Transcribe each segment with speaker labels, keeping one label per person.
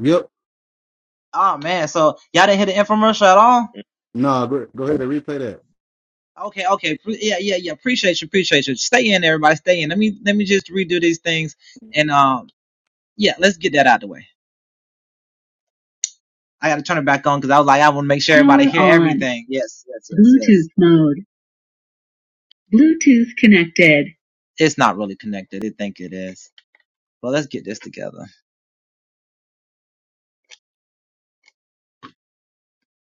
Speaker 1: Yep.
Speaker 2: Yes.
Speaker 1: Nah, go, go ahead and replay
Speaker 3: yes. mode. Bluetooth connected.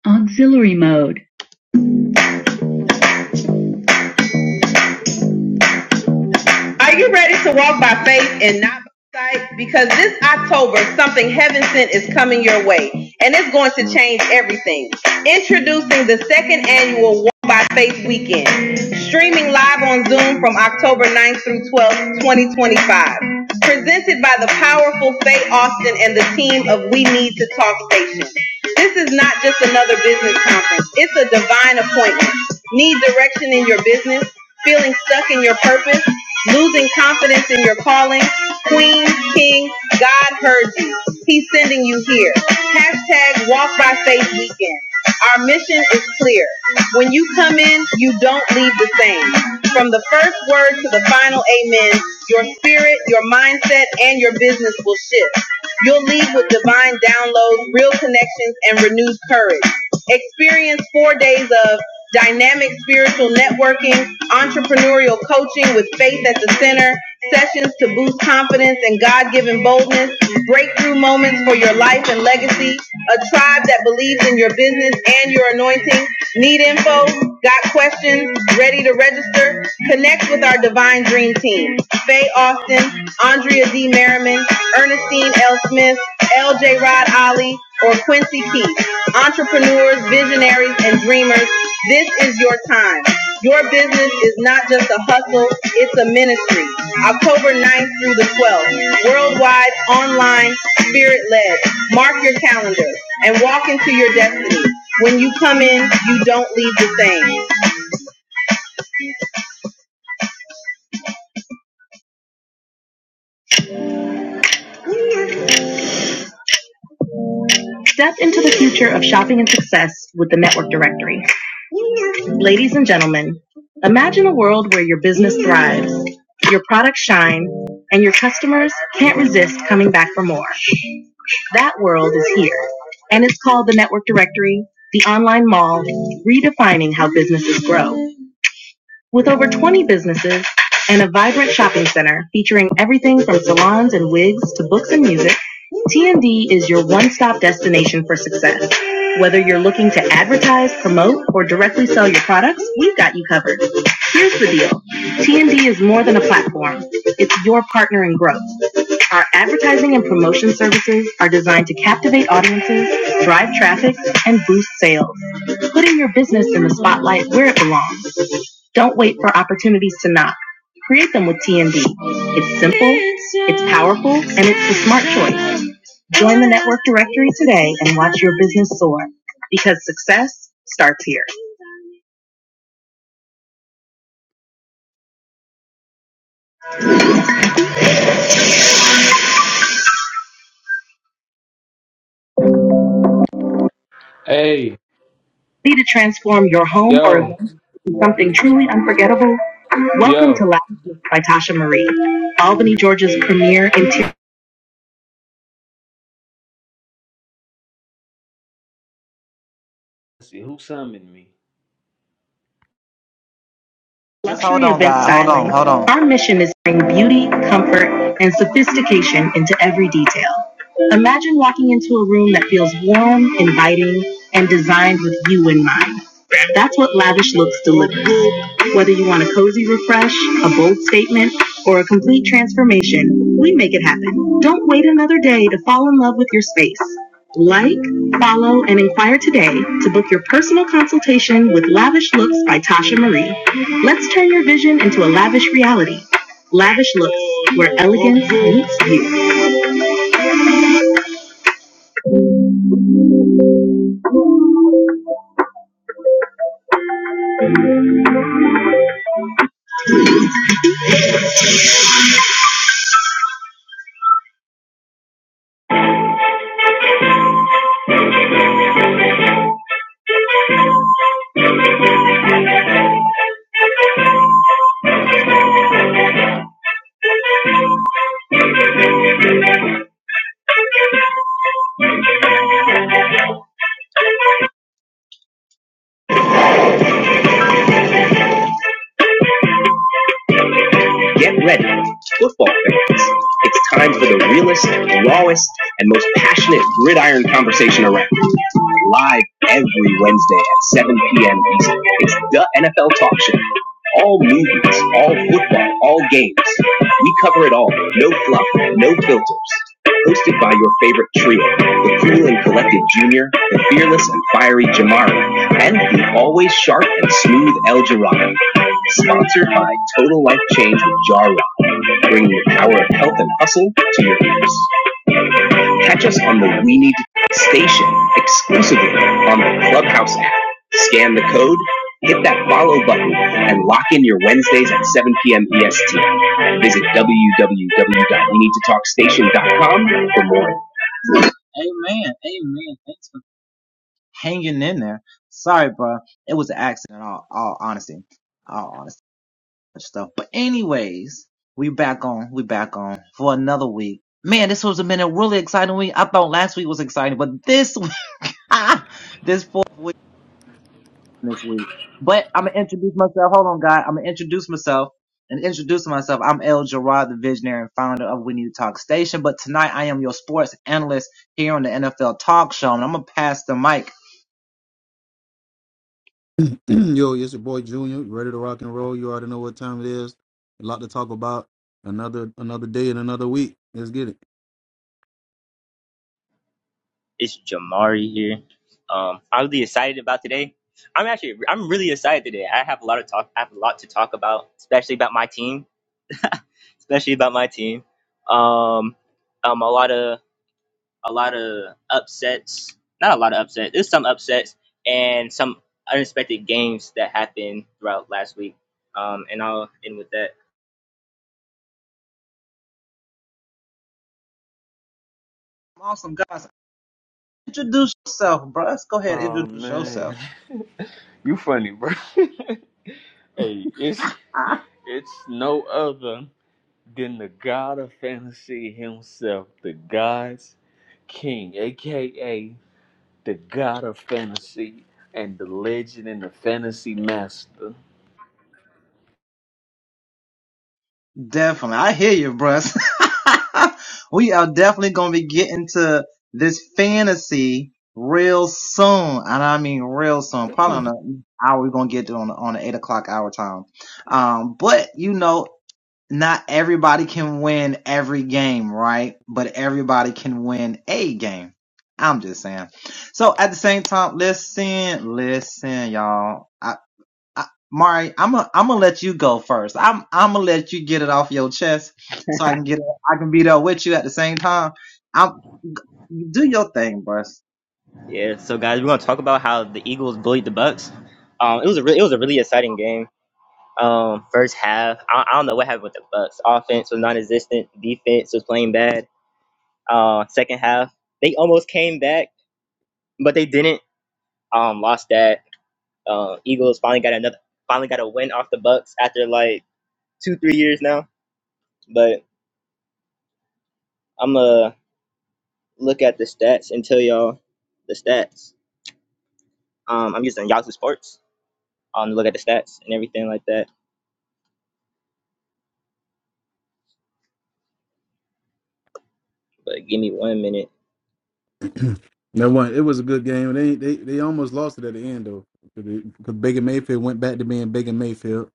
Speaker 3: Auxiliary mode. Are you ready to walk by faith and not by sight? Because this October, something heaven sent is coming your way, and it's going to change everything. Introducing the second annual Walk by Faith Weekend, streaming live on Zoom from October ninth through 12th, 2025. Presented by the powerful Faye Austin and the team of We Need to Talk Station. This is not just another business conference, it's a divine appointment. Need direction in your business? feeling stuck in your purpose, losing confidence in your calling. Queen, King, God heard you. He's sending you here. Hashtag Walk by Faith Weekend. Our mission is clear. When you come in, you don't leave the same. From the first word to the final amen, your spirit, your mindset, and your business will shift. You'll leave with divine downloads, real connections, and renewed courage. Experience four days of dynamic spiritual networking, entrepreneurial coaching with faith at the center, sessions to boost confidence and God given boldness, breakthrough moments for your life and legacy, a tribe that believes in your business and your anointing. Need info? Got questions? Ready to register? Connect with our Divine Dream Team. Faye Austin, Andrea Z. Merriman, Ernestine L. Smith, L.J. Rod Ali, or Quincy Keith. Entrepreneurs, visionaries, and dreamers, this is your time. Your business is not just a hustle, it's a ministry. October 9th through the 12th, worldwide, online, spirit-led. Mark your calendar and walk into your destiny. When you come in, you don't leave the same. Step into the future of shopping and success with the Network Directory. Ladies and gentlemen, imagine a world where your business thrives, your products shine, and your customers can't resist coming back for more. That world is here, and it's called the Network Directory, the online mall, redefining how businesses grow. With over 20 businesses and a vibrant shopping center featuring everything from salons and wigs to books and music, TND is your one-stop destination for success. Whether you're looking to advertise, promote, or directly sell your products, we've got you covered. Here's the deal. TND is more than a platform. It's your partner in growth. Our advertising and promotion services are designed to captivate audiences, drive traffic, and boost sales, putting your business in the spotlight where it belongs. Don't wait for opportunities to knock. Create them with TND. It's simple, it's powerful, and it's the smart choice. Join the network directory today and watch your business soar because success starts here.
Speaker 4: Hey,
Speaker 3: Need to transform your home or
Speaker 4: yo,
Speaker 3: event into something truly unforgettable? Welcome
Speaker 4: yo.
Speaker 3: to Lounge by Tasha Marie, Albany, Georgia's premier interior.
Speaker 4: Let's see who summoned me.
Speaker 3: Our mission is to bring beauty, comfort, and sophistication into every detail. Imagine walking into a room that feels warm, inviting, and designed with you in mind. That's what Lavish Looks delivers. Whether you want a cozy refresh, a bold statement, or a complete transformation, we make it happen. Don't wait another day to fall in love with your space. Like, follow, and inquire today to book your personal consultation with Lavish Looks by Tasha Marie. Let's turn your vision into a lavish reality. Lavish Looks, where elegance meets you. Get ready, football fans. It's time for the realest, rawest, and most passionate gridiron conversation around. Live every Wednesday at 7 p.m. Eastern. It's the NFL Talk Show. All movies, all football, all games. We cover it all. No fluff, no filters. Hosted by your favorite trio, the cool and collected Junior, the fearless and fiery Jamari, and the always sharp and smooth El Jirado. Sponsored by Total Life Change with Jarwa, bringing the power of health and hustle to your ears. Catch us on the We Need station exclusively on the Clubhouse app. Scan the code, hit that follow button, and lock in your Wednesdays at 7 p.m. EST. Visit www.weneedtotalkstation.com for more.
Speaker 1: that. Yo, it's your boy Junior. You ready to rock and roll? You already know what time it is. A lot to talk about. Another another day and another week. Let's get
Speaker 2: It's Jamari here. Um, I'm really excited about today. I'm actually I'm really excited today. I have a lot of talk. I have a lot to talk about, especially about my team, especially about my team. Um, um, a lot of a lot of upsets. Not a lot of upsets. There's some upsets and some unexpected games that happened throughout last week. Um, and I'll end with that.
Speaker 4: Oh man, you funny, bro. hey, it's it's no other than the God of Fantasy himself, the God's King, aka the God of Fantasy and the Legend and the Fantasy Master.
Speaker 2: Yeah. So guys, we're gonna talk about how the Eagles bullied the Bucks. Um, it was a re- it was a really exciting game. Um, first half, I, I don't know what happened with the Bucks. Offense was non-existent. Defense was playing bad. Uh, second half, they almost came back, but they didn't. Um, lost that. Uh, Eagles finally got another, finally got a win off the Bucks after like two, three years now. But I'm gonna look at the stats and tell y'all the stats. Um, I'm using Yahoo Sports. Um, to look at the stats and everything like that. But give me one minute.
Speaker 1: it. Never one. It was a good game. They they they almost lost it at the end though, because Baker Mayfield went back to being Baker Mayfield.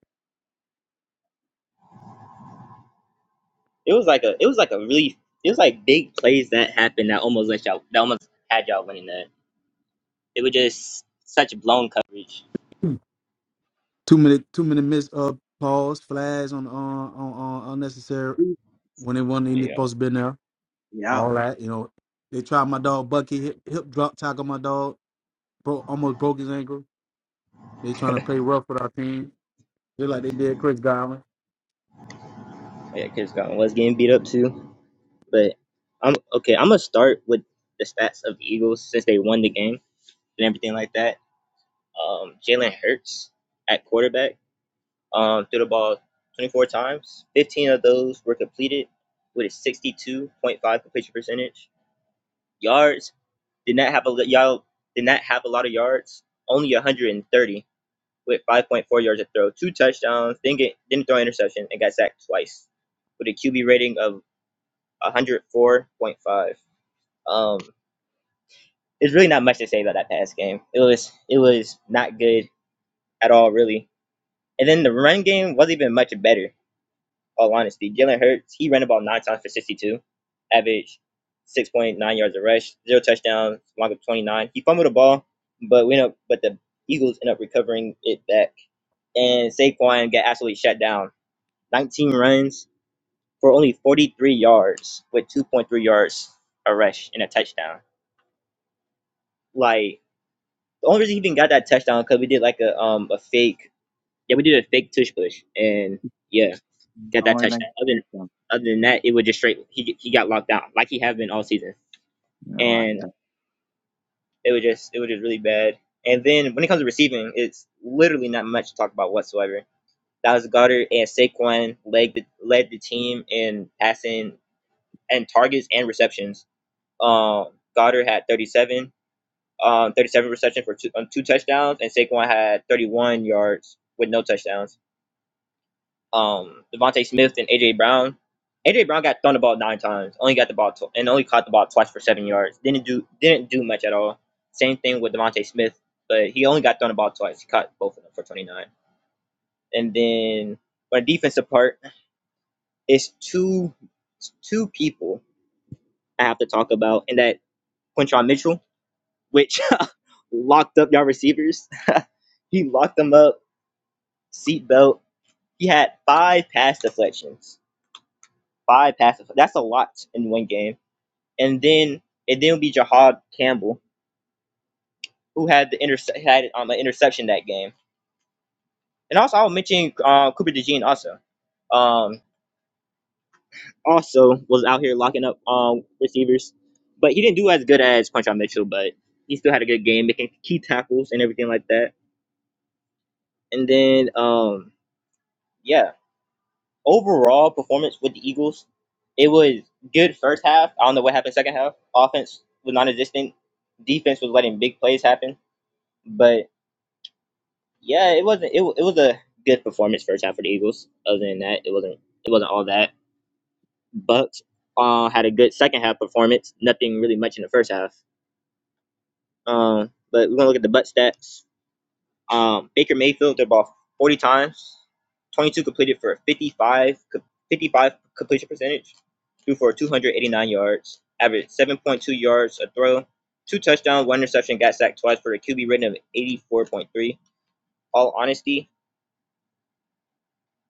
Speaker 2: It was like a it was like a really it was like big plays that happened that almost let y'all that almost had y'all winning that. It was just such blown coverage.
Speaker 1: Two minute two minute miss uh pause flags on uh, on on unnecessary when they wasn't even
Speaker 2: Yeah,
Speaker 1: supposed to be in there. All that you know. They tried my dog Bucky hip, hip drop tackle my dog. Bro, almost broke his ankle. They trying to play rough with our team, just like they did Chris Godwin.
Speaker 2: yeah, Chris Godwin was getting beat up too. But I'm okay. I'm gonna start with the stats of the Eagles since they won the game and everything like that. Um, Jalen Hurts at quarterback um, threw the ball 24 times. 15 of those were completed with a 62.5 completion percentage. Yards Did not have a y'all did not have a lot of yards, only 130 with 5.4 yards a throw, two touchdowns, didn't get didn't throw an interception, and got sacked twice with a QB rating of 104.5. Um, there's really not much to say about that pass game. It was it was not good at all, really. And then the run game wasn't even much better. all honesty. Jalen Hurts, he ran about nine times for 62, average 6.9 yards a rush, zero touchdowns, long of 29. He fumbled the ball, but we know, but the Eagles end up recovering it back. And Saquon got absolutely shut down. 19 runs for only 43 yards with 2.3 yards a rush and a touchdown. Like the only reason he even got that touchdown because we did like a um a fake Yeah, we did a fake tush push, and yeah, got that touchdown. Other than, other than that, it was just straight. He he got locked down like he have been all season, and it was just it was just really bad. And then when it comes to receiving, it's literally not much to talk about whatsoever. That was Goddard and Saquon led the, led the team in passing and targets and receptions. Um, Goddard had 37, um, 37 receptions for two, um, two touchdowns, and Saquon had 31 yards with no touchdowns. um Devontae Smith and AJ Brown. AJ Brown got thrown the ball nine times, only got the ball tw- and only caught the ball twice for seven yards. Didn't do didn't do much at all. Same thing with Devontae Smith, but he only got thrown the ball twice. He caught both of them for twenty nine. And then on the defensive part, it's two it's two people I have to talk about, and that Quinton Mitchell, which locked up y'all receivers. he locked them up, seatbelt. He had five pass deflections five passes. That's a lot in one game. And then it then would be Jahad Campbell who had the interse- had um, an interception that game. And also I'll mention uh, Cooper DeJean also. Um, also was out here locking up um, receivers, but he didn't do as good as Punch Mitchell, but he still had a good game making key tackles and everything like that. And then um, yeah. overall performance with the Eagles, it was good first half. I don't know what happened second half. Offense was non-existent. Defense was letting big plays happen. But yeah, it wasn't. It, wa- it was a good performance first half for the Eagles. Other than that, it wasn't. It wasn't all that. Bucks uh, had a good second half performance. Nothing really much in the first half. Um, but we're gonna look at the Bucks stats. Um, Baker Mayfield threw the ball 40 times, 22 completed for a 55, 55 completion percentage, threw for 289 yards, averaged 7.2 yards a throw, two touchdowns, one interception, got sacked twice for a QB rating of 84.3. All honesty,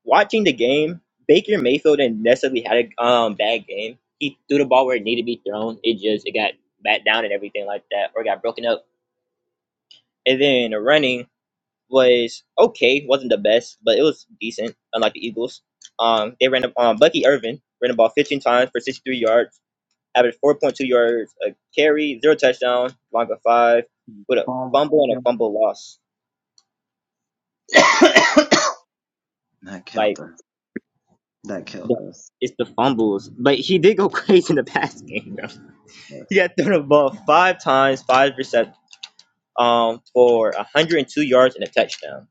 Speaker 2: watching the game, Baker Mayfield didn't necessarily had a um, bad game. He threw the ball where it needed to be thrown. It just it got bat down and everything like that, or got broken up. And then the running, was okay, wasn't the best, but it was decent. Unlike the Eagles, um, they ran up um, Bucky Irvin ran the ball 15 times for 63 yards, averaged 4.2 yards a carry, zero touchdown, long of five, with a fumble and a fumble loss. Like the- it's the fumbles, but he did go crazy in the pass game. Though. He got thrown the ball five times, five percent, um, for 102 yards and a touchdown.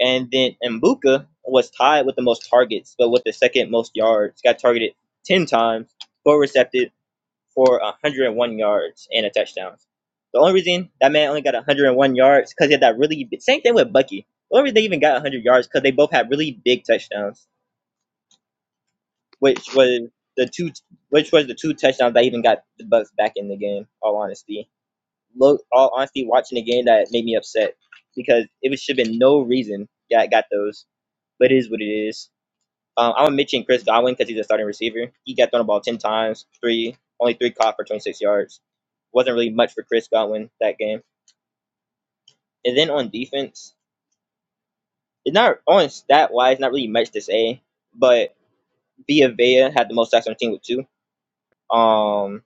Speaker 2: And then Mbuka was tied with the most targets, but with the second most yards. Got targeted 10 times, four recepted for 101 yards and a touchdown. The only reason that man only got 101 yards because he had that really big, same thing with Bucky. The only reason they even got 100 yards because they both had really big touchdowns, which was the two, which was the two touchdowns that even got the Bucks back in the game. All honesty, look, all honesty, watching the game that made me upset because it should have been no reason that got those, but it is what it is. Um, I'm mention Chris Godwin because he's a starting receiver. He got thrown the ball ten times, three only three caught for 26 yards. Wasn't really much for Chris Godwin that game. And then on defense, it's not on stat wise, not really much to say. But Via Vea had the most sacks on the team with two. Um,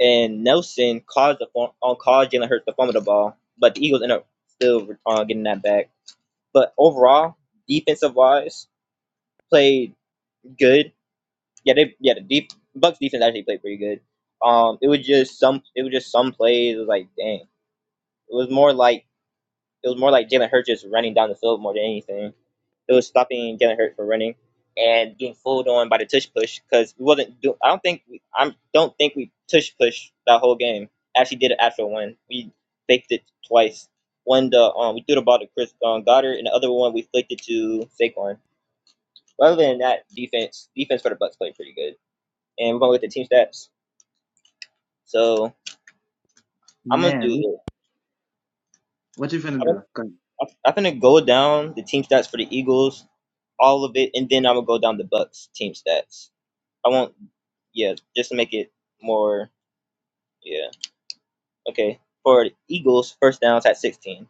Speaker 2: and Nelson caused the form, on caused Jalen Hurts to fumble the ball, but the Eagles ended up still uh, getting that back. But overall, defensive wise, played good yeah, they yeah the deep Bucks defense actually played pretty good. Um, it was just some it was just some plays. It was like dang, it was more like it was more like Jalen Hurts just running down the field more than anything. It was stopping Jalen Hurts from running and getting fooled on by the tush push because we wasn't do. I don't think we I don't think we tush push that whole game. Actually, did an actual one. We faked it twice. One the um we threw the ball to Chris um, Goddard and the other one we flicked it to Saquon. Other than that, defense defense for the Bucks played pretty good and we're gonna look at the team stats. So I'm gonna do this. I'm, I'm gonna go down the team stats for the Eagles, all of it, and then I'm gonna go down the Bucks team stats. I won't, yeah, just to make it more, yeah, okay. For the Eagles, first downs at 16.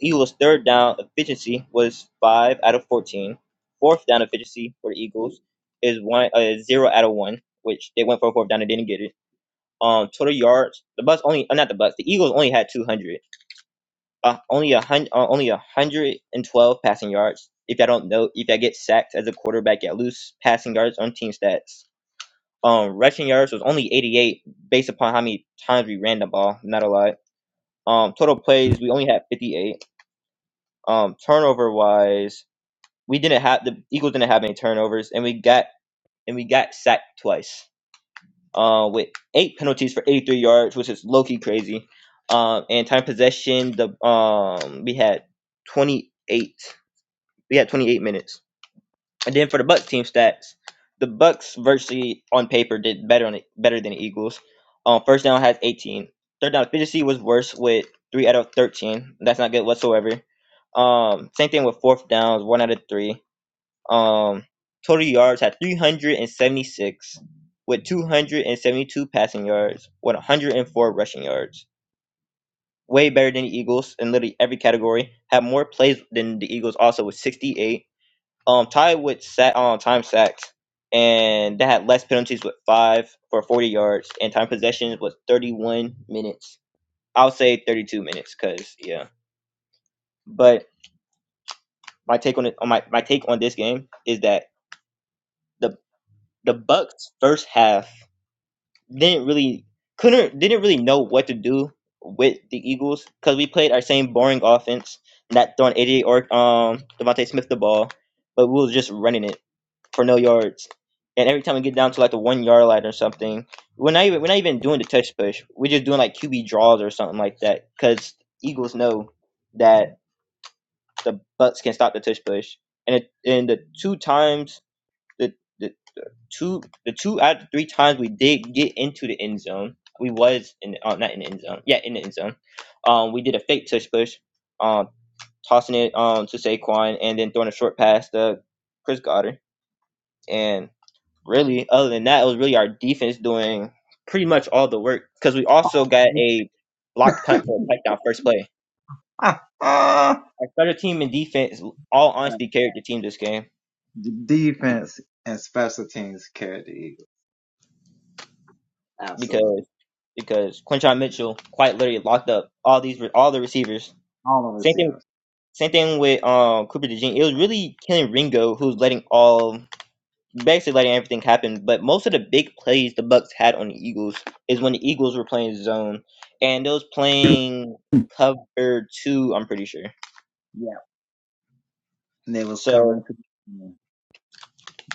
Speaker 2: Eagles' third down efficiency was five out of 14. Fourth down efficiency for the Eagles is one uh, zero out of one, which they went for a fourth down and didn't get it. Um, total yards, the Bucks only, uh, not the Bucks, the Eagles only had 200. uh, only a hundred, uh, only a hundred and twelve passing yards. If I don't know, if I get sacked as a quarterback, I lose passing yards on team stats. Um, rushing yards was only eighty-eight, based upon how many times we ran the ball. Not a lot. Um, total plays we only had fifty-eight. Um, turnover wise, we didn't have the Eagles didn't have any turnovers, and we got and we got sacked twice. Uh, with eight penalties for eighty-three yards, which is low-key crazy. Um, and time possession, the um, we had twenty-eight. We had 28 minutes. And then for the Bucks team stats, the Bucks virtually on paper did better on it, better than the Eagles. Um, first down has 18. Third down efficiency was worse with three out of 13. That's not good whatsoever. Um, same thing with fourth downs, one out of three. Um, total yards had 376 with 272 passing yards, with 104 rushing yards. Way better than the Eagles in literally every category. Had more plays than the Eagles also with 68 um tied with sack um time sacks, and they had less penalties with five for forty yards, and time possession was thirty one minutes. I'll say thirty two minutes, cause yeah. But my take on it, on my my take on this game is that the the Bucks first half didn't really couldn't didn't really know what to do with the Eagles because we played our same boring offense, not throwing eighty eight or um Devontae Smith the ball, but we was just running it for no yards. And every time we get down to like the one yard line or something, we're not even we're not even doing the touch push. We're just doing like QB draws or something like that because Eagles know that the Bucks can stop the touch push. And it, and the two times the the two the two out of the three times we did get into the end zone, we was in uh, not in the end zone, yeah in the end zone. Um, we did a fake touch push, um, tossing it um to Saquon and then throwing a short pass to Chris Goddard. and really, other than that, it was really our defense doing pretty much all the work because we also got a block punt for a touchdown first play. Our starter team and defense all honestly carried the team this game because because Quinshon Mitchell quite literally locked up all these all the receivers. Same thing. Same thing with um, Cooper DeJean. It was really killing Ringo, who's letting all basically letting everything happen. But most of the big plays the Bucks had on the Eagles is when the Eagles were playing zone, and those playing cover two. I'm pretty sure. So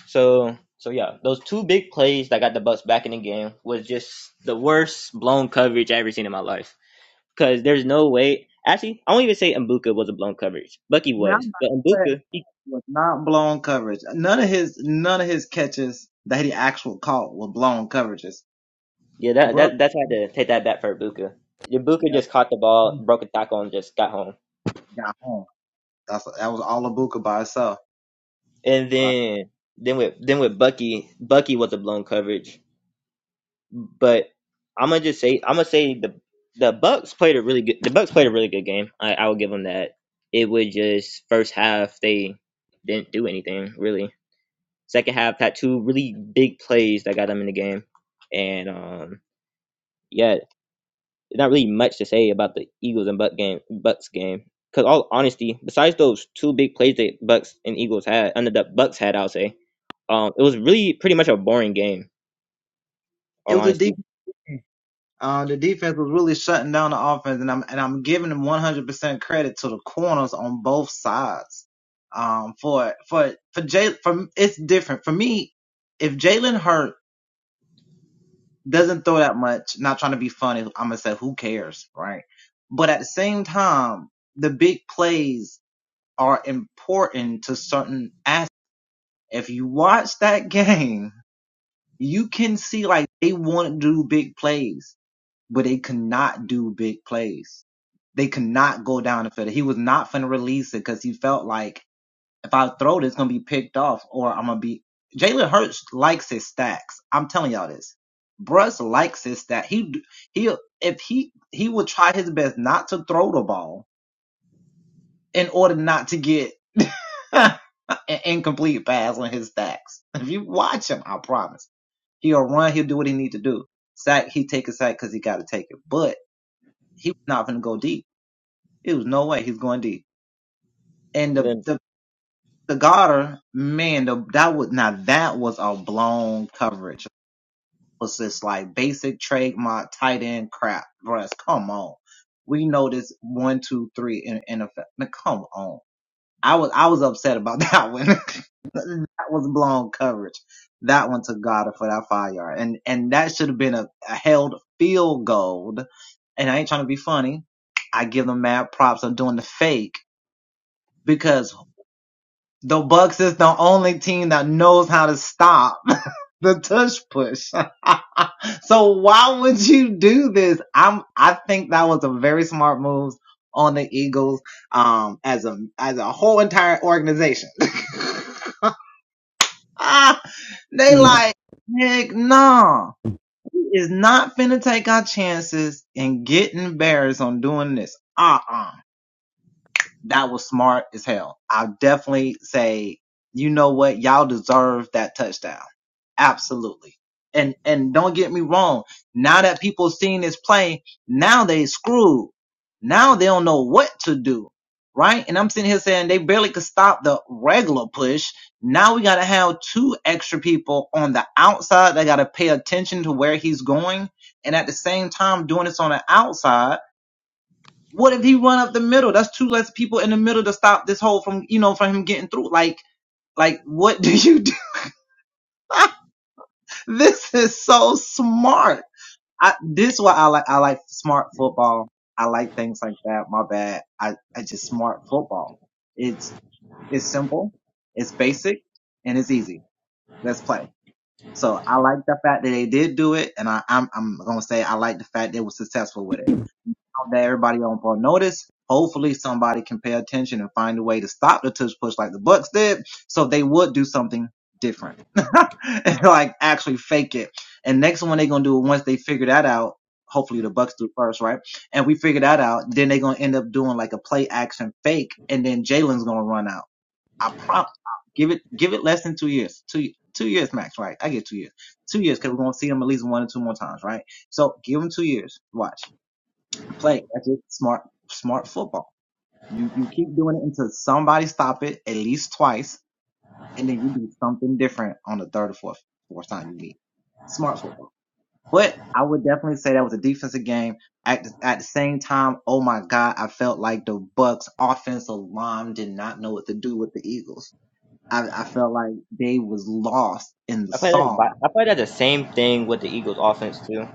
Speaker 2: so so yeah, those two big plays that got the Bucks back in the game was just the worst blown coverage I ever seen in my life. Because there's no way. Actually, I won't even say Mbuka was a blown coverage. Bucky was, but Mbuka, he, yeah, that that that's had to take that back for Mbuka. Mbuka just caught the ball, broke a tackle, and just got home. And then then with then with Bucky, Bucky was a blown coverage. But I'm gonna just say I'm gonna say the the Bucks played a really good the Bucks played a really good game. I I will give them that. It was just first half they didn't do anything really. Second half had two really big plays that got them in the game. And um yeah, there's not really much to say about the Eagles and Buck game Bucks game. Cause all honesty, besides those two big plays that Bucks and Eagles had, under the Bucks had, I'll say. Um, it was really pretty much a boring game, all honesty. then
Speaker 1: Mhm.
Speaker 2: I played that I probably had the same thing with the Eagles offense too.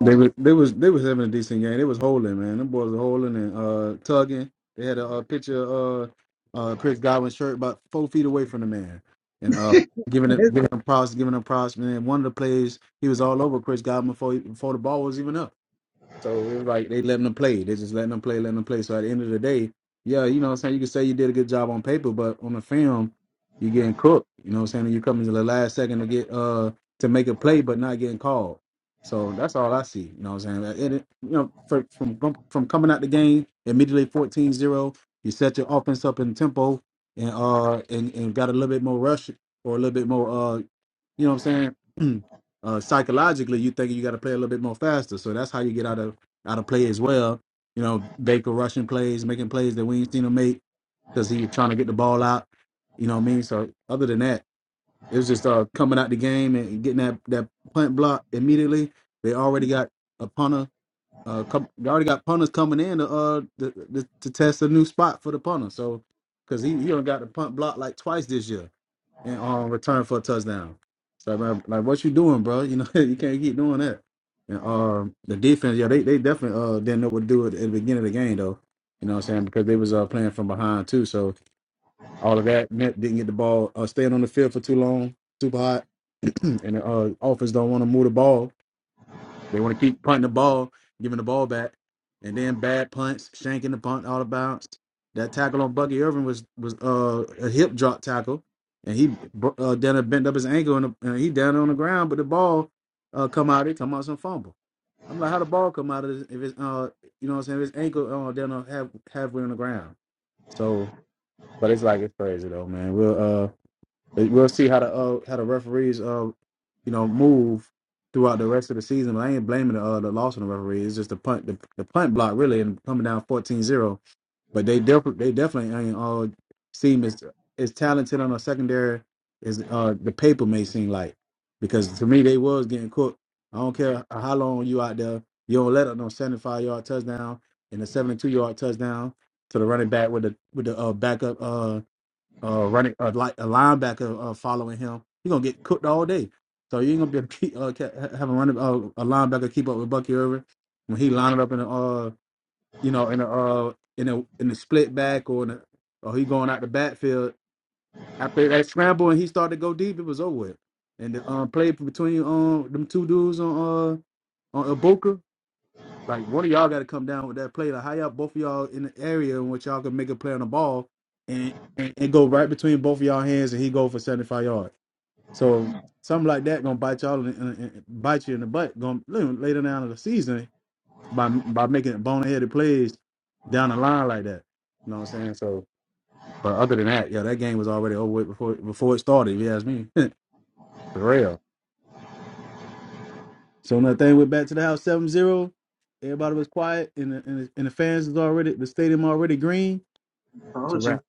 Speaker 1: They was they was they was having a decent game. They was holding, man. Them boys were holding and uh tugging. They had a, uh picture of uh, uh Chris Godwin's shirt about four feet away from the man, and uh giving him giving him props, giving him props. Man, one of the plays he was all over Chris Godwin before he, before the ball was even up. So it was like they letting them play. They just letting them play, letting them play. So at the end of the day, yeah, you know what I'm saying? You can say you did a good job on paper, but on the film, you're getting cooked. You know what I'm saying? And you coming to the last second to get uh to make a play but not getting called. So that's all I see. You know what I'm saying? Like, And it, you know, for, from from coming out the game immediately fourteen zero, you set your offense up in tempo and uh and, and got a little bit more rush or a little bit more uh. You know what I'm saying? uh, psychologically, you think you got to play a little bit more faster. So that's how you get out of out of play as well. You know, Baker rushing plays, making plays that we ain't seen him make because he was trying to get the ball out. You know what I mean? So other than that, it was just uh, coming out the game and getting that that punt block immediately. They already got a punter. Uh, com- they already got punters coming in to uh to, to to test a new spot for the punter. So because he he done got the punt block like twice this year. And um, return for a touchdown. So like, like, what you doing, bro? You know, you can't keep doing that. And um, the defense, yeah, they they definitely uh didn't know what to do at, at the beginning of the game though. You know what I'm saying? Because they was uh playing from behind too, so all of that meant didn't get the ball uh staying on the field for too long, too hot, and the uh, offense don't want to move the ball they want to keep punting the ball, giving the ball back, and then bad punts, shanking the punt out of bounds. That tackle on Bucky Irvin was was uh, a hip drop tackle, and he br- uh, down there bent up his ankle and, and he down there on the ground, but the ball uh, come out. It come out some fumble. I'm like, how the ball come out of this, if it's uh, you know what I'm saying? If it's ankle uh, down there half, halfway on the ground. So, but it's like it's crazy though, man. We'll uh. Uh, We'll see how the uh, how the referees uh you know move throughout the rest of the season. I ain't blaming the uh, the loss on the referee. It's just the punt the, the punt block really and coming down fourteen zero. But they definitely they definitely ain't all seem as as talented on a secondary as uh the paper may seem like. Because to me they was getting cooked. I don't care how long you out there. You don't let up no 75 yard touchdown and a 72 yard touchdown to the running back with the with the uh, backup uh, uh, running uh, like a linebacker uh, following him, he's gonna get cooked all day. So you ain't gonna be able to keep, uh, ca- have a running uh, a linebacker keep up with Bucky Irvin when he lining up in the uh you know in the uh in the in the split back or in the, or he going out the backfield after that scramble and he started to go deep, it was over with. And the um, play between um them two dudes on uh on Ibuka, like one of y'all got to come down with that play. Like how y'all both of y'all in the area in which y'all can make a play on the ball and and, and go right between both of y'all hands and he go for seventy five yards. So something like that gonna bite y'all in, in, in- bite you in the butt. Gonna later down in the season by by making boneheaded plays down the line like that. You know what I'm saying? So, but other than that, yeah, that game was already over with before before it started. If you ask me, for real. So when that thing went back to the house seven zero. everybody was quiet, and the, and the, and the fans was already the stadium already green. It's a wrap.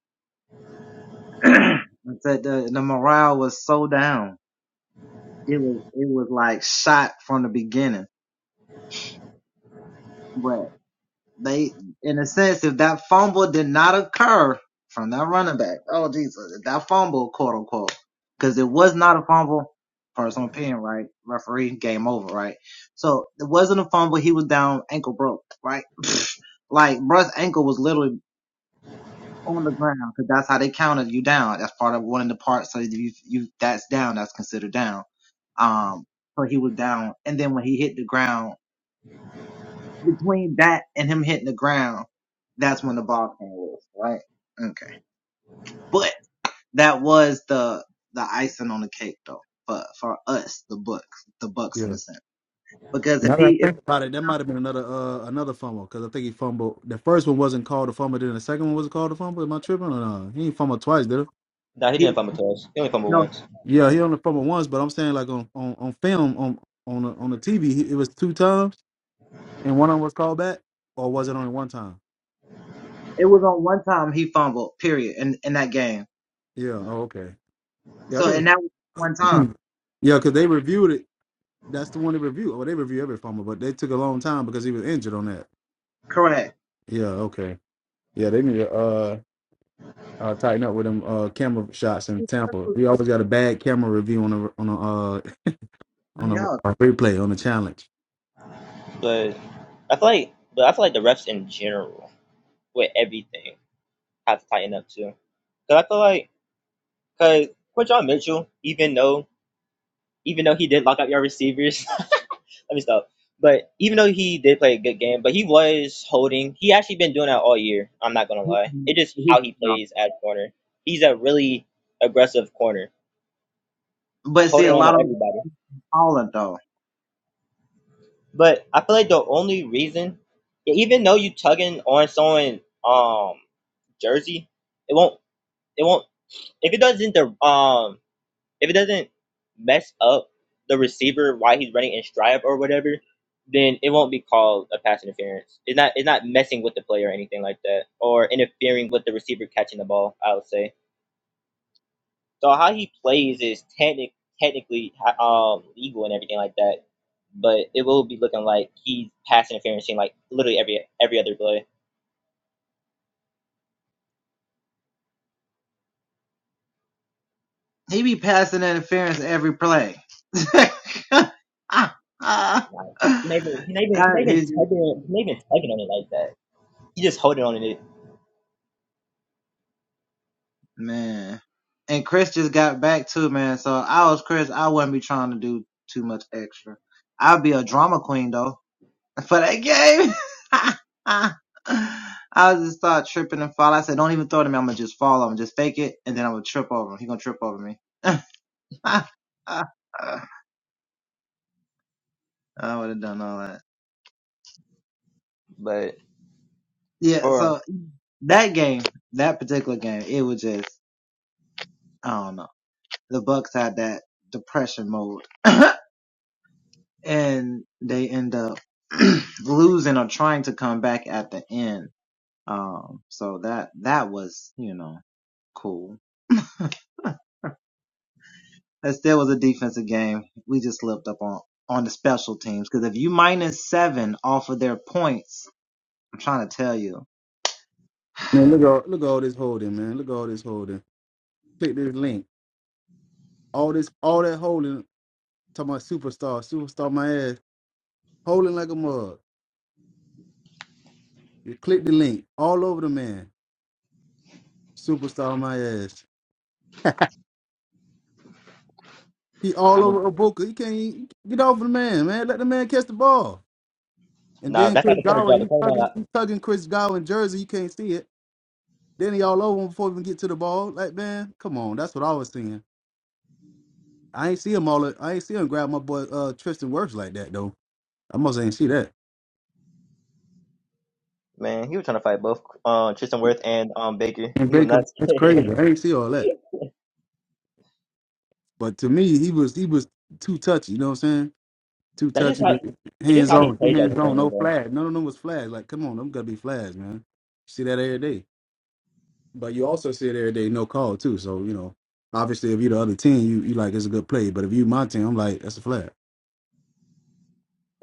Speaker 1: Yeah. Now that I think about it, that might have been another uh another fumble because I think he fumbled. The first one wasn't called a fumble, then the second one was called a fumble. Am I tripping or no? He ain't fumbled twice, did he?
Speaker 2: Nah, he didn't fumble twice. He only fumbled once.
Speaker 1: Yeah, he only fumbled once, but I'm saying like on on, on film on on the, on the TV, he- it was two times, and one of them was called back, or was it only one time? Yeah. Oh, okay. Yeah, I gotta. Yeah, because they reviewed it That's the one they review. Oh, they review every fumble, but they took a long time because he was injured on that. Yeah, okay. Yeah, they need to uh, uh tighten up with them uh camera shots in Tampa. We always got a bad camera review on a on a uh on a, a replay on the challenge.
Speaker 2: But I feel like, but I feel like the refs in general with everything have to tighten up too. Cause I feel like, cause for John Mitchell, even though even though he did lock up your receivers, let me stop. But even though he did play a good game, but he was holding. He actually been doing that all year. I'm not gonna lie. It is how he plays at corner. He's a really aggressive corner, holding on to everybody. But I feel like the only reason, even though you tugging on someone um jersey, it won't it won't if it doesn't the um if it doesn't mess up the receiver while he's running in stride or whatever, then it won't be called a pass interference. It's not it's not messing with the play or anything like that, or interfering with the receiver catching the ball. I would say. So how he plays is technic technically um legal and everything like that, but it will be looking like he's pass interferencing like literally every every other play. Like, He's not even he's not even he's not even tugging he's not even tugging on it like that. He's just holding on to it. But for
Speaker 1: Man, look at look at all this holding, man. Look at all this holding. Click this link. All this all that holding. Talking about superstar, superstar my ass. Holding like a mug. You click the link. All over the man. Superstar my ass. He
Speaker 2: I
Speaker 1: all over Ibuka. He can't even- get off of the man, man. Let the man catch the ball. And
Speaker 2: Nah,
Speaker 1: then
Speaker 2: that's not
Speaker 1: Chris
Speaker 2: the corner job.
Speaker 1: Godwin,
Speaker 2: The
Speaker 1: He's
Speaker 2: corner
Speaker 1: tugging,
Speaker 2: job,
Speaker 1: He's tugging Chris Godwin jersey. You can't see it. Then he all over him before he even get to the ball. Like man, come on. That's what I was seeing. I ain't see him all. I ain't see him grab my boy uh, Tristan Wirfs like that though. I must ain't see that.
Speaker 2: man, he was trying to fight both uh, Tristan Worth and um Baker.
Speaker 1: And
Speaker 2: He was not
Speaker 1: Baker, that's crazy.
Speaker 2: scared.
Speaker 1: I ain't see all that. But to me, he was he was too touchy. You know what I'm saying? Too
Speaker 2: that's just how
Speaker 1: touchy,
Speaker 2: it's just
Speaker 1: hands
Speaker 2: how he
Speaker 1: on, too
Speaker 2: plays that
Speaker 1: hands on,
Speaker 2: corner
Speaker 1: no
Speaker 2: though.
Speaker 1: flag. None of them was flags. Like come on, them gotta be flags, man. See that every day. But you also see it every day, no call too. So you know, obviously, if you the other team, you you like it's a good play. But if you my team, I'm like that's a flag.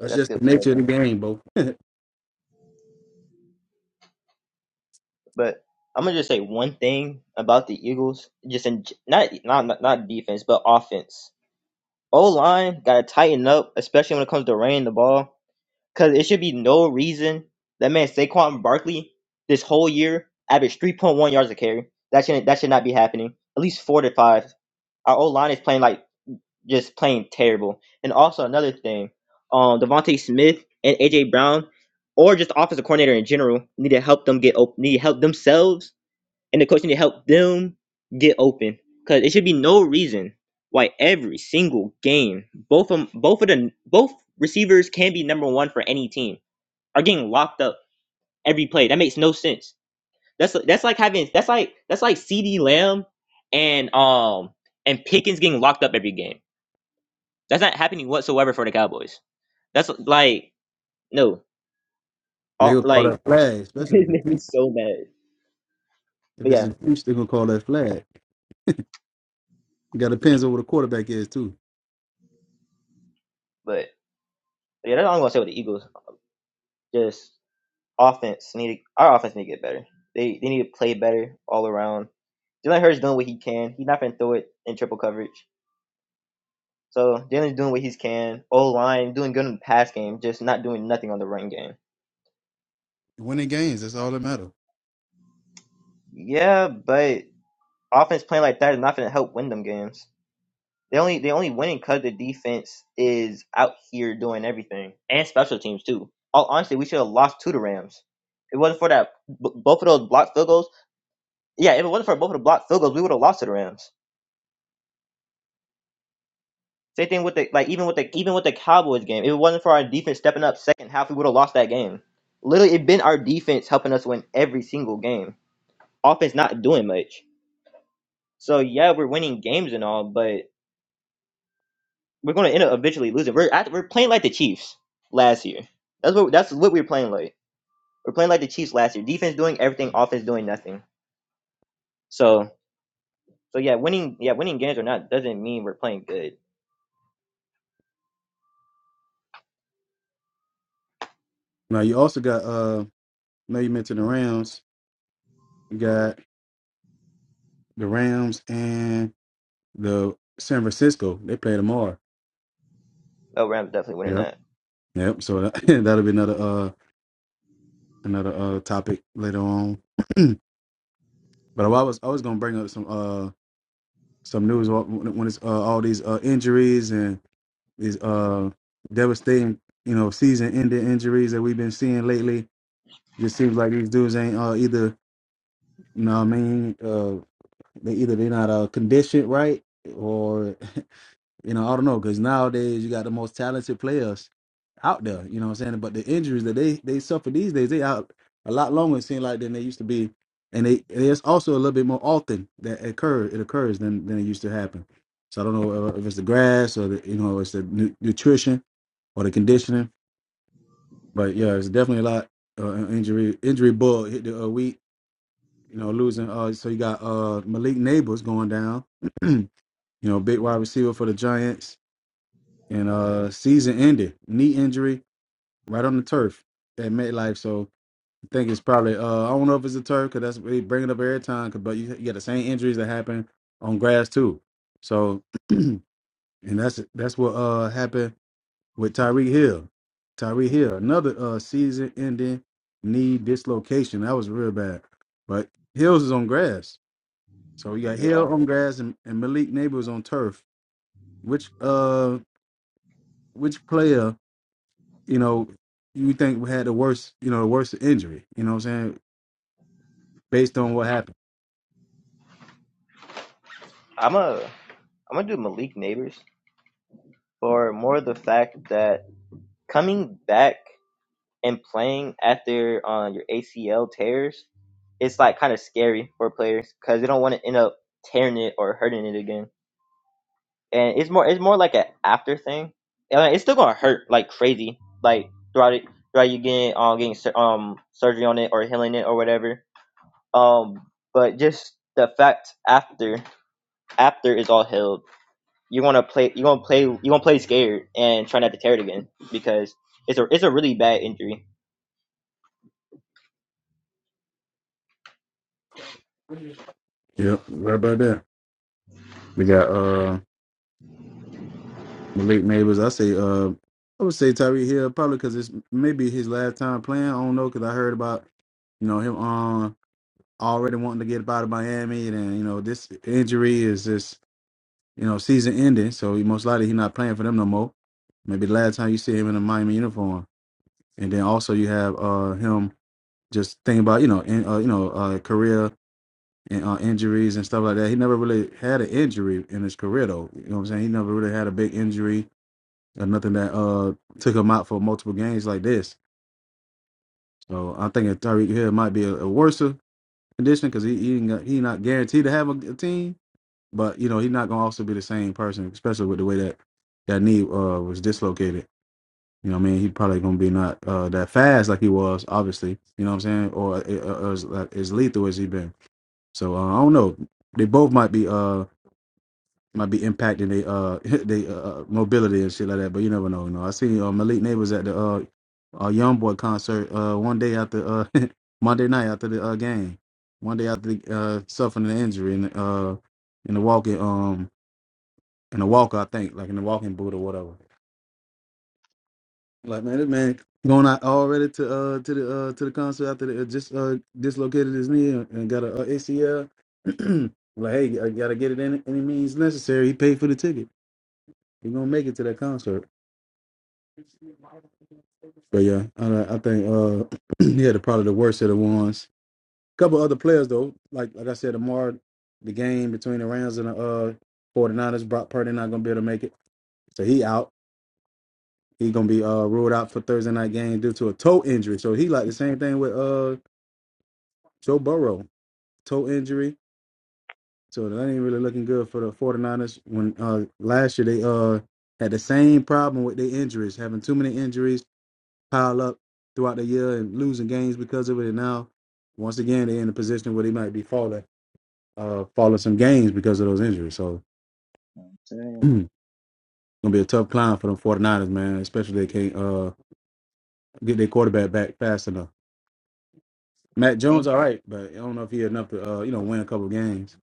Speaker 2: Yeah, that's a
Speaker 1: just
Speaker 2: good
Speaker 1: the
Speaker 2: play right
Speaker 1: nature of
Speaker 2: there.
Speaker 1: the game, bro.
Speaker 2: But I'm gonna just say one thing about the Eagles, just in not not not not defense, but offense. O line gotta tighten up, especially when it comes to running the ball, because it should be no reason that man Saquon Barkley this whole year averaged 3.1 yards a carry. That should not that should not be happening. At least four to five. Our O line is playing like just playing terrible. And also another thing, um, Devontae Smith and AJ Brown, or just the offensive coordinator in general, need to help them get open. Need to help themselves, and the coach need to help them get open. Cause it should be no reason why every single game, both of both of the both receivers can be number one for any team are getting locked up every play. That makes no sense. That's that's like having that's like that's like C.D. Lamb and um and Pickens getting locked up every game. That's not happening whatsoever for the Cowboys. That's like no,
Speaker 1: They
Speaker 2: all,
Speaker 1: gonna call
Speaker 2: like
Speaker 1: that flag, especially with
Speaker 2: it
Speaker 1: the
Speaker 2: made me
Speaker 1: Chiefs.
Speaker 2: so mad.
Speaker 1: If
Speaker 2: But
Speaker 1: it's
Speaker 2: yeah,
Speaker 1: the Chiefs, they gonna call that flag. You got depends on what the quarterback is too.
Speaker 2: but yeah, that's all I'm gonna say with the Eagles. Just offense need to, our offense need to get better. They they need to play better all around. Jalen Hurts doing what he can. He's not gonna throw it in triple coverage. So Jalen's doing what he can. O line doing good in the pass game, just not doing nothing on the run game.
Speaker 1: Winning games, that's all that matter.
Speaker 2: Yeah, but offense playing like that is not gonna help win them games. They only they only winning because the defense is out here doing everything and special teams too. All honestly, we should have lost to the Rams. If it wasn't for that b- both of those blocked field goals. Yeah, if it wasn't for both of the blocked field goals, we would have lost to the Rams. Same thing with the like even with the even with the Cowboys game. If it wasn't for our defense stepping up second half, we would have lost that game. Literally, it been our defense helping us win every single game. Offense not doing much. So yeah, we're winning games and all, but We're going to end up eventually losing. We're act- we're playing like the Chiefs last year. That's what that's what we we're playing like. We're playing like the Chiefs last year. Defense doing everything, offense doing nothing. So so yeah, winning yeah winning games or not doesn't mean we're playing good.
Speaker 1: Now you also got uh, now you mentioned the Rams. You got the Rams and the San Francisco. They play tomorrow.
Speaker 2: Oh, Rams definitely winning
Speaker 1: Yep.
Speaker 2: that.
Speaker 1: Yep. So that, that'll be another uh another uh topic later on. But I was I was gonna bring up some uh some news when when it's uh, all these uh, injuries and these uh devastating you know season ending injuries that we've been seeing lately. Just seems like these dudes ain't uh either you know what I mean uh they either they're not uh conditioned right or You know, I don't know, because nowadays you got the most talented players out there. You know what I'm saying? But the injuries that they they suffer these days, they out a lot longer. It seems like than they used to be, and they and it's also a little bit more often that occur it occurs than than it used to happen. So I don't know uh, if it's the grass or the you know it's the nu- nutrition or the conditioning, but yeah, it's definitely a lot uh, injury injury bug hit the uh, week. You know, losing. Uh, so you got uh Malik Neighbors going down. you know, big wide receiver for the Giants and uh season ended knee injury right on the turf at MetLife. So I think it's probably uh I don't know if it's a turf because that's what they bring it up every time. 'cause- but you, you got the same injuries that happen on grass too. So and that's that's what uh happened with Tyreek Hill. Tyreek Hill another uh season ending knee dislocation that was real bad. But Hills is on grass, so you got
Speaker 2: Yeah,
Speaker 1: Hill on grass and, and Malik Neighbors on turf. Which uh which player? you know, you think we had the worst, you know, the worst injury, you know what I'm saying, based on what happened.
Speaker 2: I'm a I'm gonna do Malik Neighbors for more of the fact that coming back and playing after on um, your ACL tears, it's like kind of scary for players because they don't want to end up tearing it or hurting it again. and it's more it's more like an after thing. And, like, it's still gonna hurt like crazy, like throughout it throughout you getting um getting sur- um surgery on it or healing it or whatever. Um, but just the fact after after is all healed, you're gonna play you're gonna play you're gonna play scared and try not to tear it again because it's a it's a really bad injury.
Speaker 1: Yep, right about that. We got uh Malik Neighbors. I say uh I would say Tyree Hill probably because it's maybe his last time playing. I don't know because I heard about you know him um already wanting to get out of Miami and then, you know this injury is just you know season ending, so he, most likely he's not playing for them no more. Maybe the last time you see him in a Miami uniform, and then also you have uh him just thinking about you know in, uh, you know uh, career and uh, injuries and stuff like that. He never really had an injury in his career, though. You know what I'm saying? He never really had a big injury or nothing that uh took him out for multiple games like this. So I think Tyreek Hill might be a, a worse condition because he he, ain't got- he not guaranteed to have a, a team, but you know he's not gonna also be the same person, especially with the way that that knee uh was dislocated. You know what I mean? He probably gonna be not uh that fast like he was, obviously. You know what I'm saying? Or uh, uh, as, uh, as lethal as he been. So uh, I don't know. They both might be uh might be impacting they uh they uh uh, mobility and shit like that. But you never know. You know, I seen uh, Malik Neighbors at the uh, uh Young Boy concert uh one day after uh Monday night after the uh, game, one day after the, uh suffering an injury in uh in the walking um in the walker I think like in the walking boot or whatever. Like man, this man going out already to uh to the uh to the concert after the, uh, just uh dislocated his knee and and got a, uh ACL. like hey, I gotta get it in any means necessary. He paid for the ticket. He gonna make it to that concert. But yeah, I, I think uh, he had probably the worst of the ones. couple other players though, like like I said, Amar, the game between the Rams and the uh, 49ers, Brock Purdy not gonna be able to make it, so he out. He gonna be uh, ruled out for Thursday night game due to a toe injury. So he like the same thing with uh, Joe Burrow, toe injury. So that ain't really looking good for the 49ers. When uh, last year they uh, had the same problem with their injuries, having too many injuries pile up throughout the year and losing games because of it. And now, once again, they're in a position where they might be falling, uh, falling some games because of those injuries. So, gonna be a tough climb for them 49ers, man. Especially if they can't uh get their quarterback back fast enough. Matt Jones, all right, but I don't know if he had enough to uh you know win a couple of games.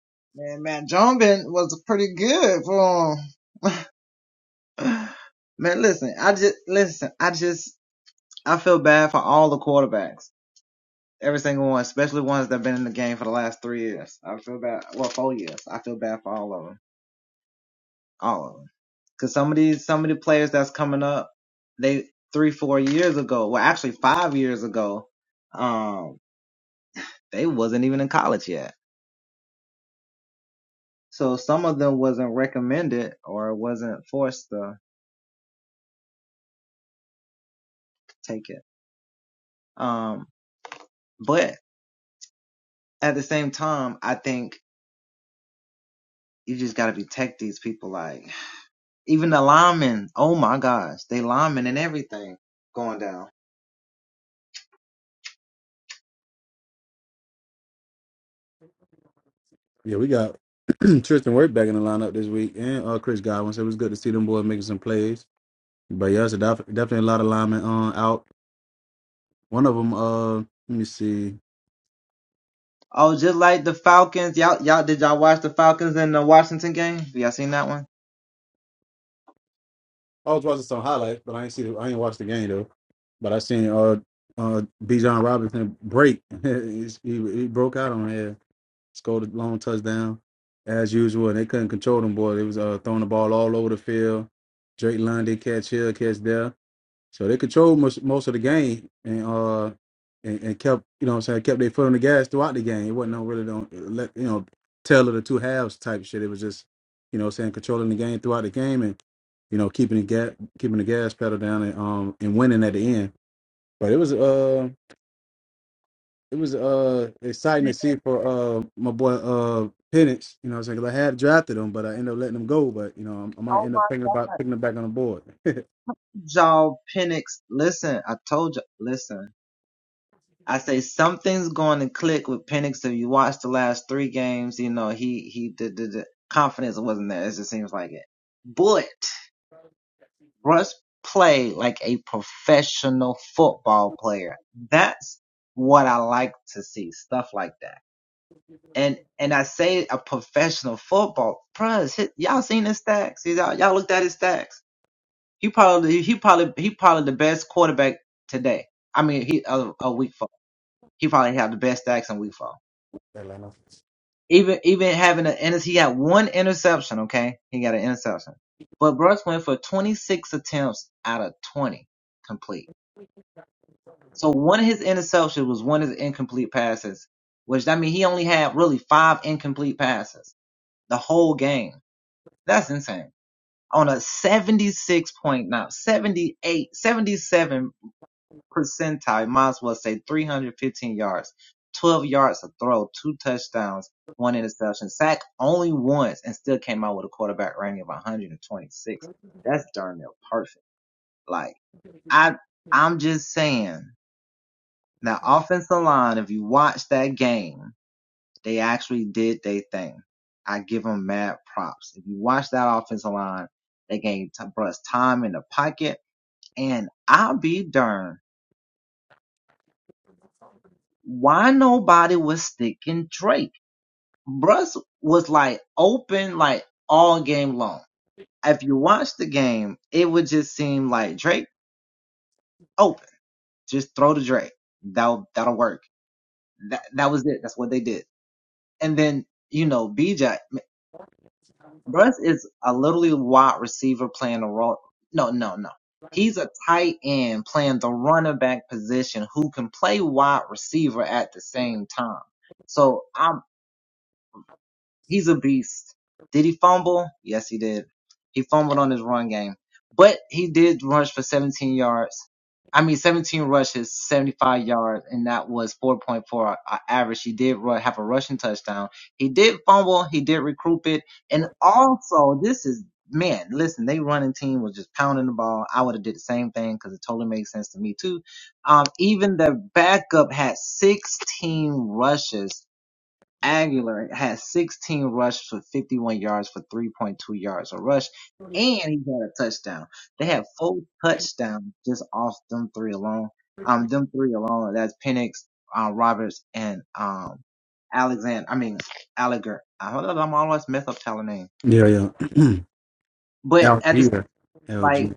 Speaker 1: Yeah, we got Tristan Wirth back in the lineup this week, and uh Chris Godwin. So it was good to see them boys making some plays. But yeah, it's a def- definitely a lot of linemen on out. One of them, uh, let me see. I was watching some highlights, but I ain't see the, I ain't watched the game though. But I seen uh uh B. John Robinson break. he, he broke out on here, scored a long touchdown as usual, and they couldn't control them boy. They was uh throwing the ball all over the field. Drake London catch here, catch there. So they controlled most, most of the game and uh and, and kept you know what I'm saying kept their foot on the gas throughout the game. It wasn't no really don't let you know tell of the two halves type shit. It was just you know what I'm saying controlling the game throughout the game and you know keeping the gas keeping the gas pedal down and um and winning at the end. But it was uh it was uh exciting to see for uh my boy uh Penix. You know what I'm saying 'cause I had drafted him, but I ended up letting him go. But you know I, might end up thinking about picking him back on the board. Atlanta. yeah, yeah. Algier. LG.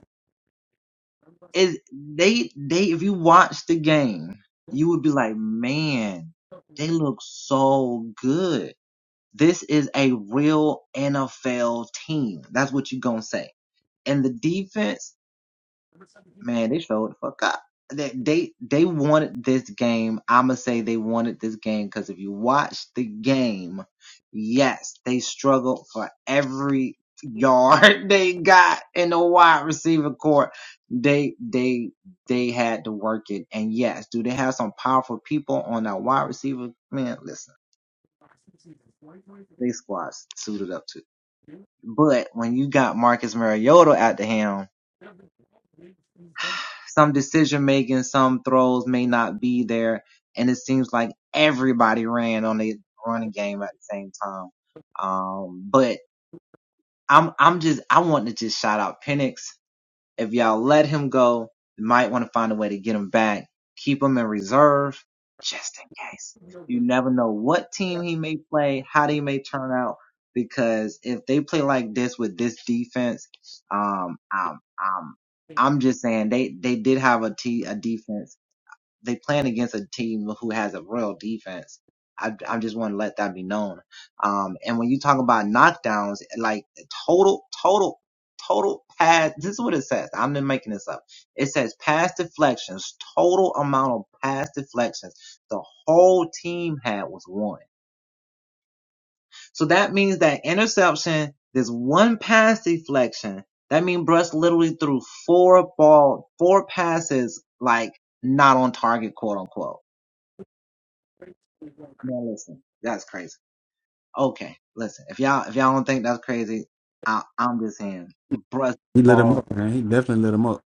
Speaker 1: He lit him up, man. He definitely lit him up.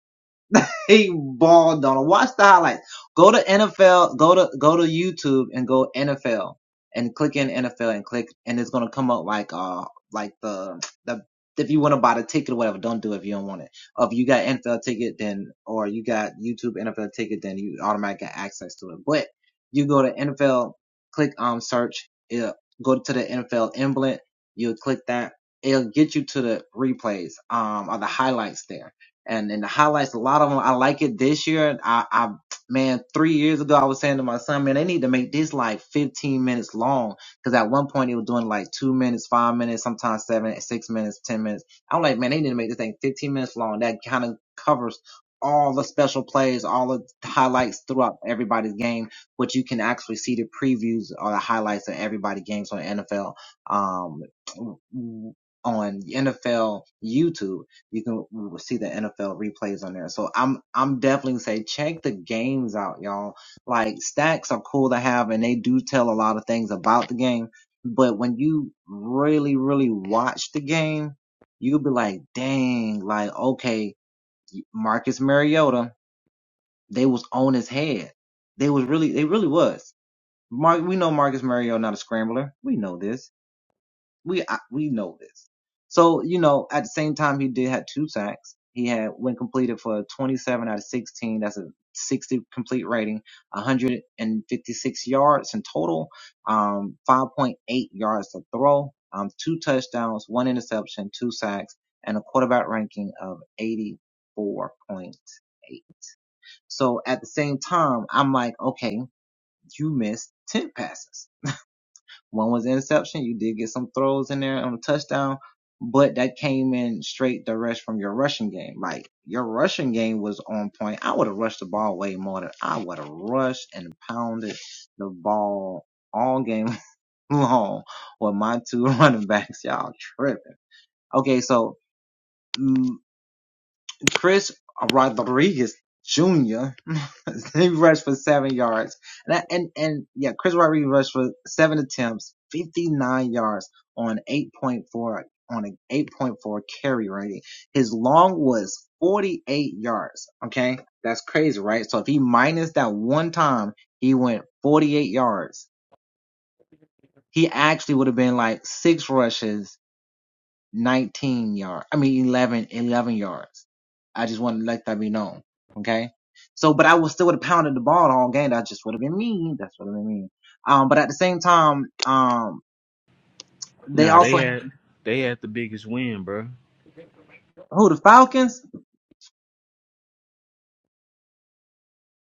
Speaker 4: Nah, they had they had the biggest win, bro.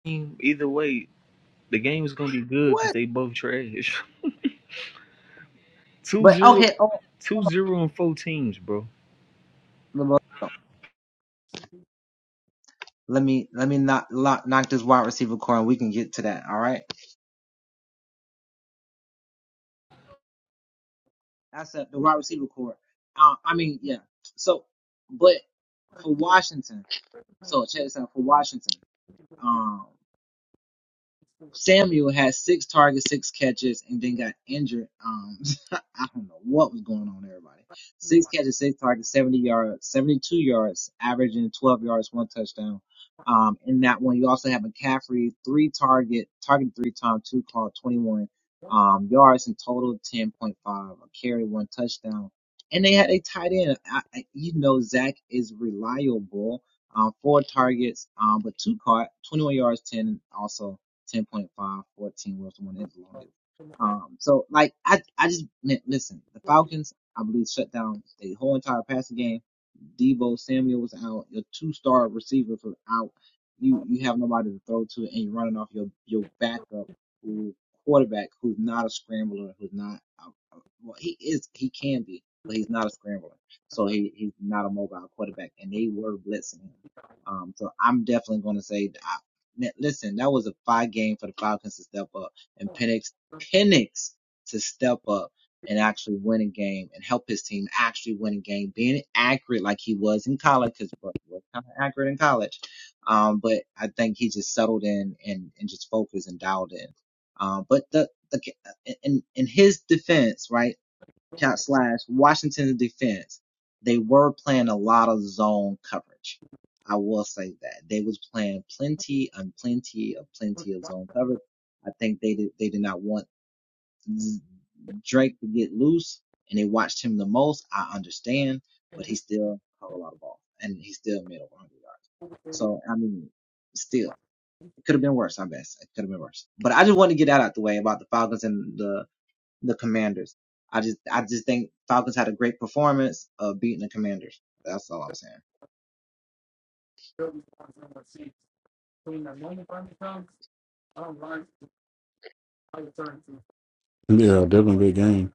Speaker 4: Either way, the game is gonna be good because they both trash. Two zero, two zero and four teams, bro.
Speaker 1: Yeah, definitely big game.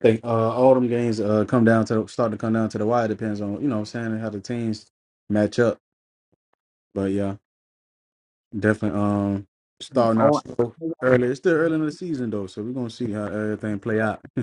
Speaker 1: I think uh, all them games uh, come down to start to come down to the wire. Depends on you know what I'm saying how the teams match up. But yeah, definitely um starting out slow early. It's still early in the season though, so we're gonna see how everything play out.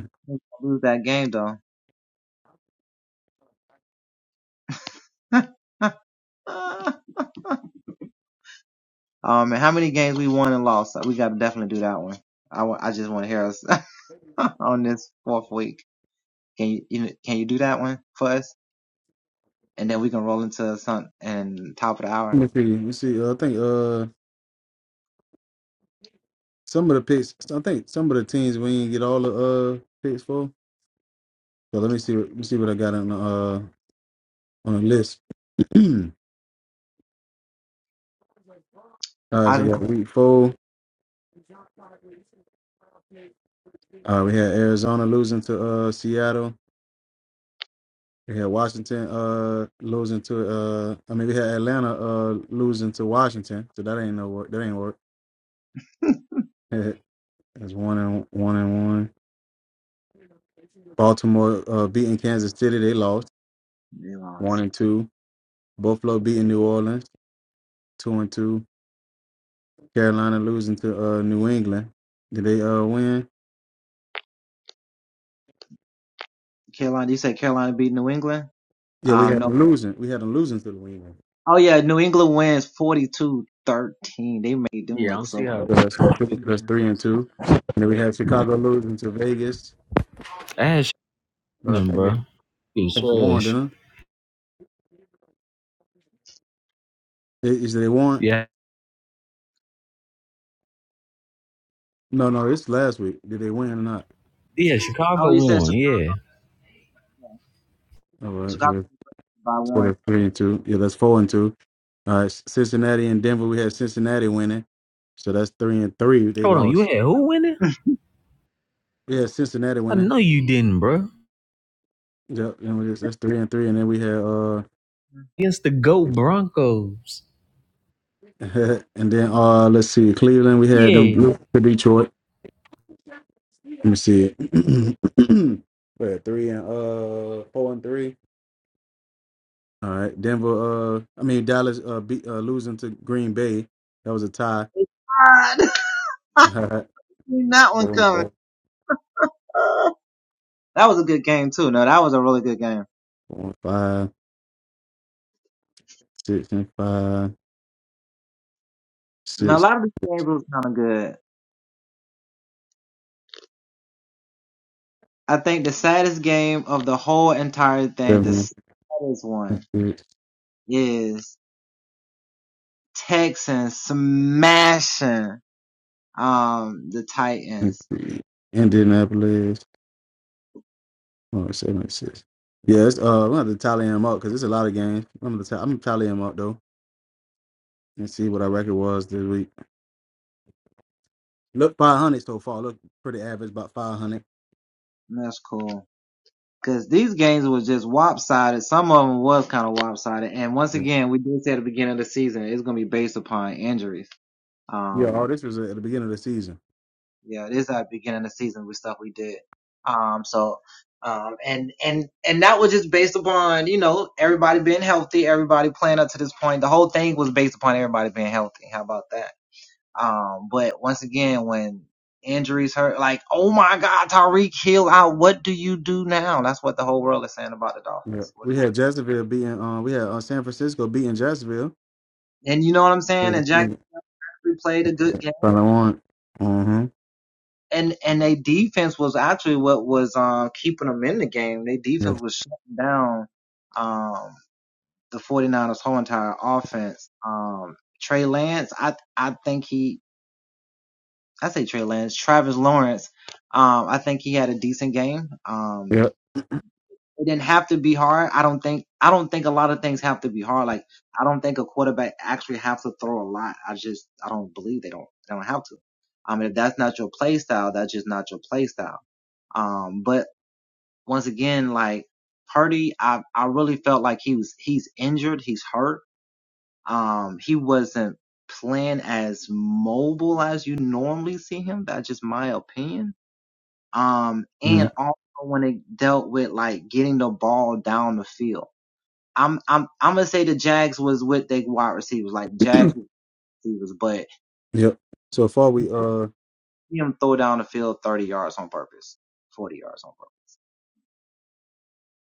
Speaker 1: Let me see. Let me see. Uh, I think uh some of the picks. I think some of the teams we ain't get all the uh picks for. So let me see. Let me see what I got on the uh on the list. all right, so I got week four. Uh, we had Arizona losing to uh, Seattle. We had Washington uh, losing to. Uh, I mean, we had Atlanta uh, losing to Washington. So that ain't no work. That ain't work. That's one and one and one. Baltimore uh, beating Kansas City. They lost one and two. Buffalo beating New Orleans two and two. Carolina losing to uh, New England. Did they uh, win? Yeah, we had them losing. We had them losing to New England.
Speaker 4: Yeah, I'm see how
Speaker 1: So that's
Speaker 4: we
Speaker 1: that's
Speaker 4: can-
Speaker 1: three and two. And then we
Speaker 4: yeah.
Speaker 1: had Chicago losing to Vegas.
Speaker 4: Ash
Speaker 1: But I
Speaker 4: them,
Speaker 1: think they
Speaker 4: bro. You
Speaker 1: They won,
Speaker 4: trash.
Speaker 1: didn't they? Is they won?
Speaker 4: Yeah.
Speaker 1: No, no, it's last week. Did they win or not?
Speaker 4: Yeah, Chicago won, yeah.
Speaker 1: All right, so that's so that's three and two. Yeah, that's four and two. All right, Cincinnati and Denver. We had Cincinnati winning, so that's three and three. They
Speaker 4: Hold on, you
Speaker 1: lost.
Speaker 4: had who winning?
Speaker 1: Yeah, Cincinnati
Speaker 4: I
Speaker 1: winning.
Speaker 4: know you didn't, bro.
Speaker 1: Yep, and we just, that's three and three. And then we had uh,
Speaker 4: Against the GOAT Broncos.
Speaker 1: and then uh, let's see, Cleveland. We had them
Speaker 4: Yeah.
Speaker 1: lose to Detroit. Let me see it. we had three and uh, four and three. All right, Denver. Uh, I mean Dallas. Uh, be, uh losing to Green Bay. That was a tie. All right, four and four, four and five, six and five, six, seven, and six, and three. Indianapolis. Oh, seven and six. Yeah, it's, uh, I'm gonna have to tally them up because it's a lot of games. I'm gonna, t- I'm gonna tally them up though and see what our record was this week. Look, 500 so far. Look pretty average, about 500. Yeah, yeah all this was at the beginning of the season. Yeah, we had Jacksonville beating. Uh, we had uh, San Francisco beating Jacksonville. Everything that I want. Mm-hmm. Yes. Yep. Mm. Yep. So far we uh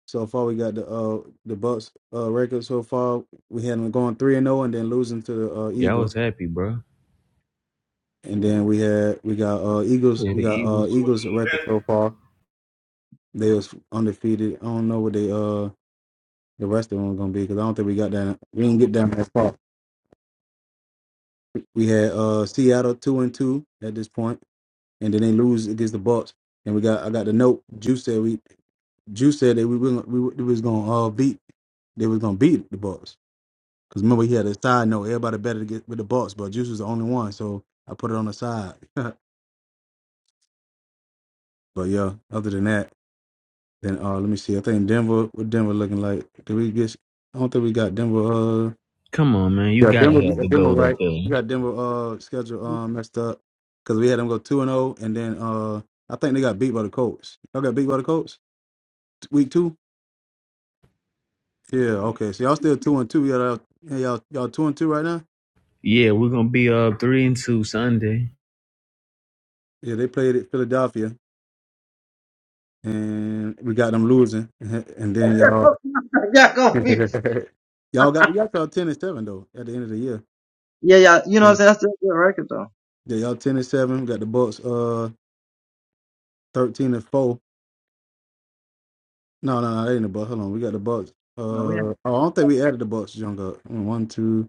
Speaker 1: so far we got the uh the Bucks uh record so far. We had them going three and zero and then losing to the uh,
Speaker 4: Yeah, I was
Speaker 1: Eagles.
Speaker 4: happy, bro.
Speaker 1: And then we had we got uh Eagles
Speaker 4: Yeah,
Speaker 1: we
Speaker 4: the
Speaker 1: got uh
Speaker 4: Eagles.
Speaker 1: Eagles record so far. They was undefeated. I don't know what they uh the rest of them gonna be because I don't think we got down we didn't get down that far. We had uh Seattle two and two at this point. and then they lose against the Bucks. And we got I got the note. Juice said we Juice said that we were we, were- we was gonna uh, beat they was gonna beat the Bucks. Cause remember he had a side note. Everybody better to get with the Bucks, but Juice was the only one, so I put it on the side. but yeah, other than that, then uh let me see. I think Denver what Denver looking like. Did we get? I don't think we got Denver. Uh,
Speaker 4: Come on, man. You
Speaker 1: yeah,
Speaker 4: gotta
Speaker 1: Denver. we
Speaker 4: have
Speaker 1: got
Speaker 4: the
Speaker 1: Denver
Speaker 4: gold up
Speaker 1: right.
Speaker 4: there.
Speaker 1: We got Denver uh schedule uh messed up because we had them go two and zero, and then uh I think they got beat by the Colts. Y'all got beat by the Colts. Week two? Yeah, okay. So y'all still two and two. Y'all y'all yeah, y'all y'all two and two right now?
Speaker 4: Yeah, we're gonna be up three and two Sunday.
Speaker 1: Yeah, they played at Philadelphia and we got them losing. And then y'all y'all got we got y'all ten and seven though at the end of the year. Yeah, yeah y'all ten and seven. We got the Bucks uh thirteen and four. No, no, no, that ain't the Bucks. Hold on, we got the Bucks. Uh oh, I don't think we added the Bucks, Junk up. One, two,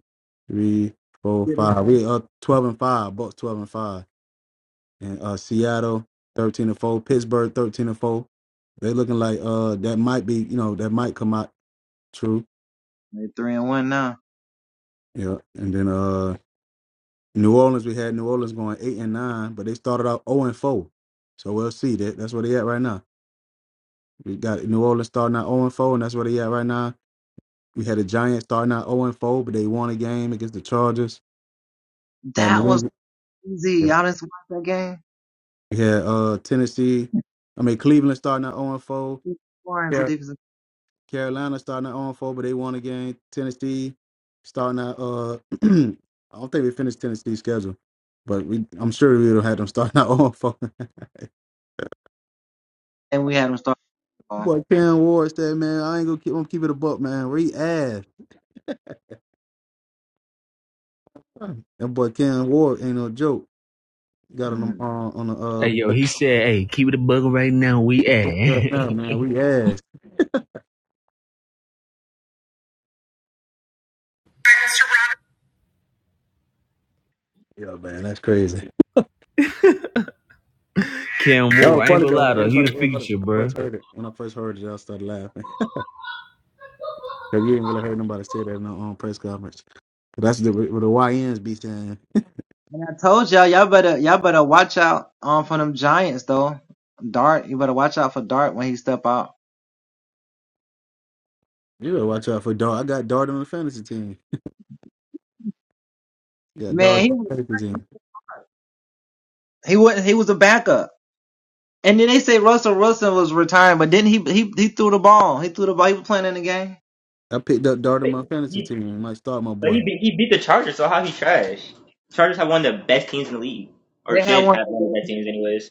Speaker 1: three, four, five. We uh twelve and five, Bucks twelve and five. and uh, Seattle thirteen and four, Pittsburgh thirteen and four. They looking like uh that might be you know that might come out true. Yeah, and then uh New Orleans we had New Orleans going eight and nine, but they started out zero and four. So we'll see that that's where they at right now. We got New Orleans starting out zero and four, and that's where they at right now. We had the Giants starting out zero and four, but they won a game against the Chargers. Had New England, we had uh Tennessee. I mean Cleveland starting out zero and four. Carolina starting at on four, but they won again. Tennessee starting at uh, I don't think we finished Tennessee's schedule, but we I'm sure we'll have them starting at on four. boy Cam Ward said, man, I ain't gonna keep, I'm gonna keep it a buck, man. Where he ass. That boy Cam Ward ain't no joke. Got on the uh, on the
Speaker 4: Hey
Speaker 1: uh
Speaker 4: yo, he said, hey, keep it a bug right now. We at
Speaker 1: right now, man. We ass. Yeah, man, that's crazy.
Speaker 4: Cam
Speaker 1: That was
Speaker 4: Moore. I ain't
Speaker 1: funny
Speaker 4: gonna
Speaker 1: though. When
Speaker 4: lie though, he
Speaker 1: everybody,
Speaker 4: the
Speaker 1: everybody
Speaker 4: feature,
Speaker 1: when I
Speaker 4: bro.
Speaker 1: first heard it. When I first heard it, I started laughing because you ain't really heard nobody say that in the um, press conference. 'Cause that's the, what the YNs be saying. You better watch out for Dart. I got Dart on my fantasy team. Got Dart on my fantasy team. I picked up Dart on
Speaker 2: But
Speaker 1: my fantasy
Speaker 2: he
Speaker 1: team. Might start my
Speaker 2: but
Speaker 1: boy.
Speaker 2: he beat, he beat the Chargers, so how he trash? Chargers have one of the best teams in the league, or should have one of the best teams anyways.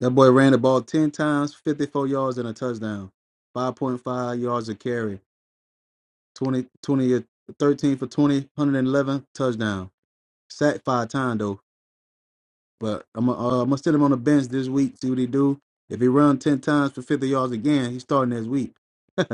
Speaker 1: That boy ran the ball ten times, fifty-four yards and a touchdown. Five point five yards a carry. 20, 20, uh, 13 for 20, one hundred eleven touchdown. Sacked five times though. But I'm gonna uh, I'm gonna sit him on the bench this week. See what he do. If he run ten times for fifty yards again, he's starting this week.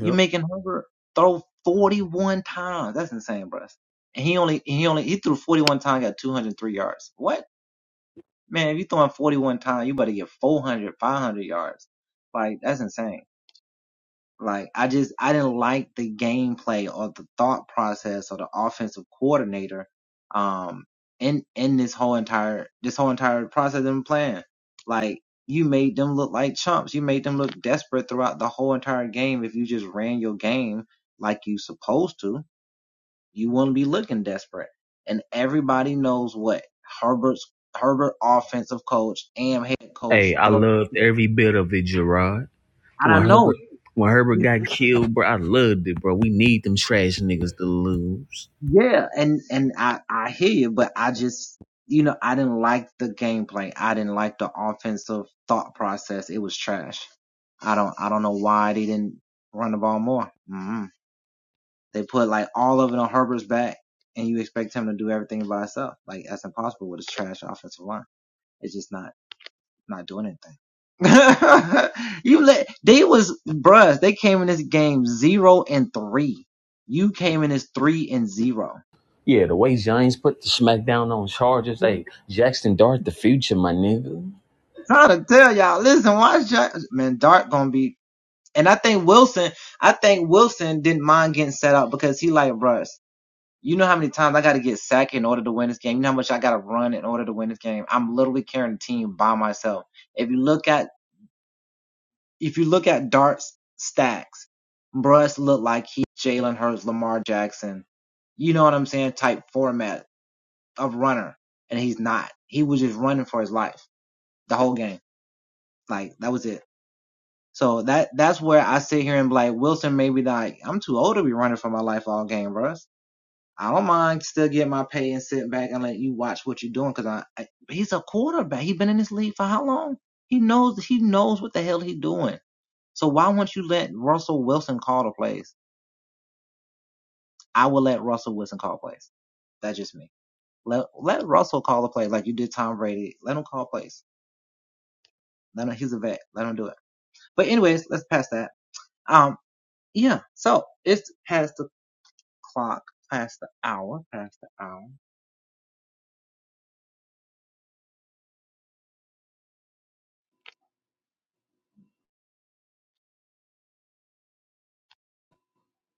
Speaker 1: Yep.
Speaker 4: Hey, I loved every bit of it, Gerard. When Herbert when Herbert got killed, bro, I loved it, bro. We need them trash niggas to lose. Yeah, the way Giants put the smackdown on Chargers, hey, Jackson Dart, the future, my nigga.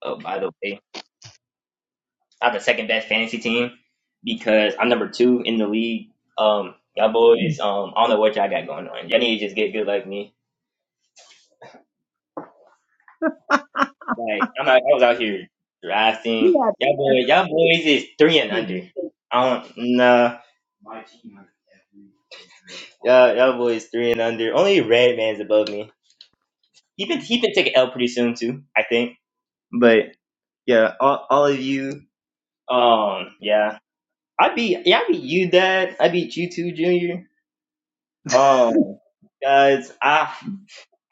Speaker 2: Oh, by the way. I have the second best fantasy team because I'm number two in the league. Um, y'all boys, um, I don't know what y'all got going on. Y'all need to just get good like me. Like I'm out, I was out here drafting. Y'all boys, y'all boys is three and under. I don't nah. Y'all, y'all boys three and under. Only Red Man's above me. He been he been taking L pretty soon too, I think. But yeah, all, all of you. Um, yeah, I beat yeah I beat you, Dad. I beat you too, Junior. Um, guys, I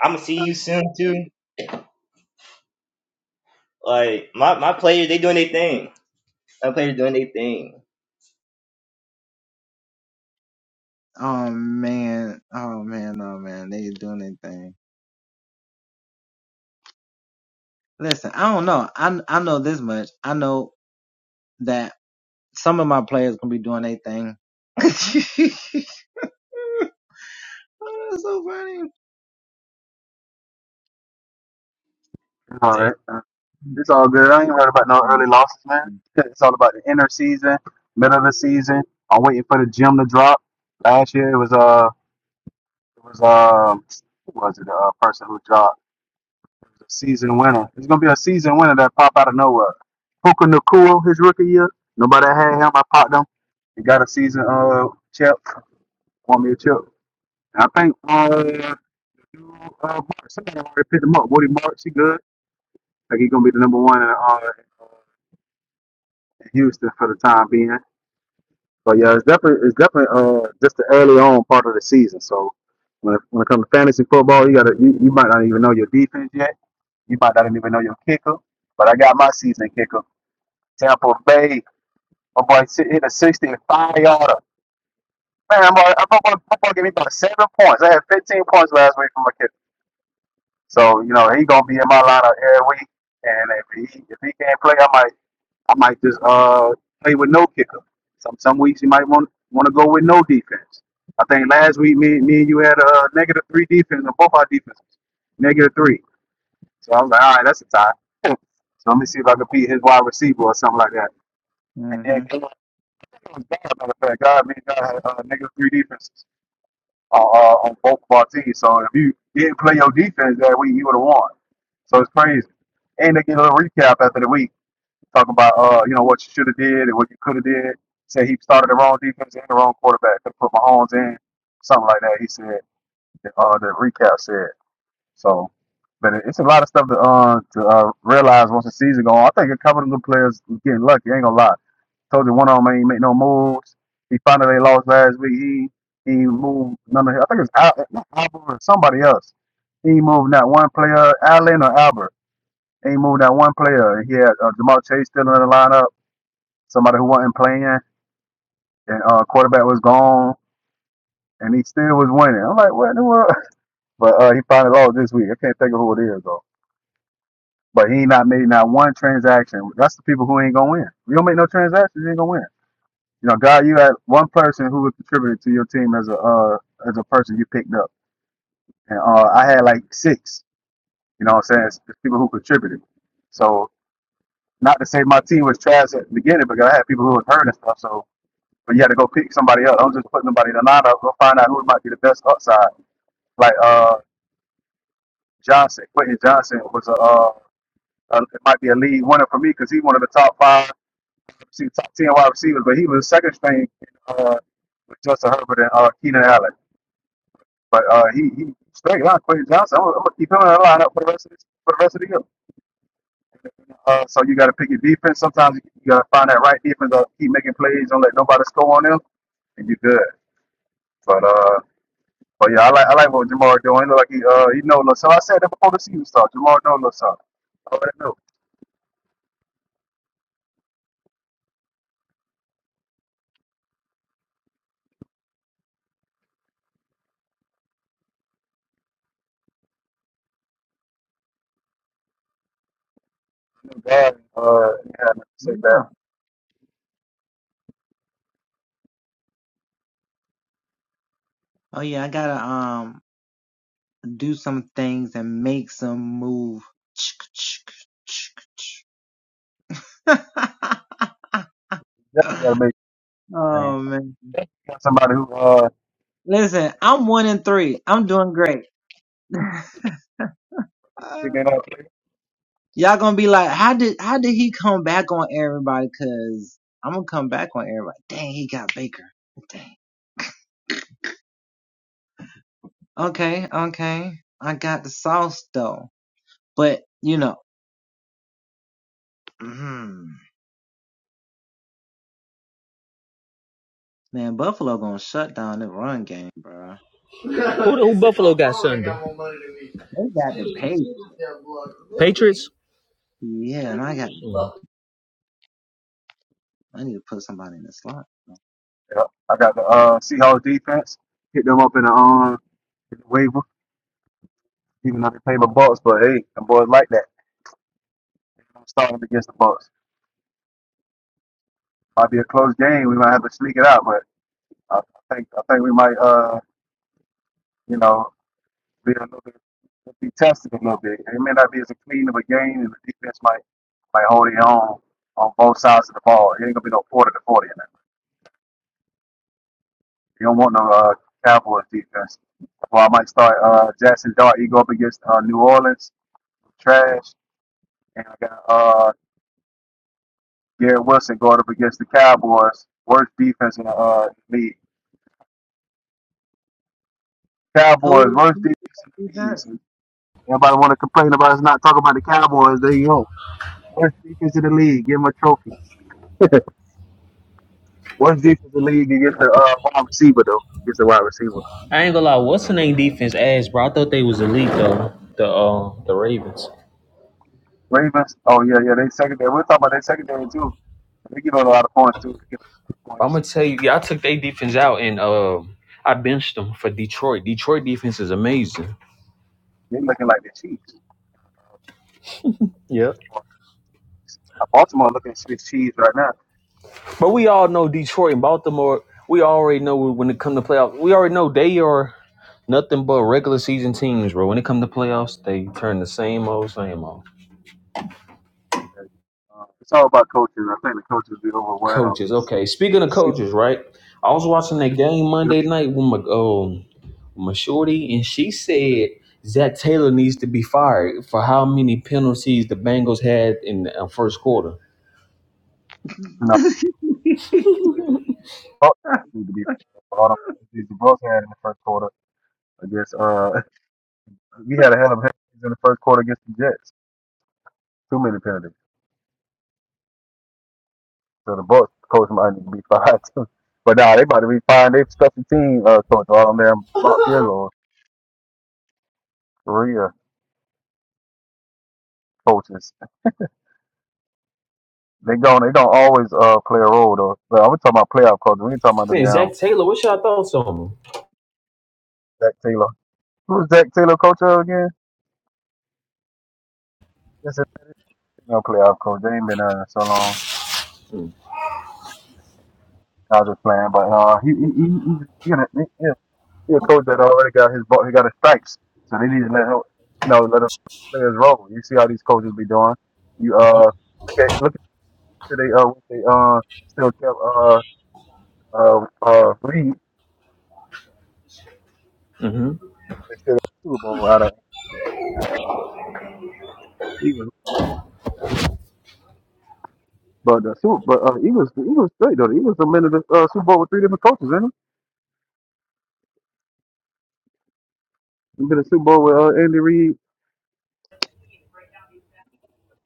Speaker 2: I'm gonna see you soon too. Like my my players, they doing their thing. My players doing their thing.
Speaker 1: All
Speaker 2: Like,
Speaker 1: right. It's all good. I ain't worried about no early losses, man. It's all about the inner season, middle of the season. I'm waiting for the gym to drop. Last year it was uh it was um who was it? uh, person who dropped It a season winner. It's gonna be a season winner that pop out of nowhere. Puka Nakua, his rookie year. Nobody had him. I popped him. He got a season uh chip. Won me a chip. And I think uh, uh Mark, somebody already picked him up. Woody Marks, he good. Like he's gonna be the number one in, uh, in Houston for the time being. But yeah, it's definitely it's definitely uh just the early on part of the season. So when it, when it comes to fantasy football, you gotta you, you might not even know your defense yet. You might not even know your kicker. But I got my season kicker, Tampa Bay. My boy si- hit a 65 yarder. Man, my boy, my boy, my boy gave me about seven points. I had 15 points last week from my kicker. So you know he gonna be in my lineup every week. And if he if he can't play, I might. I might just uh play with no kicker. Some some weeks you might want want to go with no defense. I think last week me me and you had a negative three defense on both our defenses, negative three. So I was like, all right, that's a tie. so let me see if I can beat his wide receiver or something like that. And then God, matter of fact, God, me and God had uh, negative three defenses uh, uh, on both of our teams. So if you didn't play your defense that week, you would have won. So it's crazy. And they get a little recap after the week talking about uh, you know, what you should have did and what you could have did. Said he started the wrong defense and the wrong quarterback. Could have put Mahomes in, something like that. He said uh the recap said. So but it- it's a lot of stuff to uh to uh, realize once the season go on. I think a couple of the players was getting lucky, ain't gonna lie. Told you one of them ain't make no moves. He found out they lost last week. He he moved none of I think it's Al, not Albert or somebody else. He ain't moved that one player, Allen or Albert. He ain't moved that one player. He had uh, Jamal Chase still in the lineup somebody who wasn't playing, and uh, quarterback was gone, and he still was winning. I'm like, what in the world? But uh, he finally lost this week. I can't think of who it is though. But he ain't not made not one transaction. That's the people who ain't gonna win. You don't make no transactions, you ain't gonna win. You know, God, you had one person who contributed to your team as a uh, as a person you picked up, and uh, I had like six. You know what I'm saying? It's people who contributed. So not to say my team was trash at the beginning, because I had people who was hurt and stuff. So But you had to go pick somebody up. I'm just putting somebody in the lineup. Go find out who might be the best upside. Like uh Johnson, Quentin Johnson was a, uh, a it might be a lead winner for me because he's one of the top five, see, top ten wide receivers. But he was second string uh, with Justin Herbert and uh, Keenan Allen. But uh, he he straight line Quentin Johnson. I'm, gonna- I'm gonna keep him in the lineup for the rest of this, for the rest of the year. Uh, so you got to pick your defense. Sometimes you you got to find that right defense. Uh, keep making plays. Don't let nobody score on them, and you're good. But uh. But yeah, I like I like what Jamar doing. He look like he uh he know a little something. I said that before the season started. Jamar know a little something. I already know. Too bad. Uh, yeah, I say that. You definitely gotta make it thing. Got somebody who uh they been up.
Speaker 4: Who, who Buffalo got Sunday? Patriots.
Speaker 1: Yeah, I got the uh Seahawks defense. Hit them up in the um in the waiver, even though they play the Bucks. But hey, the boys like that. I'm starting against the Bucks. Might be a close game. We might have to sneak it out, but I I think I think we might uh. you know. be a little bit be tested a little bit. It may not be as clean of a game, and the defense might might hold their own on both sides of the ball. It ain't gonna be no forty to forty in that. You don't want no uh, Cowboys defense. Well, I might start uh, Jackson Dart. He go up against uh, New Orleans trash, and I got uh, Garrett Wilson going up against the Cowboys, worst defense in the uh, league. Cowboys worst defense in the league. So everybody want to complain about us not talking about the Cowboys. There you go. Worst defense in the league. Give them a trophy. What's defense in the league against the uh, wide receiver though? Against the wide receiver.
Speaker 4: I ain't gonna lie, what's the name defense ass, bro? I thought they was elite though. The uh, the Ravens.
Speaker 1: Ravens. Oh yeah, yeah. They secondary. We're talking about their secondary too. They give up a lot of points too. They give up a lot of
Speaker 4: I'm
Speaker 1: points.
Speaker 4: gonna tell you, y'all took their defense out, and uh, I benched them for Detroit. Detroit defense is amazing,
Speaker 1: They're looking like the Chiefs.
Speaker 4: Yeah,
Speaker 1: Uh, Baltimore looking at Swiss cheese right now.
Speaker 4: but we all know Detroit and Baltimore. We already know when it comes to playoffs. We already know they are nothing but regular season teams, bro. When it comes to playoffs, they turn the same old, same old.
Speaker 1: Uh, it's all about coaches. I think the coaches be overwhelmed.
Speaker 4: Coaches, okay. Speaking
Speaker 1: The
Speaker 4: of
Speaker 1: city,
Speaker 4: coaches, right? I was watching that game
Speaker 1: you
Speaker 4: Monday night with my um, with my shorty, and she said Zach Taylor needs to be fired for how many penalties the Bengals had in the uh, first quarter.
Speaker 1: know, coaches need to be for all the penalties the Bucks had in the first quarter against. Uh, we had a hell of a penalties in the first quarter against the Jets. Too many penalties. So the Bucks coach might need to be fired too. But nah, they about to be firing their special team uh, coach all them there block field goals. Career coaches. They gon' they don't always uh play a role though. But I'm talking about playoff coaches. We ain't talking about the
Speaker 4: Yeah,
Speaker 1: damn
Speaker 4: Zach Taylor, what's your thoughts on
Speaker 1: Zach Taylor. Who's Zach Taylor coach of again? This is no playoff coach. They ain't been there in so long. I was just playing, but uh, he he he he, he, gonna- he, he he a coach that already got his ball. He got his stripes, so they need to let him, you know, let him play his role. You see how these coaches be doing. You uh, okay, look at till they uh they uh still kept uh uh uh Reed
Speaker 4: him?
Speaker 1: instead of Super Bowl out of you Eagles. But the Super but uh Eagles the Eagles straight though. The Eagles have been to the uh, Super Bowl with three different coaches, isn't it? They've been to the Super Bowl with uh, Andy Reid.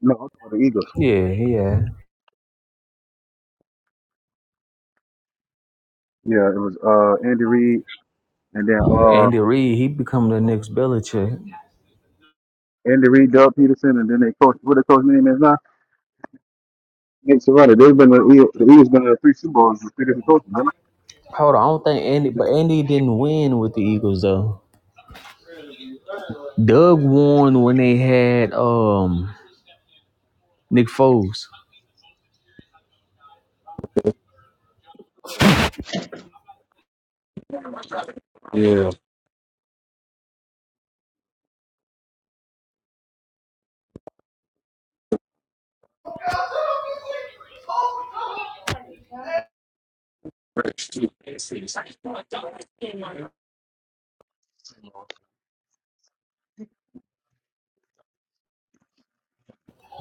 Speaker 1: No, I'm talking about the Eagles.
Speaker 4: hmm Yeah, yeah.
Speaker 1: Yeah, it was uh Andy Reid and then uh
Speaker 4: Andy Reid, he become the next Belichick.
Speaker 1: Andy Reid, Doug Peterson, and then they coach what the coach name is now. Nick Sirianni. They've been to the Eagles. The Eagles been to three Super Bowls with three different coaches.
Speaker 4: Hold on, I don't think Andy, but
Speaker 1: didn't
Speaker 4: Andy didn't win with the Eagles though. Doug won when they had um Nick Foles.
Speaker 2: uh,
Speaker 1: Remember? Yeah.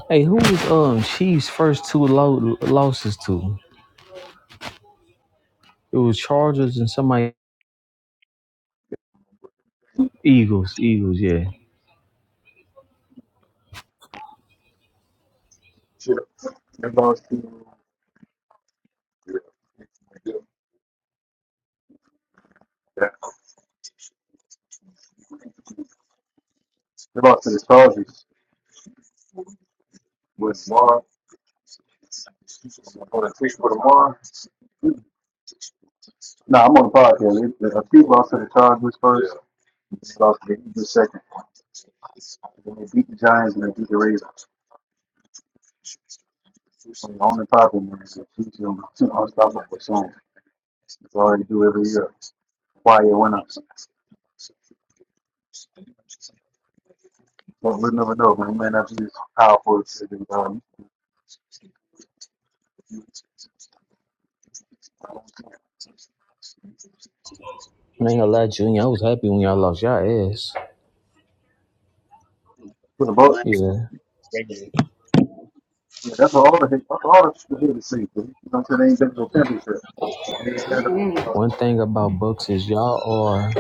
Speaker 4: Hey, who was um Chiefs' first two lo- losses to? It was Chargers and somebody Eagles. Eagles, yeah.
Speaker 1: Shit, they lost to yeah, they lost to the Chargers with Marv. Oh, that's free for tomorrow? No, I'm on the podcast. It- The Acute lost to the Chargers first. Yeah. They lost to the Eagles second. Then they beat the Giants and they beat the Ravens. So the only problem is the Chiefs do unstoppable for soon. It's already do every year. Why Quiet winners. But we will never know, man. We may not be as powerful as it is. Um, for
Speaker 4: I ain't gonna lie, Junior. I was happy when y'all lost y'all ass.
Speaker 1: the Bucks,
Speaker 4: Yeah.
Speaker 2: crazy.
Speaker 1: yeah, that's all the that's all the people here to see. But You know, they ain't been to a championship. And they ain't been to
Speaker 4: One
Speaker 1: uh,
Speaker 4: thing about Bucks is y'all are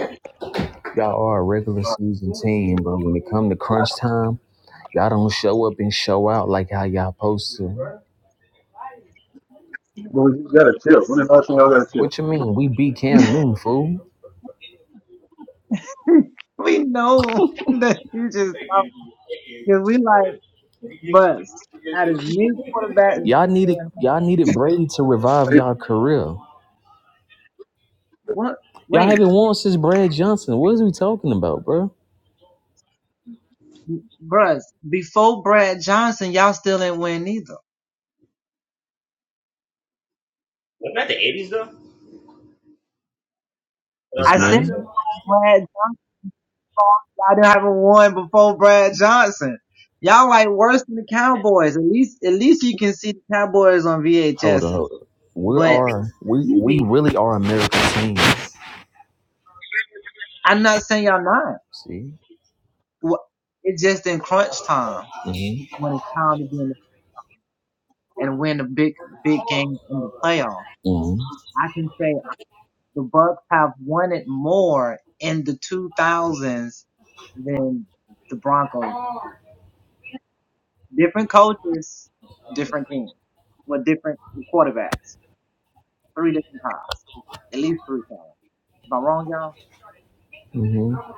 Speaker 4: Y'all are a regular
Speaker 1: uh, but
Speaker 4: season team, but when it come to crunch time, y'all don't show up and show out like how y'all supposed to.
Speaker 1: you gotta chill. When the last time y'all gotta chill?
Speaker 4: What you mean? We beat Cam Newton, fool. Y'all needed y'all needed Brady to revive
Speaker 1: Hey,
Speaker 4: y'all career. Y'all haven't won since Brad Johnson. What is we talking about, bro?
Speaker 2: Wasn't that the 80s though? That was
Speaker 4: This
Speaker 2: the 90s
Speaker 4: man.
Speaker 2: though.
Speaker 4: Hold up, hold up. We are we we really are American team. See? Mm-hmm. Mm-hmm. Mm-hmm.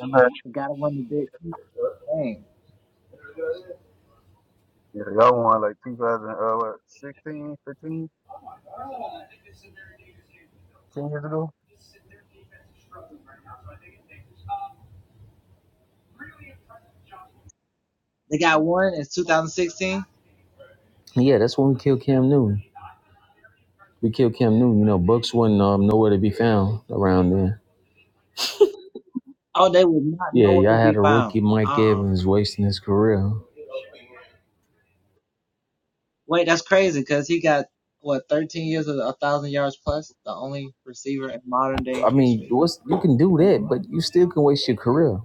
Speaker 1: I'm Yeah, y'all won like 2016, 15, 10 years ago.
Speaker 4: Yeah, that's when we killed Cam Newton. We killed Cam Newton. You know, Bucks wasn't um, nowhere to be found around then. Yeah, y'all had a rookie Mike Evans wasting his career. I mean, what's you can do that, but you still can waste your career.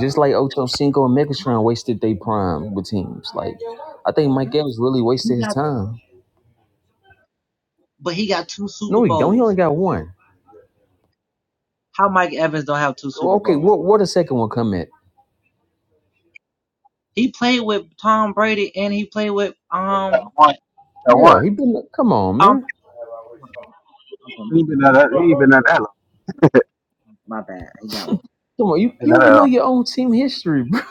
Speaker 4: Just like Ocho Cinco and Megatron wasted their prime with teams. Like, I think Mike Evans really wasted his time. No, he don't. He only got one. Okay, what where the second one come at?
Speaker 3: He played with Tom Brady and he played with
Speaker 1: That
Speaker 3: um,
Speaker 1: one. That one.
Speaker 4: Yeah, he been. Come on,
Speaker 3: um
Speaker 4: man.
Speaker 1: He ain't been at that. He ain't been at that long.
Speaker 4: Come on, you,
Speaker 1: He been
Speaker 4: you
Speaker 1: at
Speaker 4: don't
Speaker 1: that
Speaker 4: even know
Speaker 1: long.
Speaker 4: your own team history, bro.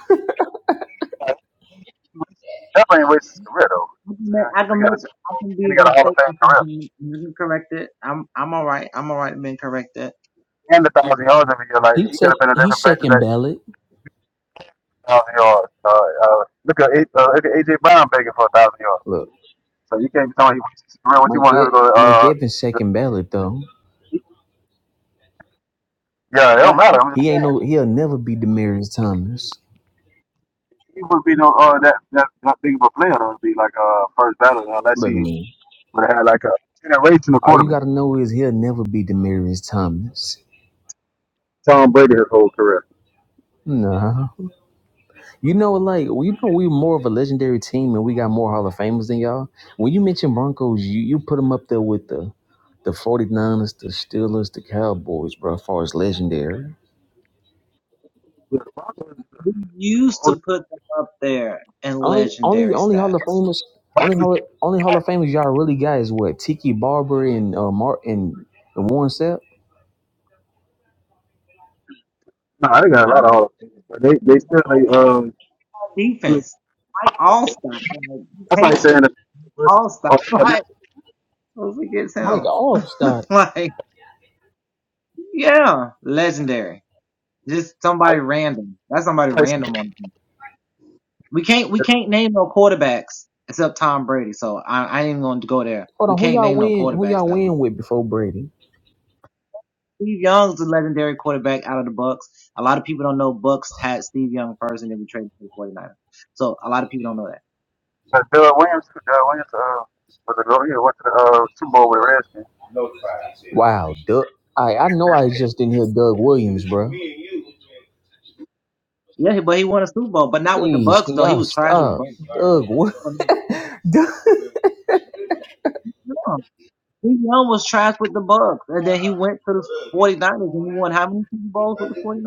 Speaker 1: That ain't wasted his career though.
Speaker 3: I can make, I
Speaker 1: Because he
Speaker 3: can
Speaker 1: got a
Speaker 3: make, I can
Speaker 1: and
Speaker 3: be
Speaker 1: he got a Hall of Fame
Speaker 3: mistaken
Speaker 1: career
Speaker 3: sometimes. and I can correct it. I'm, I'm alright. I'm alright being corrected.
Speaker 1: and a
Speaker 3: You
Speaker 1: thousand yards every year. Like
Speaker 4: He
Speaker 1: he could
Speaker 4: sec
Speaker 1: have been in
Speaker 4: he
Speaker 1: different places
Speaker 4: second
Speaker 1: that
Speaker 4: ballot.
Speaker 1: thousand yards. Uh, uh, look at A- uh, look at AJ Brown begging for a thousand yards.
Speaker 4: Look,
Speaker 1: So you can't be telling me he wasted his career. What you
Speaker 4: Mike
Speaker 1: want him to
Speaker 4: E-
Speaker 1: go?
Speaker 4: Mike
Speaker 1: Uh,
Speaker 4: Evans second ballot though.
Speaker 1: yeah, it don't matter. I'm just
Speaker 4: He
Speaker 1: saying
Speaker 4: ain't no. He'll never be Demarius Thomas.
Speaker 1: he wouldn't be no uh that that, that big of a player to be like uh first battle unless
Speaker 4: Look,
Speaker 1: he
Speaker 4: man.
Speaker 1: But they had like a generational
Speaker 4: All you
Speaker 1: quarterback.
Speaker 4: gotta know is he'll never be Demaryius Thomas.
Speaker 1: Tom Brady his whole career.
Speaker 4: No. You know, like you know, we're more of a legendary team, and we got more Hall of Famers than y'all. When you mention Broncos, you, you put them up there with the the 49ers, the Steelers, the Cowboys, bro. As far as legendary,
Speaker 1: Yeah, the Broncos is a- is a whole-
Speaker 4: only only only Hall of Famers, only Hall, only Hall of Famers y'all really got is what Tiki Barber and uh, Mark and, and Warren Sapp.
Speaker 1: Nah, they got a lot of Hall of Famers, but they they still
Speaker 2: That's not
Speaker 1: like
Speaker 2: gonna lie.
Speaker 1: um. still like Broncos. That's like saying that versus oh, that's
Speaker 4: Mike Allstott.
Speaker 1: like saying
Speaker 4: Hold on, who y'all win? Who y'all win with before Brady?
Speaker 1: that Doug Williams. Doug Williams uh, was a go. He went to the uh, Super Bowl with the Redskins.
Speaker 4: Wow, Doug. I I know I just didn't hear Doug Williams, bro. Please, can y'all stop? Doug, what? Doug.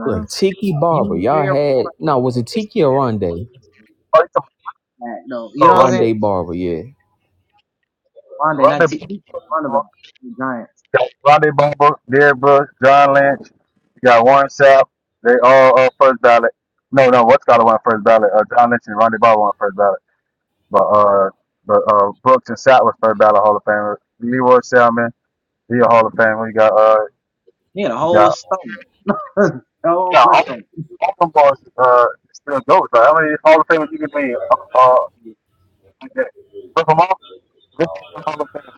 Speaker 4: Look, Tiki Barber, y'all had no, was it Tiki or Rondé?
Speaker 1: Oh, you talking
Speaker 4: Rondé
Speaker 1: about
Speaker 4: Barber, yeah.
Speaker 1: Rondé? Rondé, Ball-
Speaker 3: right.
Speaker 1: got Rondé Barber, Derrick Brooks, John Lynch. You got Warren Sapp. They all uh, first ballot. No, no, what's got one first ballot? Uh, John Lynch and Rondé Barber won first ballot. But uh, but uh, Brooks and Sapp was first ballot Hall of Famer. Leroy Salmon, he a Hall of Famer. You got uh, you got yeah, all, all them boys uh still goes. Like, how many Hall of Famers you can be? Uh, uh like that. Rip 'em off. Rip 'em off Hall of Fame.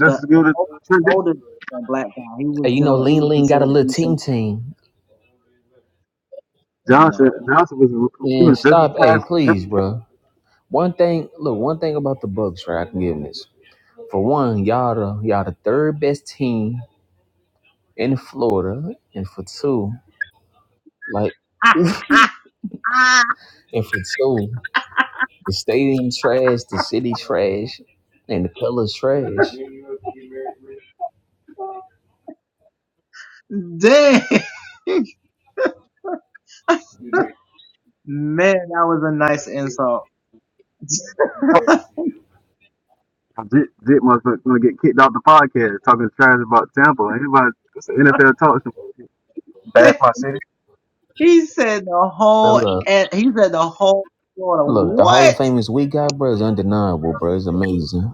Speaker 1: Just as good as Trent Dix-
Speaker 4: Hey, you know, Lean Lean got a little ting ting.
Speaker 1: Johnson. Johnson was he was
Speaker 4: And
Speaker 1: just as
Speaker 4: stop, hey,
Speaker 1: trash. as
Speaker 4: please, bro. One thing, look, one thing about the Bucks, right? I can give 'em this. For one, y'all the y'all the third best team in Florida, and for two, like, and for two, The stadium trash, the city trash, and the colors trash.
Speaker 3: Damn, man, that was a nice insult.
Speaker 1: Dick Dick must gonna get kicked off the podcast talking trash about Tampa. Anybody, it's an NFL talk show. Bash my city.
Speaker 3: he said the
Speaker 4: Now
Speaker 3: whole,
Speaker 4: look,
Speaker 3: and he said the whole Florida.
Speaker 4: look, the Hall
Speaker 3: What?
Speaker 4: of Famers we got, bro, is undeniable, bro. It's amazing.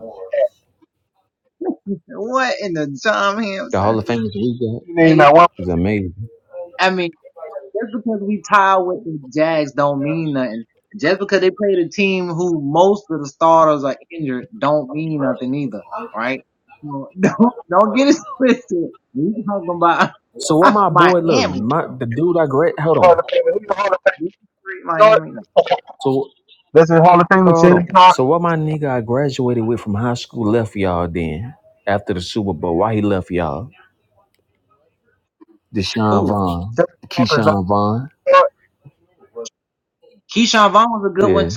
Speaker 3: What in the John
Speaker 4: The
Speaker 3: Hampson?
Speaker 4: Hall of Famers we got
Speaker 1: You name
Speaker 3: Hey,
Speaker 1: that one
Speaker 4: is amazing.
Speaker 3: I mean. just because we tied with the Jags don't mean nothing. Just because they played a team who most of the starters are injured don't mean nothing either, right? So don't don't get it twisted. We talking about
Speaker 4: So what my boy, look,
Speaker 3: Miami.
Speaker 4: my the dude I grad, hold
Speaker 1: Hall of
Speaker 4: on.
Speaker 1: Famer. Who's the Hall of
Speaker 3: We treat
Speaker 1: Famer? Short.
Speaker 3: Miami like
Speaker 4: So
Speaker 1: This is Hall of Fame.
Speaker 4: hold on.
Speaker 1: Shannon Sharp.
Speaker 4: So what my nigga I graduated with from high school left y'all then after the Super Bowl? Why he left y'all? Deshaun
Speaker 3: cool.
Speaker 4: Vaughn,
Speaker 1: Shannon Sharp is not
Speaker 4: Keyshawn Vaughn.
Speaker 1: short.
Speaker 3: Keyshawn Vaughn was a
Speaker 4: Yeah.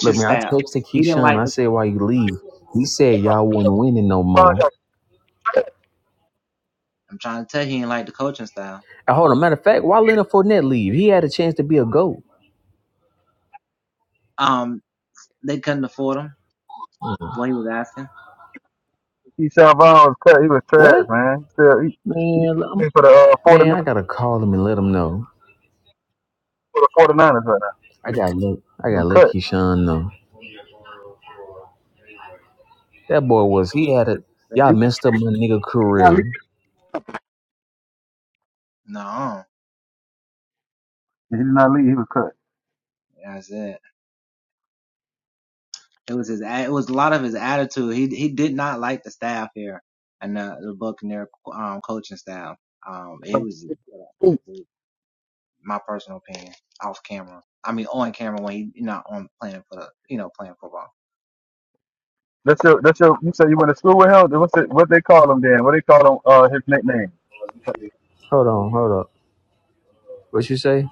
Speaker 4: Look, man, I texted Keyshawn. I said, why you leave? He said y'all wasn't winning no more.
Speaker 1: Sharp.
Speaker 4: And hold on, matter of fact, why Leonard Fournette leave? He had a chance to be a GOAT.
Speaker 1: He Shavon was cut. He was trash,
Speaker 4: What?
Speaker 1: man. He still, he, he
Speaker 4: Man, I'm-
Speaker 1: playing for the uh, 49
Speaker 4: man, I
Speaker 1: for
Speaker 4: gotta call him and let him know.
Speaker 1: the 49ers right now.
Speaker 4: I gotta let I
Speaker 1: He
Speaker 4: gotta
Speaker 1: was
Speaker 4: let
Speaker 1: cut.
Speaker 4: Keyshawn know. That boy was he had it.
Speaker 1: He
Speaker 4: Y'all
Speaker 1: was
Speaker 4: messed up my nigga
Speaker 1: not
Speaker 4: career.
Speaker 1: leave. He did not leave. He was cut. That's your. That's your. You said you went to school with him. What's it, what they call him then? What they call him? Uh, his nickname.
Speaker 4: Hold on, hold up. What you say?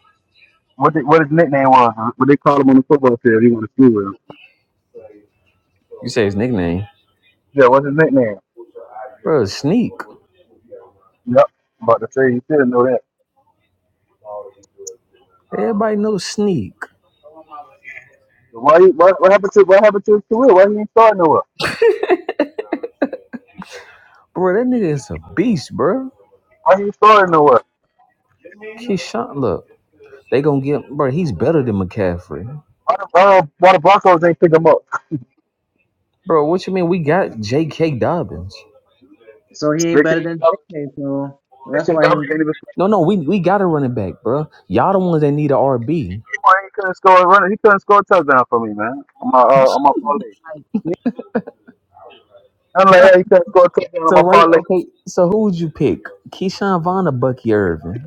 Speaker 1: What they, what his nickname was? huh? What they call him on the football field? He went to school with him.
Speaker 4: You say his nickname,
Speaker 1: Yeah. What's his nickname?
Speaker 4: bro? Sneak.
Speaker 1: Yep. I'm about to say you didn't know that.
Speaker 4: Everybody knows Sneak,
Speaker 1: Why? you- What, what happened to? What happened to his career? Why he ain't starting nowhere?
Speaker 4: bro. That nigga is a beast, bro.
Speaker 1: Why he ain't starting nowhere?
Speaker 4: Keyshawn, look, they gonna get bro. He's better than McCaffrey.
Speaker 1: Why the, uh, why the Broncos ain't pick him up?
Speaker 4: Bro, what you mean? We got J.K. Dobbins.
Speaker 3: good, so he ain't
Speaker 1: J.K.
Speaker 3: better than
Speaker 1: Dobbins
Speaker 3: JK, so that's
Speaker 1: J.K.
Speaker 3: why he
Speaker 4: Huh?
Speaker 1: Dobbins
Speaker 3: ain't
Speaker 1: ain't even score.
Speaker 4: No, no, we we got a running back, bro. Y'all the ones that need a RB.
Speaker 1: Come on, He couldn't score a runner. He couldn't score a touchdown for me, man. On my uh, on my parlay. I'm like, yeah, he couldn't score a touchdown on
Speaker 4: So
Speaker 1: my
Speaker 4: right,
Speaker 1: parlay.
Speaker 4: okay. So who would you pick? Keyshawn Vaughn or Bucky Irvin?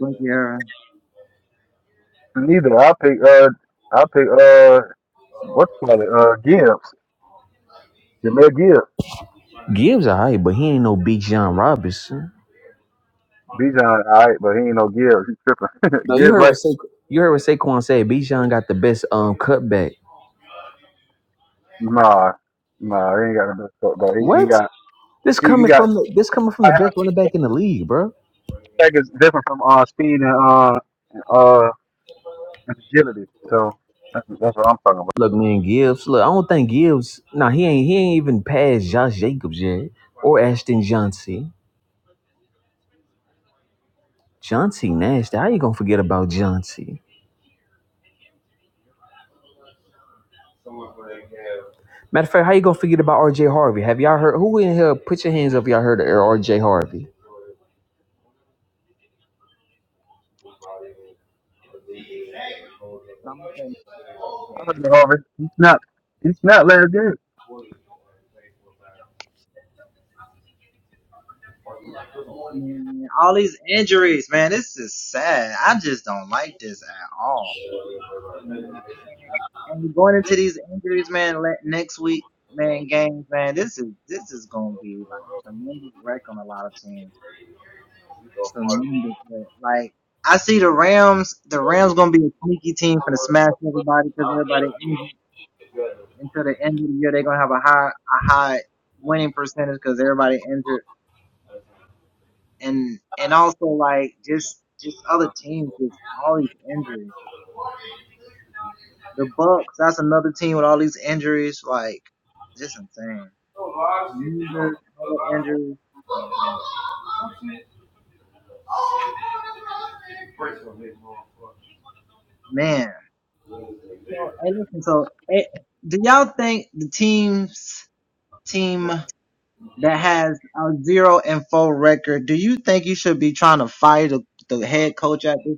Speaker 3: like your
Speaker 1: Neither. I pick uh I pick uh what's it called it? Uh Gibbs. Jameer Gibbs.
Speaker 4: Gibbs alright, but he ain't no Big John Robinson.
Speaker 1: Bijan alright, but he ain't no Gibbs. He tripping.
Speaker 4: No, you
Speaker 1: Gibbs
Speaker 4: heard what
Speaker 1: like
Speaker 4: Sa- you heard what Saquon said. Big John got the best um cutback.
Speaker 1: nah. Nah, he ain't got no best foot, bro. He he
Speaker 4: What?
Speaker 1: got
Speaker 4: This
Speaker 1: he, he
Speaker 4: coming
Speaker 1: got
Speaker 4: from the, this coming
Speaker 1: I
Speaker 4: from the
Speaker 1: have
Speaker 4: best running back in the league, bro.
Speaker 1: seconds different from uh speed and uh and, uh and agility. So that's that's what I'm talking about.
Speaker 4: Look, man, Gibbs. Look, I don't think Gibbs. Nah, he ain't he ain't even passed Josh Jacobs yet or Ashton Johnson. John C. Nash. How you gonna forget about John C? Matter of fact, how you gonna forget about R.J. Harvey? Have y'all heard? Who in here? Put your hands up. if Y'all heard of R.J. Harvey?
Speaker 1: I heard it, Harvey. He snapped. He snapped last game.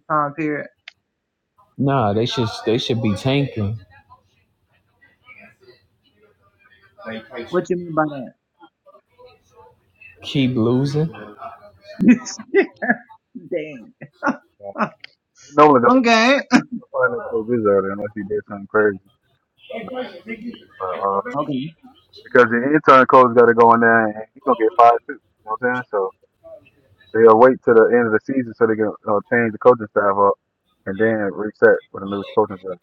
Speaker 3: time period.
Speaker 4: Nah, they should they should be tanking.
Speaker 3: What you mean by
Speaker 4: Keep losing.
Speaker 3: that?
Speaker 1: Yeah. You know what
Speaker 3: Okay.
Speaker 1: find finance coach is out unless he did something crazy. But, uh,
Speaker 3: Okay.
Speaker 1: because the intern coach got to go in there and he's gonna get fired too. You know what I'm saying? So they'll wait till the end of the season so they can uh, change the coaching staff up and then reset with a new coaching staff.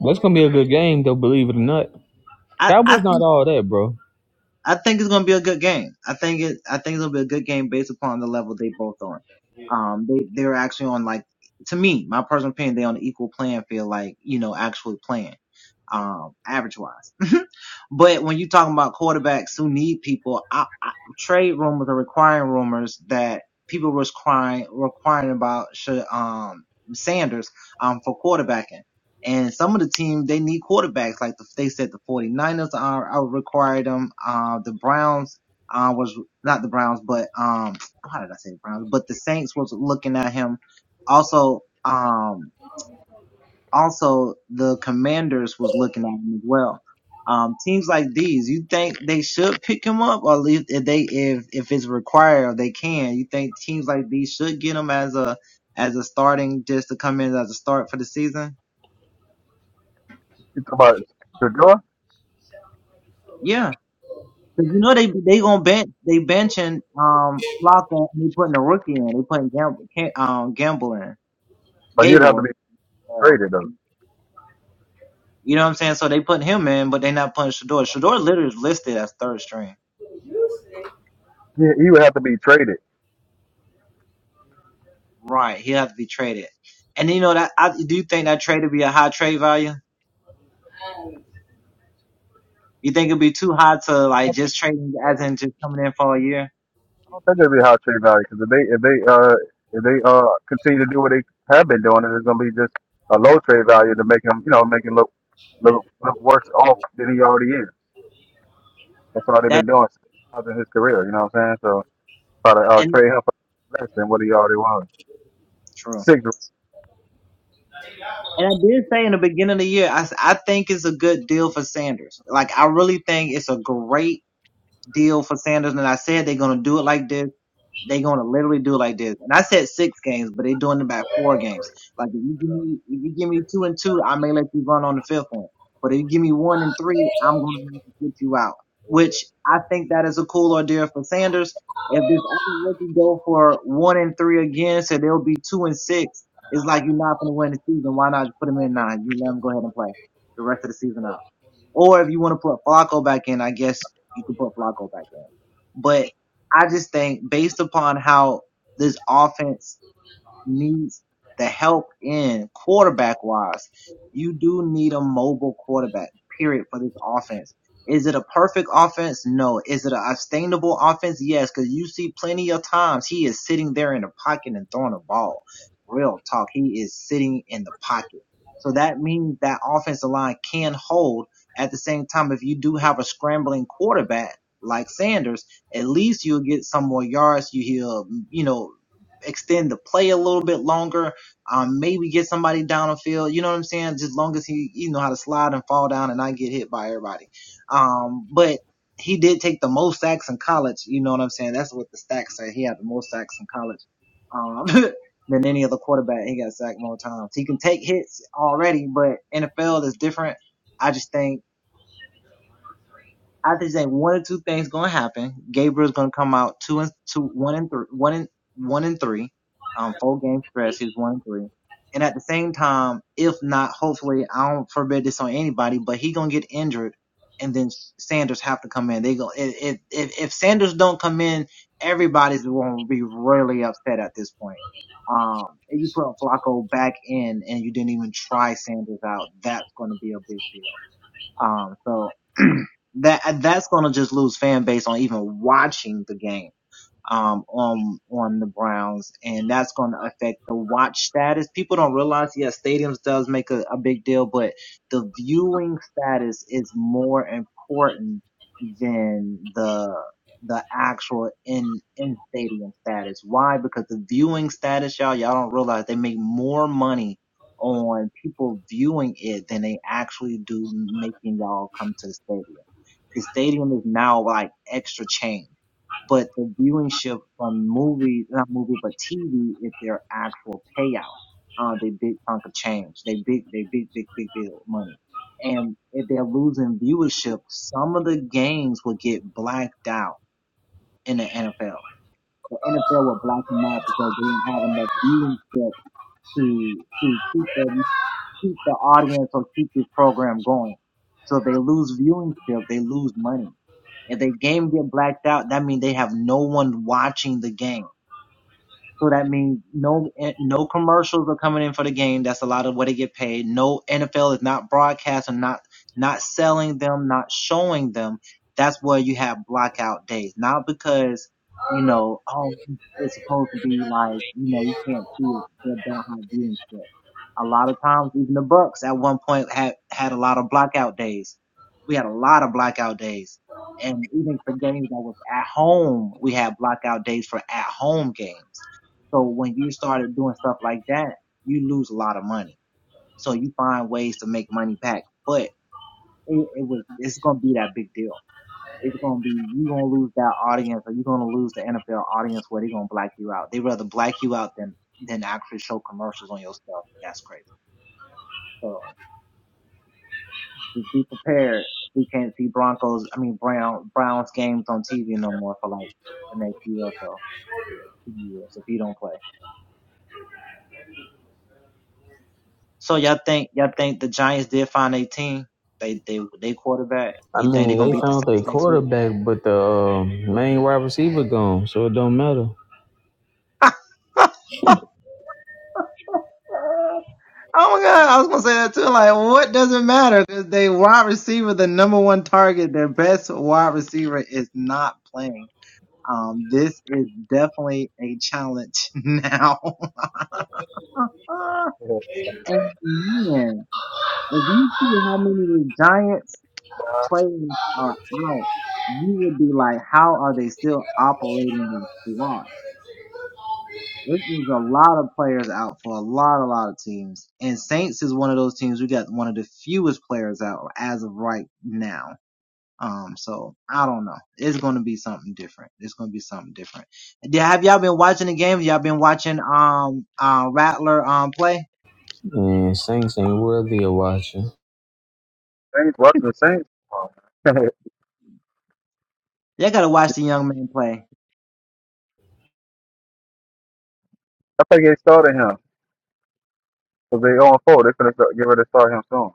Speaker 4: That's gonna be a good game though. Believe it or not, Cowboys not all that, bro.
Speaker 1: You talking about Shador? But he'd have to be traded though. He, he would have to be traded. I don't think it'll be a high trade value because if they if they uh if they uh continue to do what they have been doing, it's gonna be just a low trade value to make him you know make him look look look worse off than he already is. That's all they've been doing since in his career. You know what I'm saying? So try to uh, trade him for less than what he already was. Six
Speaker 3: But out. Um, and to- some things will get blacked out in the NFL. The NFL will black them out because they don't have enough beans to to keep the keep the audience or keep this program going. So they lose viewing
Speaker 4: I mean, they found their quarterback, but the um main wide receiver gone, so it don't matter. Man, Saints ain't worthy of watching.
Speaker 1: Saints watching the Saints. Wow. I think they started him because they on four. They're gonna start, get ready to start him soon.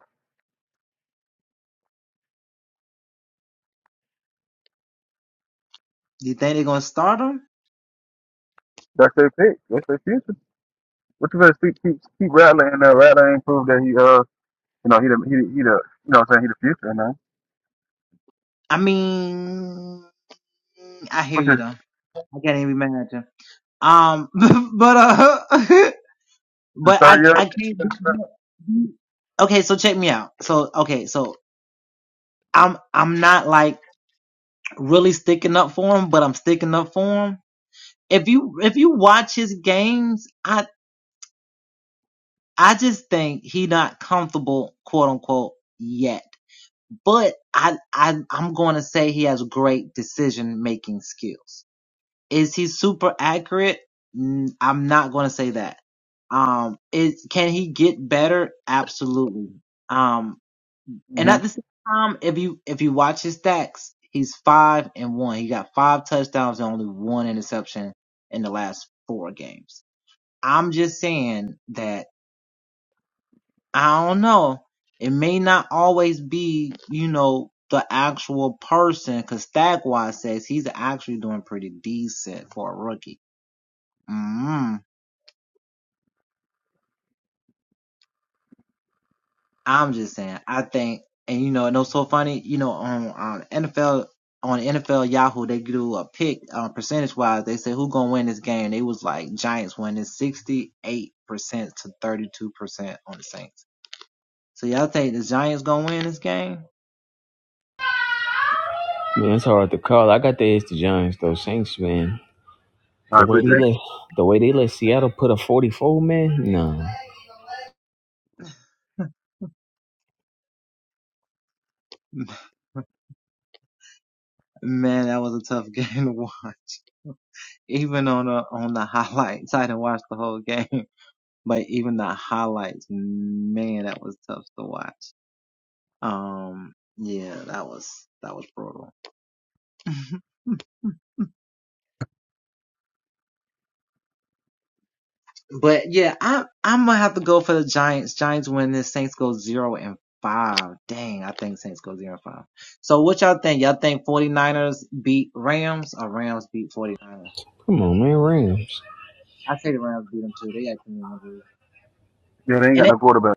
Speaker 1: That's their pick. That's their future. What you gonna keep keep keep rattling and uh, rattling and prove that he uh You know, he the he the, he the you know what I'm saying he the future, man. What's his, his third year? Mm-hmm.
Speaker 4: Man, it's hard to call. I got the edge to Giants though. Saints, man.
Speaker 1: I
Speaker 4: The way they
Speaker 1: appreciate it.
Speaker 4: let the way they let Seattle put a 44 man, nah. Come on, man, Rams.
Speaker 1: Yeah, they ain't got no quarterback.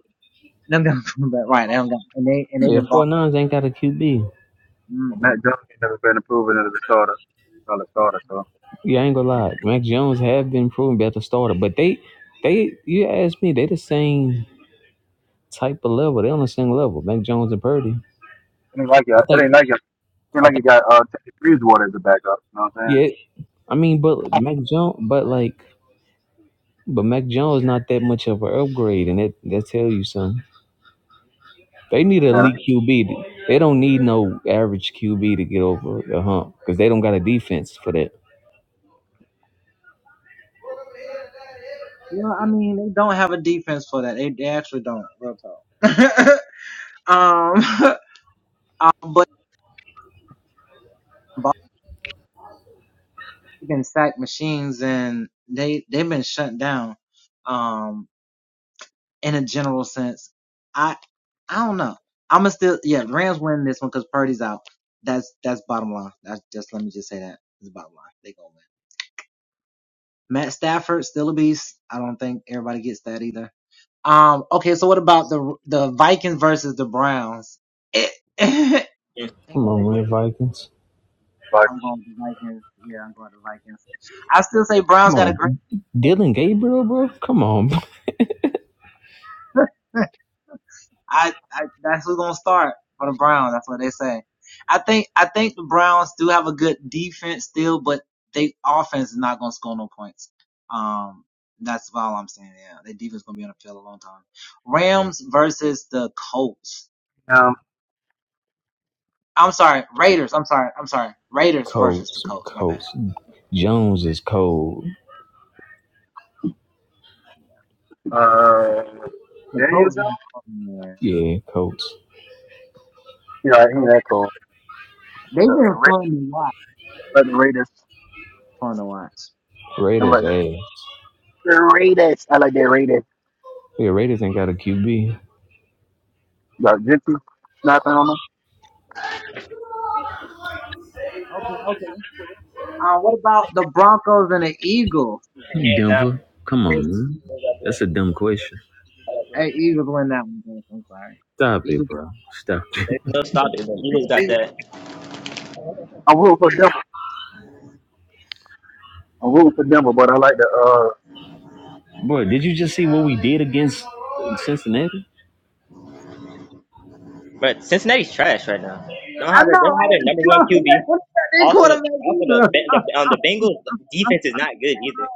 Speaker 4: Yeah, four nines ain't got a QB.
Speaker 1: Matt Jones ain't never been proven as a starter, solid starter. So
Speaker 4: Yeah, I ain't gonna lie. Mac Jones have been proven better starter, but they they you ask me, they the same type of level. They on the same level. Mac Jones and Purdy.
Speaker 1: it ain't like
Speaker 4: I
Speaker 1: it. It
Speaker 4: think
Speaker 1: ain't like it. It ain't
Speaker 4: I
Speaker 1: like you
Speaker 4: think
Speaker 1: got uh Teddy Bridgewater as a backup. You know what I'm saying?
Speaker 4: yeah, I mean but Mac Jones but like but Mac Jones not that much of an upgrade and that that tell you something. They need an
Speaker 1: Yeah, that
Speaker 4: elite
Speaker 1: ain't
Speaker 4: QB. They don't need no average QB to get over the hump because they don't got a defense for that.
Speaker 2: Yeah,
Speaker 4: Come on, man, Vikings.
Speaker 1: like
Speaker 4: Come on, Dylan Gabriel, bro. Come on,
Speaker 1: um
Speaker 4: Colts, Colts. Jones is cold.
Speaker 1: uh Daniel Jones.
Speaker 4: Yeah, Colts.
Speaker 1: Yeah, he ain't
Speaker 3: because
Speaker 1: that cool. But
Speaker 3: they've
Speaker 1: the uh,
Speaker 3: been
Speaker 1: Raiders,
Speaker 3: fun to watch.
Speaker 1: like the Raiders,
Speaker 3: Fun to watch.
Speaker 1: and
Speaker 4: Raiders
Speaker 1: like the,
Speaker 4: ass.
Speaker 1: the Raiders. I like that Raiders.
Speaker 4: Yeah, Raiders ain't got a QB.
Speaker 1: got Gentry snapping on them.
Speaker 3: Okay, okay. Uh, what about the Broncos and the Eagles?
Speaker 2: Hands down,
Speaker 4: Denver. Come on, man.
Speaker 2: Eagles got
Speaker 4: That's a
Speaker 2: that.
Speaker 4: dumb question.
Speaker 2: Eagles got
Speaker 3: Hey,
Speaker 2: that.
Speaker 3: Eagles win that one. Dennis. I'm sorry.
Speaker 4: Stop it,
Speaker 3: Eagles.
Speaker 4: bro. Stop it,
Speaker 2: There's no stopping. The Eagles got that.
Speaker 1: I'm rooting for Denver. I'm rooting for Denver, but I like the uh,
Speaker 4: bro. Did you just see what we did against Cincinnati?
Speaker 2: But Cincinnati's trash right now. Don't have their they don't have their number one QB. Also, the also the Ben- the um, the Bengals defense is not good either.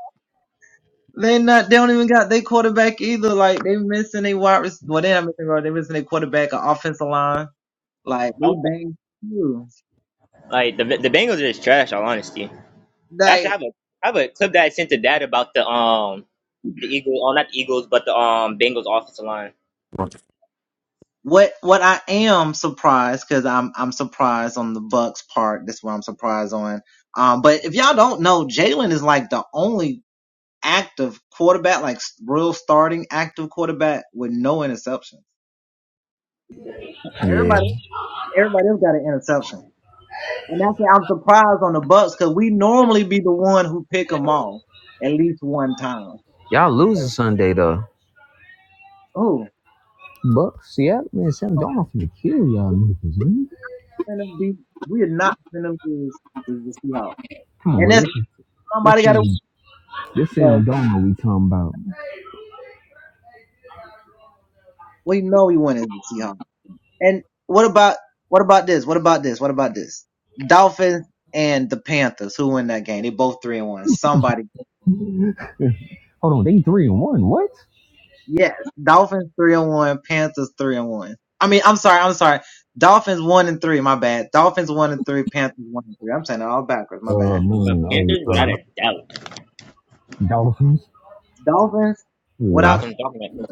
Speaker 2: Also, like the the Bengals are just trash. All honesty. Actually, I have a I have a clip that I sent to Dad about the um the Eagles, oh not the Eagles, but the um Bengals offensive line.
Speaker 4: Yeah. Y'all losing Sunday though.
Speaker 3: Oh,
Speaker 4: Bucks, yeah, man, Sam Donald finna kill y'all niggas, man.
Speaker 3: gonna be we are not out.
Speaker 4: Come on,
Speaker 3: And
Speaker 4: bro.
Speaker 3: that's
Speaker 4: This this is this Sam Darnold we talking about. Hold on, they three and one. What? Oh uh,
Speaker 2: But
Speaker 4: man, hey,
Speaker 2: Panthers, without a
Speaker 4: uh,
Speaker 2: doubt.
Speaker 4: Dolphins. Yeah,
Speaker 2: Dolphins, Dolphins, come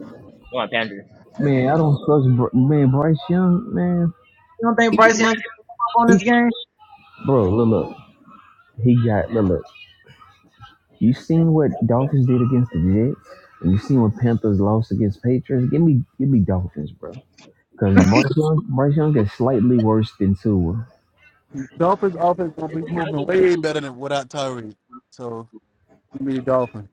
Speaker 2: on, Panthers.
Speaker 4: man, I don't trust Br- man Bryce Young, man. He, bro, look, look, he got look, look. You seen what Dolphins did against the Jets, and you seen what Panthers lost against Patriots. Give me, give me Dolphins, bro. Because Bryce Young, Bryce Young is slightly worse than Tua.
Speaker 1: Dolphins offense gonna be moving way better than without Tyree. So you need Dolphins.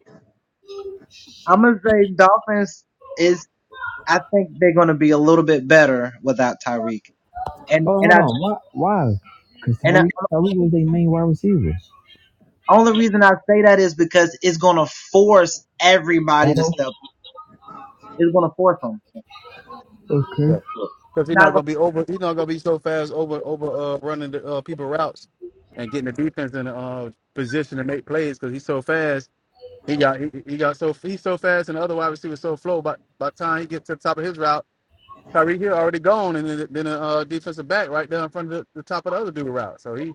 Speaker 4: Oh, hold on. Why? Why? Because Tyreek Tyreek was their main wide receiver. Right? Okay.
Speaker 1: Yeah. Because he's not gonna be over he's not gonna be so fast over over uh running the uh people routes and getting the defense in uh position to make plays because he's so fast. He got he, he got so he's so fast and the other wide receiver so slow by by the time he gets to the top of his route, Tyree Hill already gone and then then the uh defensive back right there in front of the, the top of the other dude route. So he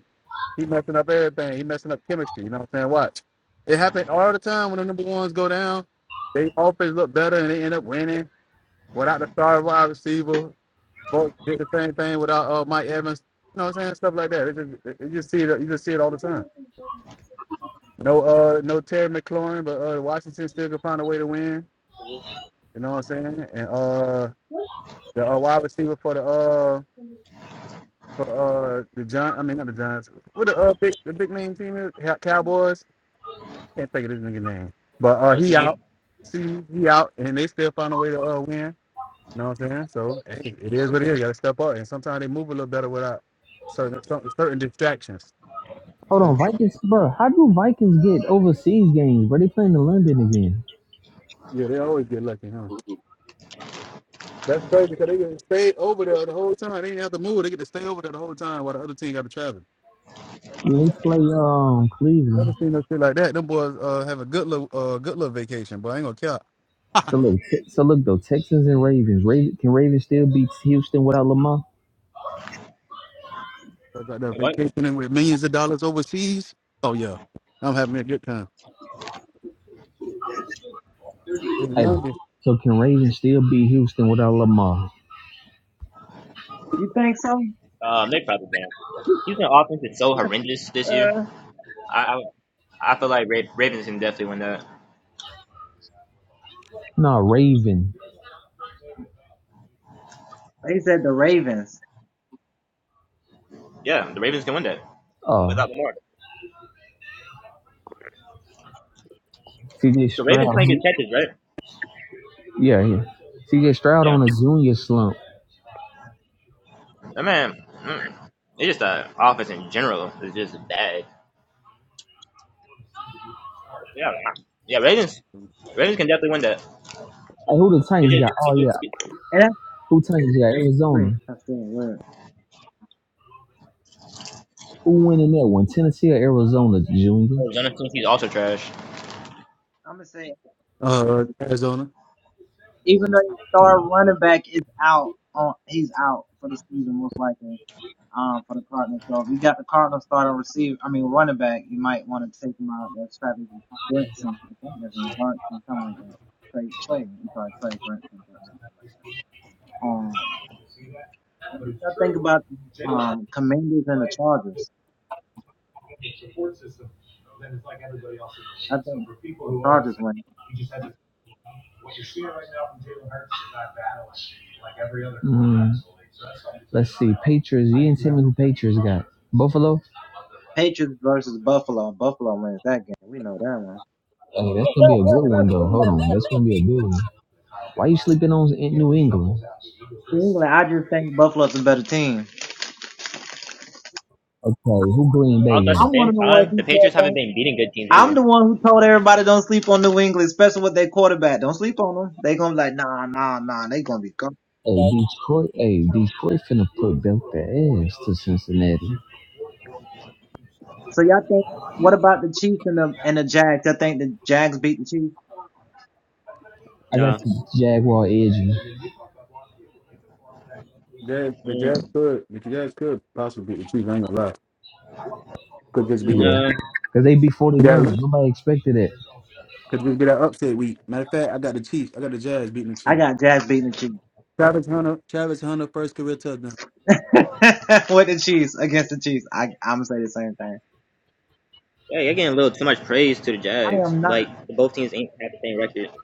Speaker 1: He messing up everything. He messing up chemistry. You know what I'm saying? Watch. It happened all the time when the number ones go down. They offense look better and they end up winning without the star wide receiver. Both did the same thing without uh, Mike Evans. You know what I'm saying? Stuff like that. It just, it- you just see it. You just see it all the time. No, uh, no Terry McLaurin, but uh, Washington still can find a way to win. You know what I'm saying? And uh, the uh, wide receiver for the uh, for uh, the Giants. I mean, not the Giants. What the uh, big the big name team is Cow- Cowboys. Can't think of this nigga name. But uh, he out.
Speaker 2: LCD,
Speaker 1: See, he out, and they still found a way to uh, win. You know what I'm saying? So hey, it is what it is. You gotta step up, and sometimes they move a little better without certain certain, certain distractions.
Speaker 4: Hold on, Vikings, bro. How do Vikings get overseas games? Bro, they playing in London again.
Speaker 1: Yeah, they always get lucky, huh? That's crazy because they get to stay over there the whole time. They didn't have to move. They get to stay over there the whole time while the other team got to travel.
Speaker 4: Yeah, They play um Cleveland.
Speaker 1: Never seen no shit like that. Them boys uh, have a good little uh, good little vacation, but I ain't gonna care.
Speaker 4: So look, Te- so look though, Texans and Ravens. Raven, can Ravens still beat Houston without Lamar?
Speaker 1: Boys out there
Speaker 2: what?
Speaker 1: vacationing with millions of dollars overseas. Oh yeah, I'm having a good time. In
Speaker 4: Hey,
Speaker 1: London,
Speaker 4: so can Ravens still beat Houston without Lamar?
Speaker 3: you think so?
Speaker 2: Um, they probably win. Houston offense is so horrendous this year. I I, I feel like Ra- Ravens can definitely win that.
Speaker 4: Nah, Raven.
Speaker 2: Yeah, the Ravens can win that
Speaker 4: Uh,
Speaker 2: without Lamar.
Speaker 4: CJ
Speaker 2: The Ravens
Speaker 4: Stroud.
Speaker 2: playing against Texas, right?
Speaker 4: Yeah, yeah. CJ Stroud
Speaker 2: Yeah.
Speaker 4: on a junior slump.
Speaker 2: That man, mm, it's just the offense in general is just bad. Yeah. Yeah, Ravens. Ravens can definitely win that.
Speaker 4: Hey, who the
Speaker 2: It
Speaker 4: Titans
Speaker 2: just,
Speaker 4: got?
Speaker 2: it
Speaker 4: Oh yeah,
Speaker 2: just.
Speaker 4: who Titans got? Arizona. Who went in that one? Tennessee or Arizona, Junior?
Speaker 2: Oh, Jonathan, he's also trash.
Speaker 1: uh, Arizona.
Speaker 4: Mm, let's see. Patriots. You didn't tell me who Patriots got. Buffalo? Hey, that's gonna be a good one though. Hold on, that's gonna be a good one. Why you sleeping on New England? Okay, who Green Bay
Speaker 2: Also, at
Speaker 4: got?
Speaker 2: the same time, the Patriots haven't been beating good teams either.
Speaker 4: Hey, Detroit. Hey, Detroit finna put belt their ass to Cincinnati. I got
Speaker 2: No.
Speaker 4: the Jaguar edging.
Speaker 1: Jazz, the
Speaker 2: Mm,
Speaker 1: Jazz could, the Jazz could possibly beat the Chiefs. I ain't gonna lie. Could just be the
Speaker 4: Yeah,
Speaker 1: be
Speaker 2: no.
Speaker 4: cause they be
Speaker 1: that
Speaker 4: 49ers.
Speaker 1: week.
Speaker 4: Nobody expected that.
Speaker 1: Could just be that upset week. Matter of fact, I got the Chiefs. I got the Jazz beating the Chiefs. Travis Hunter, Travis Hunter, first career touchdown.
Speaker 2: Yeah, you're getting a little too much praise to the Jags. Like, both teams ain't have the same record.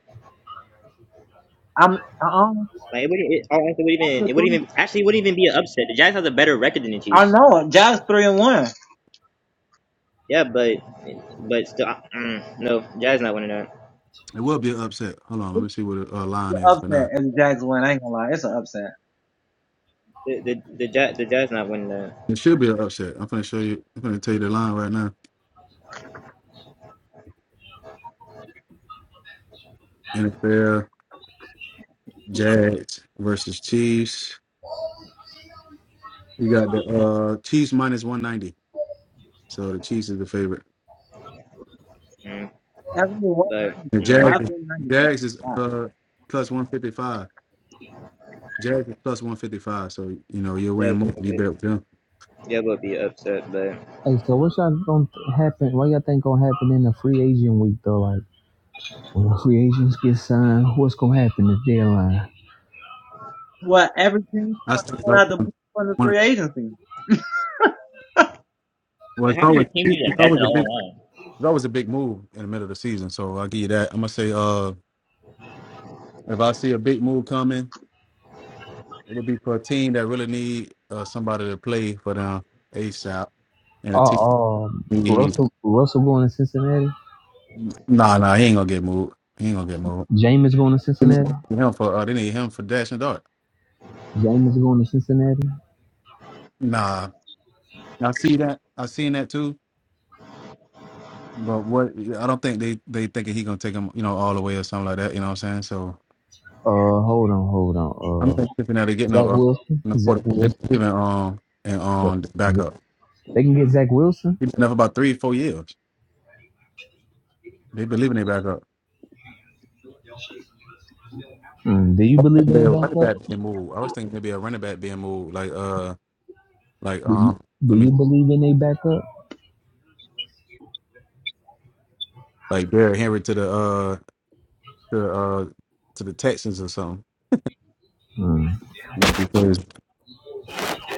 Speaker 2: Like, it wouldn't, it, oh, honestly, it wouldn't even, it wouldn't even, actually, it wouldn't even be an upset. The Jags has a better record than the Chiefs. Yeah, but, but still, I- mm, no, Jags not winning that.
Speaker 1: It will be an upset. Hold on, let me see what the uh, line is for now.
Speaker 2: The, the, the, Jazz, the Jazz not winning that.
Speaker 1: It should be an upset. I'm gonna show you. I'm gonna tell you the line right now. NFL Jazz versus Chiefs. You got the uh, Chiefs minus 190. So the Chiefs is the favorite.
Speaker 2: Mm, but,
Speaker 1: The
Speaker 2: no,
Speaker 1: Jazz, Jags is uh, plus 155. Jazz is plus one fifty five, so you know you are
Speaker 2: yeah,
Speaker 1: win more if you
Speaker 2: okay.
Speaker 1: bet with them.
Speaker 2: yeah, would be upset, but.
Speaker 4: Hey, so what's y'all gonna happen? What y'all think gonna happen in the free agent week though? Like when the free agents get signed, what's gonna happen at deadline?
Speaker 3: What every team
Speaker 1: I still
Speaker 3: going out the
Speaker 1: one.
Speaker 3: free agency?
Speaker 1: Well,
Speaker 2: But
Speaker 1: it's
Speaker 2: how did
Speaker 1: always
Speaker 2: your team do that
Speaker 1: it's
Speaker 2: back in
Speaker 1: always
Speaker 2: the
Speaker 1: a big
Speaker 2: whole line?
Speaker 1: it's always a big move in the middle of the season. So I'll give you that. I'm gonna say, uh, if I see a big move coming, it would be for a team that really need uh, somebody to play for them ASAP, and a team
Speaker 4: Uh, um,
Speaker 1: need
Speaker 4: Russell, Russell going to Cincinnati.
Speaker 1: nah nah he ain't gonna get moved. He ain't gonna get moved.
Speaker 4: Jameis going to Cincinnati.
Speaker 1: Him for uh, they need him for dash and dart.
Speaker 4: Jameis going to Cincinnati.
Speaker 1: Nah, I see that. I seen that too. But what I don't think they they thinking he gonna take him, you know, all the way or something like that. You know what I'm saying? So
Speaker 4: Uh, hold on, hold on.
Speaker 1: I'm
Speaker 4: Uh,
Speaker 1: thinking Cincinnati getting a,
Speaker 4: Zach
Speaker 1: a,
Speaker 4: Wilson.
Speaker 1: a
Speaker 4: Zach
Speaker 1: quarterback. They
Speaker 4: Wilson.
Speaker 1: believe in um and
Speaker 4: Look,
Speaker 1: um backup.
Speaker 4: They can get Zach Wilson.
Speaker 1: He been up about three four years. They believe in their backup.
Speaker 4: Hmm, Do you believe in
Speaker 1: They
Speaker 4: their
Speaker 1: a running
Speaker 4: backup?
Speaker 1: back being moved. I was thinking maybe a running back being moved, like uh like
Speaker 4: Do you,
Speaker 1: um
Speaker 4: do
Speaker 1: let me
Speaker 4: you believe in their backup?
Speaker 1: like Derrick Henry to the uh to uh to the Texans or something.
Speaker 4: Hmm.
Speaker 1: Yeah, because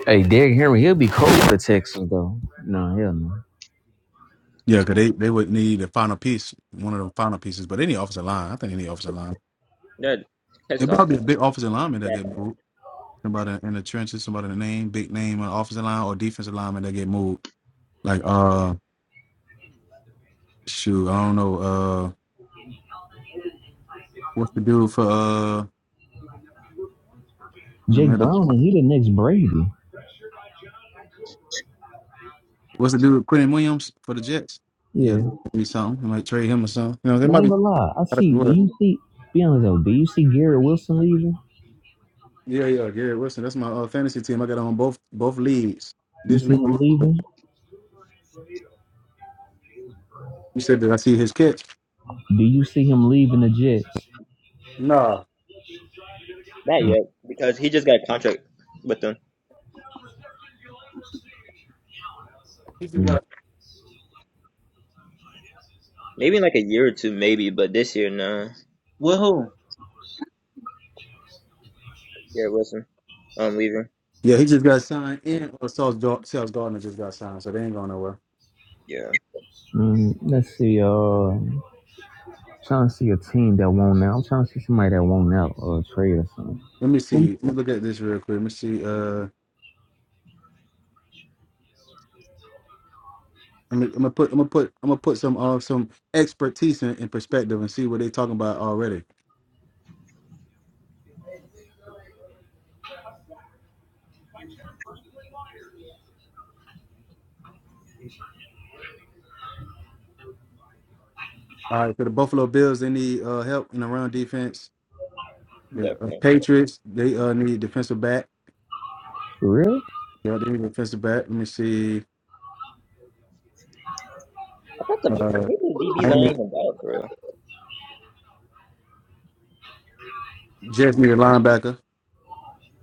Speaker 4: Hey, Derrick Henry, he'll be cold for Texans though. No, hell no.
Speaker 1: yeah, 'cause they they would need the final piece, one of the final pieces. But any offensive line, I think any offensive line.
Speaker 2: That, that's just
Speaker 1: It'd
Speaker 2: awesome.
Speaker 1: probably be a big offensive lineman that
Speaker 2: That
Speaker 1: get moved. somebody in the trenches, somebody in the name, big name on the offensive line or defensive lineman that get moved. Like uh shoot, I don't know, uh what's the dude for uh in the
Speaker 4: Jake
Speaker 1: middle
Speaker 4: Brown and he the next Brady.
Speaker 1: what's the dude Quentin Williams for the Jets? Yeah,
Speaker 4: Yeah.
Speaker 1: be something. I might trade him or something. You know, there
Speaker 4: I
Speaker 1: might
Speaker 4: ain't
Speaker 1: be
Speaker 4: gonna lie. I see do you see be honest though, do you see Garrett Wilson leaving?
Speaker 1: Yeah, yeah, Gary Wilson. That's my uh, fantasy team. I got on both both leagues.
Speaker 4: You
Speaker 1: This
Speaker 4: see
Speaker 1: league
Speaker 4: him
Speaker 1: you
Speaker 4: leaving?
Speaker 1: said that I see his catch.
Speaker 4: Do you see him leaving the Jets?
Speaker 1: Nah.
Speaker 2: not yet, because he just got a contract with them.
Speaker 1: He just
Speaker 4: Mm,
Speaker 1: got
Speaker 2: Maybe in like a year or two, maybe. But this year, nah. Garrett Wilson, um, leaving.
Speaker 1: Yeah, he just got signed and or Sales Gardner just got signed, so they ain't going nowhere.
Speaker 2: Yeah,
Speaker 4: mm, let's see, uh I'm trying to see a team that won't now. I'm trying to see somebody that won't out or a trade or something.
Speaker 1: Let me see. Let me look at this real quick. Let me see. Uh I'm gonna, I'm gonna put I'm gonna put I'm gonna put some uh some expertise in, in perspective and see what they're talking about already. All right, for the Buffalo Bills, they need uh, help in the run defense. The uh,
Speaker 2: definitely.
Speaker 1: Patriots, they uh, need defensive back.
Speaker 4: For real?
Speaker 1: Yeah, they need defensive back. Let me see.
Speaker 2: I thought the the
Speaker 1: Uh,
Speaker 2: Patriots DBs aren't
Speaker 1: Miami
Speaker 2: even bad for real.
Speaker 1: Jets need a linebacker,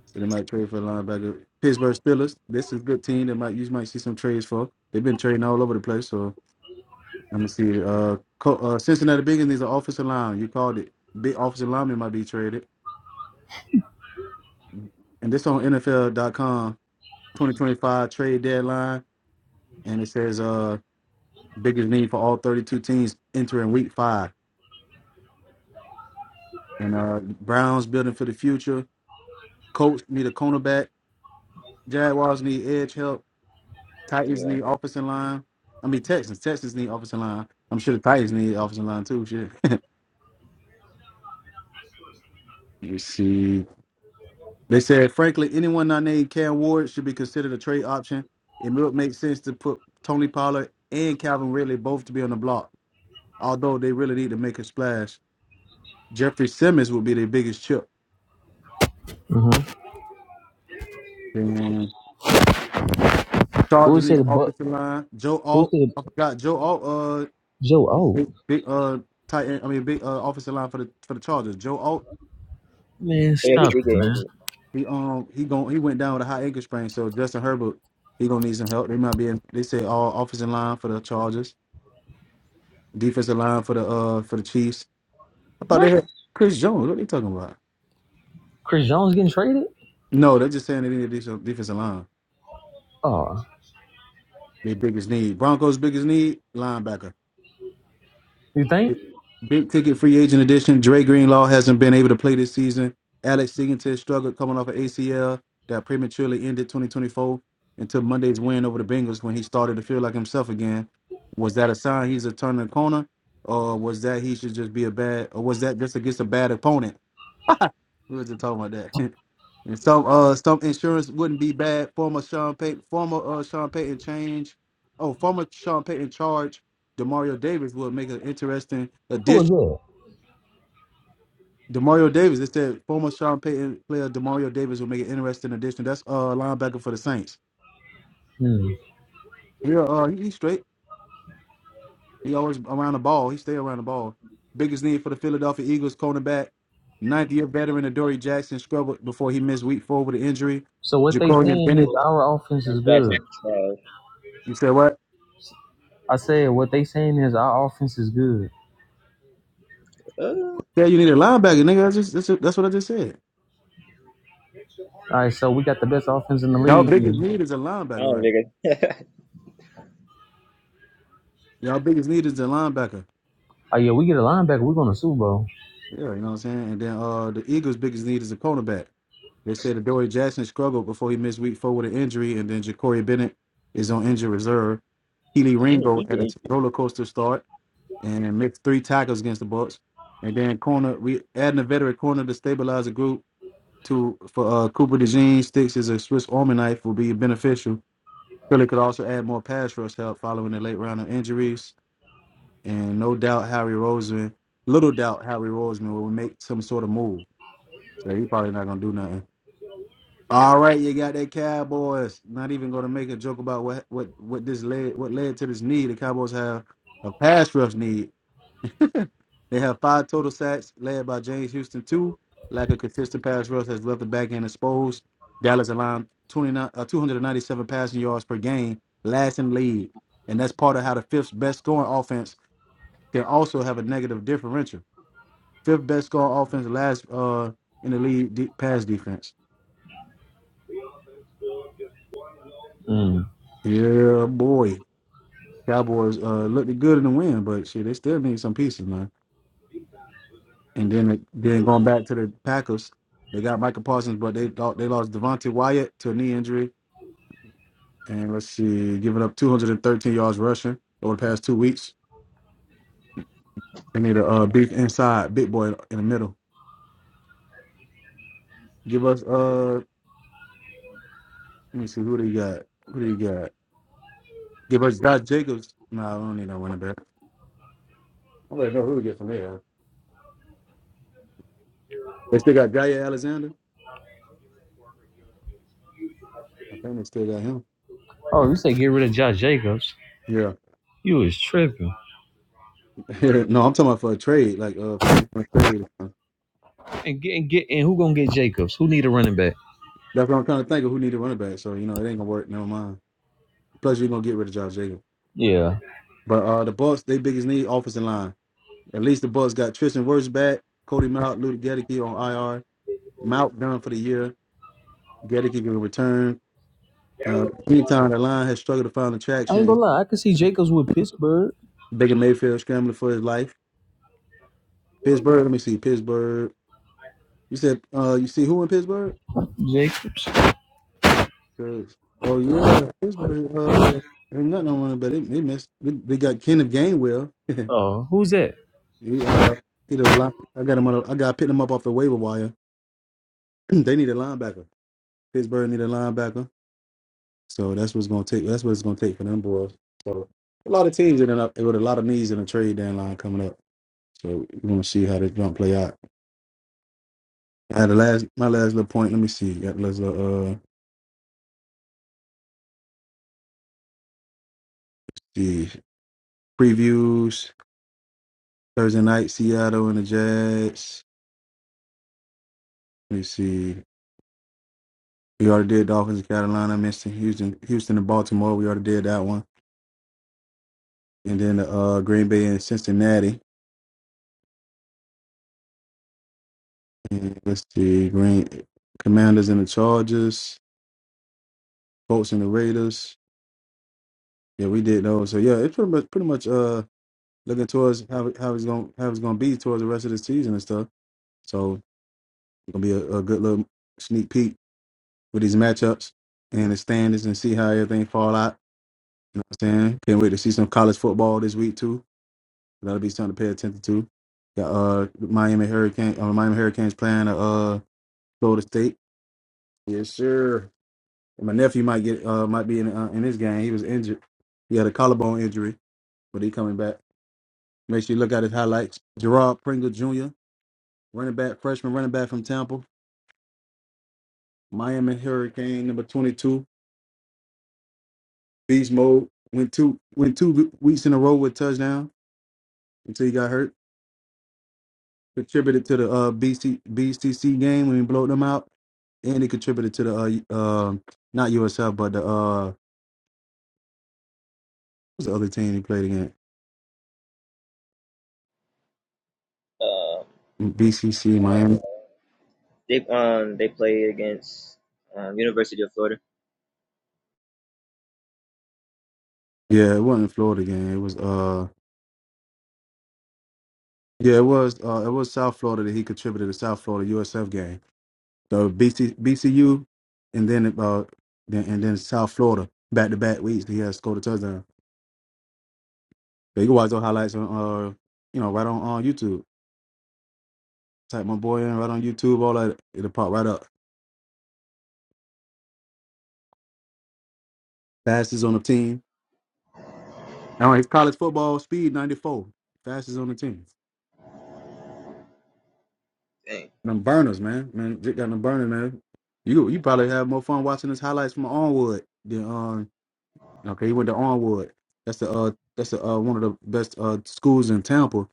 Speaker 1: so they might trade for a linebacker. Pittsburgh Steelers, this is a good team. They might you might see some trades for. They've been trading all over the place. So let me see. Uh, Co- uh Cincinnati Bengals needs an offensive line. You called it. Big offensive lineman might be traded. and this on NFL.com 2025 trade deadline, and it says uh biggest need for all 32 teams entering week five. And uh Browns building for the future. Colts need a cornerback. Jaguars need edge help. Titans
Speaker 2: Yeah,
Speaker 1: need offensive line. I mean Texans. Texans need offensive line. I'm sure the Titans need offensive line too. Shit. you see. They said frankly, anyone not named Cam Ward should be considered a trade option. It would make sense to put Tony Pollard and Calvin Ridley both to be on the block. although they really need to make a splash. Jeffrey Simmons will be their biggest chip.
Speaker 4: Uh-huh.
Speaker 1: And
Speaker 4: Who
Speaker 1: Chargers
Speaker 4: would say
Speaker 1: need an
Speaker 4: the but
Speaker 1: offensive line. Joe
Speaker 4: who would
Speaker 1: Alt,
Speaker 4: say the
Speaker 1: I forgot Joe Alt, uh,
Speaker 4: Joe Oh.
Speaker 1: big, big uh tight end. I mean big uh, offensive line for the for the Chargers. Joe Alt,
Speaker 4: Man,
Speaker 2: yeah,
Speaker 4: stop
Speaker 2: he
Speaker 4: it,
Speaker 2: did get
Speaker 4: man.
Speaker 2: injured.
Speaker 1: he um he gon' he went down with a high ankle sprain. So Justin Herbert, he gonna need some help. They might be in, they say all offensive line for the Chargers, defensive line for the uh for the Chiefs. I thought they
Speaker 4: What?
Speaker 1: had Chris Jones. What are they talking about?
Speaker 4: Chris Jones getting traded?
Speaker 1: No, they're just saying they need a decent defensive line.
Speaker 4: Oh.
Speaker 1: Their biggest need. Broncos' biggest need linebacker.
Speaker 4: You think?
Speaker 1: Big ticket free agent edition. Dre Greenlaw hasn't been able to play this season. Alex Singleton struggled coming off of ACL that prematurely ended 2024 until Monday's win over the Bengals when he started to feel like himself again. Was that a sign he's a turning the corner, or was that he should just be a bad, or was that just against a bad opponent? We were just talking about that. and some uh some insurance wouldn't be bad. Former Sean Payton, former uh Sean Payton change, oh former Sean Payton charge. Demario Davis would make an interesting
Speaker 4: Who
Speaker 1: addition
Speaker 4: was that?
Speaker 1: Demario Davis. It said former Sean Payton player Demario Davis will make an interesting addition. That's uh linebacker for the Saints.
Speaker 4: Hmm.
Speaker 1: Yeah, uh uh, he, he's straight. He always around the ball. He stay around the ball. Biggest need for the Philadelphia Eagles cornerback. Ninth year veteran Adoree Jackson struggled before he missed week four with an injury.
Speaker 4: So what they
Speaker 1: Jacorian
Speaker 4: saying
Speaker 1: Bennett.
Speaker 4: is our offense is
Speaker 2: And
Speaker 4: good.
Speaker 2: Jackson's trash.
Speaker 1: You said what?
Speaker 4: I said what they saying is our offense is good.
Speaker 2: Uh,
Speaker 1: Yeah, you need a linebacker, nigga. That's just that's, that's what I just said.
Speaker 4: All right, so we got the best offense in the
Speaker 1: Y'all
Speaker 4: league.
Speaker 1: biggest need is a
Speaker 2: I
Speaker 1: linebacker,
Speaker 2: don't
Speaker 1: right?
Speaker 2: think
Speaker 1: Y'all biggest need is a linebacker.
Speaker 4: Oh yeah, we get a linebacker, we're going to Super Bowl.
Speaker 1: Yeah, you know what I'm saying. And then uh the Eagles' biggest need is a cornerback. They said Adoree Jackson struggled before he missed week four with an injury, and then Ja'Cory Bennett is on injured reserve. Keely
Speaker 2: it.
Speaker 1: Ringo
Speaker 2: he get
Speaker 1: had a
Speaker 2: injured.
Speaker 1: roller coaster start and missed three tackles against the Bucks. And then corner, we adding a veteran corner to stabilize the group. To for uh, Cooper DeJean sticks as a Swiss Army knife will be beneficial. Philly could also add more pass rush help following the late round of injuries, and no doubt Harry Roseman, little doubt Harry Roseman will make some sort of move. So he probably not gonna do nothing. All right, you got that Cowboys. Not even going to make a joke about what what what this led what led to this need. The Cowboys have a pass rush need. They have five total sacks, led by James Houston. Two lack of consistent pass rush has left the back end exposed. Dallas allowed 29, uh, 297 passing yards per game, last in the league, and that's part of how the fifth best scoring offense can also have a negative differential. Fifth best scoring offense, last uh in the league de- pass defense.
Speaker 4: Mm.
Speaker 1: Yeah, boy. Cowboys uh, looked good in the win, but shit, they still need some pieces, man. And then then going back to the Packers, they got Michael Parsons, but they thought they lost Devontae Wyatt to a knee injury, and let's see, giving up 213 yards rushing over the past two weeks. They need a uh, big inside, big boy in the middle. Give us uh, let me see who they got. Who they got? Give us Josh Jacobs. No, I don't need no running back. I don't really know who to get from there. They still got Jair Alexander. I think they still got him.
Speaker 4: Oh, you say get rid of Josh Jacobs?
Speaker 1: Yeah.
Speaker 4: You is tripping.
Speaker 1: no, I'm talking about for a trade. Like, uh, if you want to trade, uh,
Speaker 4: And get and get and who gonna get Jacobs? Who need a running back?
Speaker 1: that's what I'm trying to think of who need a running back. So you know, it ain't gonna work. Never mind. Plus, you're gonna get rid of Josh Jacobs.
Speaker 4: Yeah,
Speaker 1: But uh, the Bucks, they biggest need offensive line. At least the Bucks got Tristan Wirfs back, Cody Mount, Luke Gedeke on IR. Mount done for the year. Gedeke can return. Uh, meantime, the line has struggled to find
Speaker 4: I ain't
Speaker 1: attraction.
Speaker 4: gonna lie, I could see Jacobs with Pittsburgh.
Speaker 1: Baker Mayfield scrambling for his life. Pittsburgh, let me see. Pittsburgh, you said uh, you see who in Pittsburgh?
Speaker 4: Jacobs.
Speaker 1: Great. Oh yeah, Pittsburgh. Uh, ain't nothing on it, but they, they missed. They, they got Kenneth Gainwell. he, uh,
Speaker 4: Oh, who's that?
Speaker 1: you know, line, I got him on. A, I got picked him up off the waiver wire. they need a linebacker. Pittsburgh need a linebacker. So that's what's gonna take. That's what it's gonna take for them boys. So a lot of teams in and up with a lot of needs in the trade deadline coming up. So we're gonna see how this gonna play out. I had the last my last little point. Let me see. Got let's uh see previews Thursday night Seattle and the Jets. Let me see. We already did Dolphins and Carolina, Houston, Houston, Houston and Baltimore. We already did that one, and then uh, Green Bay and Cincinnati. And let's see, Green Commanders and the Chargers, Colts and the Raiders. Yeah, we did those. So yeah, it's pretty much pretty much uh looking towards how it- how it's gonna how it's gonna be towards the rest of the season and stuff. So it's gonna be a, a good little sneak peek with these matchups and the standings and see how everything fall out. You know what I'm saying? Can't wait to see some college football this week too. That'll be something to pay attention to. Got uh Miami Hurricane uh, Miami Hurricanes playing uh Florida State. Yes, sir. And my nephew might get uh might be in uh, in this game. He was injured. He had a collarbone injury, but he coming back. Make sure you look at his highlights. Gerard Pringle Jr., running back, freshman running back from Tampa. Miami Hurricane number twenty two. Beast mode. Went two went two weeks in a row with touchdown until he got hurt. contributed to the uh, BC, game when we blowed them out, and he contributed to the uh, uh, not USF but the uh, what's the other team he played against?
Speaker 2: Uh,
Speaker 1: BCC
Speaker 2: uh,
Speaker 1: Miami.
Speaker 2: they um they played against um University of Florida.
Speaker 1: Yeah, it wasn't a Florida game. It was uh, yeah, it was uh, it was South Florida that he contributed to South Florida USF game. So BC, BCU, and then uh, then, and then South Florida back to back weeks he has scored a touchdown. But you can watch those highlights on uh, you know, right on on YouTube. Type my boy in right on YouTube, all that it'll pop right up. Fastest on the team. I do college football speed 94. Fastest on the team.
Speaker 2: Dang.
Speaker 1: Them burners, man. Man, Jake got them burners, man. You you probably have more fun watching his highlights from Onwood than um okay, he went to Onwood. That's the uh that's the, uh one of the best uh schools in Tampa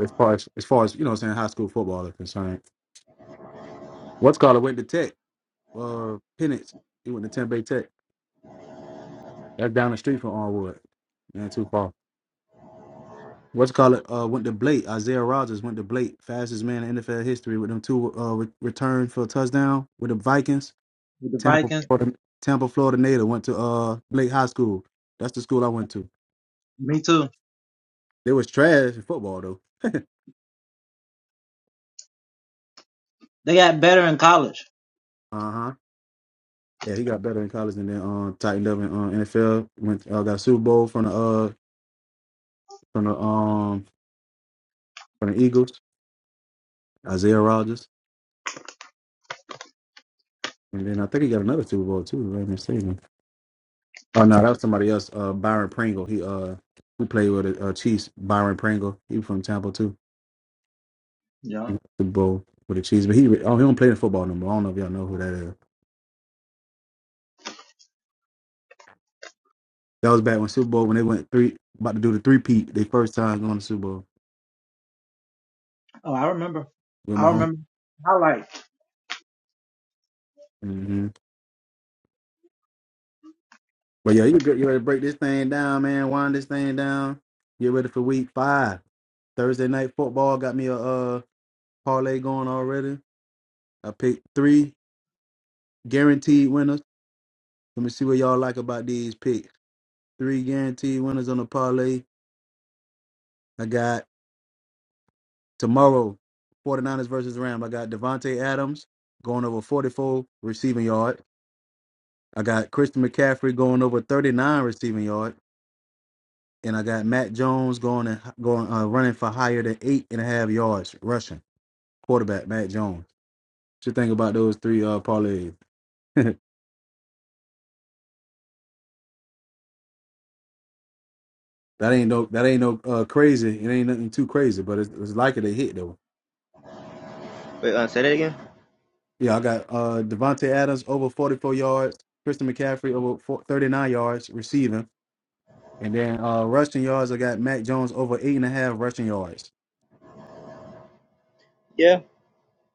Speaker 1: as far as as far as you know what I'm saying high school football is concerned. What's called it went to Tech, uh Pennants. He went to Tempe Tech. That's down the street from Onwood. Man, too far. what's called it uh went to Blake. Isaiah Rogers went to Blake, fastest man in NFL history with them two uh re- return for a touchdown with the Vikings. Tampa, Florida, Tampa, Florida native went to uh Blake High School. That's the school I went to. They was trash in football though. Uh huh. Yeah, he got better in college and then um tightened up in uh, NFL. Went uh, got a Super Bowl from the uh from the um from the Eagles. Isaiah Rogers, and then I think he got another Super Bowl too. Right? Oh no, that was somebody else. Uh, Byron Pringle. He uh, who played with the uh, Chiefs. Byron Pringle. He was from Tampa too. He won the Super Bowl with the Chiefs, but he oh he don't play the football no more. I don't know if y'all know who that is. That was back when Super Bowl when they went three about to do the three peat. They first time going to Super Bowl
Speaker 3: Oh, I remember.
Speaker 1: with
Speaker 3: I
Speaker 1: Mahomes.
Speaker 3: remember. I like.
Speaker 1: Mm-hmm. But yeah, you get you ready to break this thing down, man. Wind this thing down. Get ready for week five. Thursday night football got me a uh parlay going already. I picked three guaranteed winners. Let me see what y'all like about these picks. Three guaranteed winners on the parlay. I got tomorrow, 49ers versus Rams. I got Devontae Adams going over 44 receiving yard. I got Christian McCaffrey going over 39 receiving yard. And I got Matt Jones going and going uh, running for higher than eight and a half yards rushing. Quarterback Matt Jones. What you think about those three uh parlays? that ain't no that ain't no uh crazy. It ain't nothing too crazy, but it's, it's likely to hit though.
Speaker 2: Wait, uh, say that again.
Speaker 1: Yeah, I got uh Devontae Adams over 44 yards, Christian McCaffrey over four- 39 yards receiving, and then uh rushing yards, I got Mac Jones over eight and a half rushing yards.
Speaker 2: Yeah,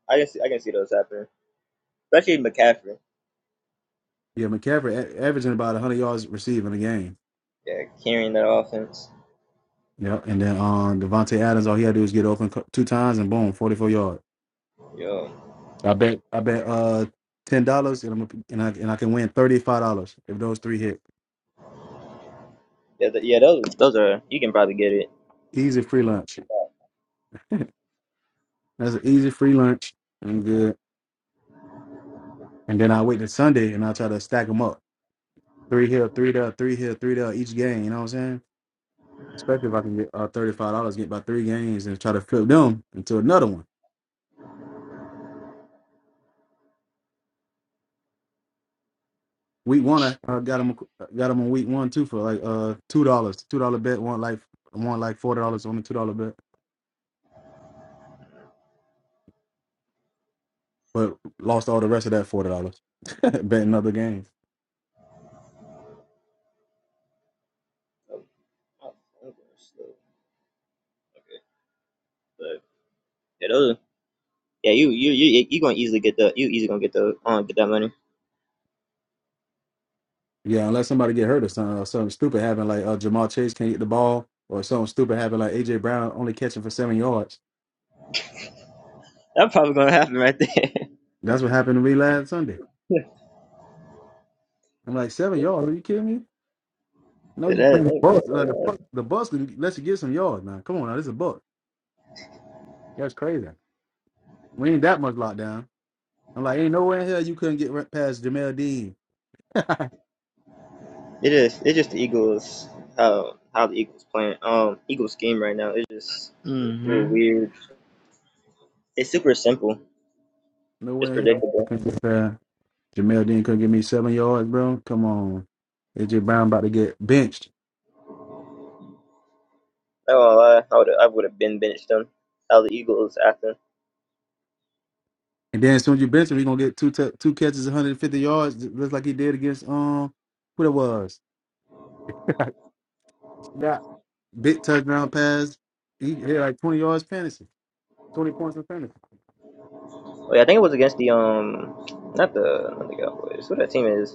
Speaker 2: I can see I can see those happening, especially McCaffrey.
Speaker 1: Yeah, McCaffrey a- averaging about 100 yards receiving a game.
Speaker 2: Yeah, carrying that offense.
Speaker 1: Yeah, and then um Devontae Adams, all he had to do is get open cou- two times and boom, 44 yards.
Speaker 2: Yo.
Speaker 1: I bet I bet uh ten dollars and I'm a- and I and I can win thirty five dollars if those three hit.
Speaker 2: Yeah, th- yeah, those those are you can probably get it.
Speaker 1: Easy free lunch. That's an easy free lunch. I'm good. And then I wait till Sunday and I try to stack them up. Three here, three there, three here, three there each game. You know what I'm saying? Especially if I can get uh, thirty-five dollars, get about three games, and try to flip them into another one. Week one, I uh, got them, got them on week one too for like uh two dollars, two dollar bet. One like one like forty dollars on the two dollar bet, but lost all the rest of that forty dollars betting other games.
Speaker 2: Oh, oh, I'm Okay, but yeah, those are- yeah you you you you gonna easily get the you easily gonna get the um get that money.
Speaker 1: Yeah, unless somebody get hurt or something, or something stupid happen, like uh, Jamal Chase can't get the ball, or something stupid happen, like AJ Brown only catching for seven yards.
Speaker 2: That's probably gonna happen right there.
Speaker 1: That's what happened to me last Sunday.
Speaker 2: yeah,
Speaker 1: I'm like seven yards? Are you kidding me? No, you
Speaker 2: that, that,
Speaker 1: playing the bus.
Speaker 2: that's
Speaker 1: Uh, the, bus- the bus can let you get some yards, man. Come on, now this is a bus. That's crazy. We ain't that much locked down. I'm like, ain't nowhere in hell you couldn't get right past Jamel Dean.
Speaker 2: it is it's just the Eagles how how the Eagles playing um Eagles scheme right now it's just a little
Speaker 4: Mm-hmm.
Speaker 2: weird. It's super simple. It's
Speaker 1: nowhere in hell I
Speaker 2: predictable.
Speaker 1: couldn't get past Jamel Dean. Couldn't give me seven yards, bro. Come on, AJ Brown about to get benched,
Speaker 2: Oh, I won't lie, I would I would have been benched them. How the Eagles acting.
Speaker 1: and then as soon as you bench him, he gonna get two t- two catches, 150 yards, ju- just like he did against um, who it was. That big touchdown pass. He hit like 20 yards fantasy, 20 points in fantasy.
Speaker 2: Oh yeah, I think it was against the um not the not the Cowboys. What that team is?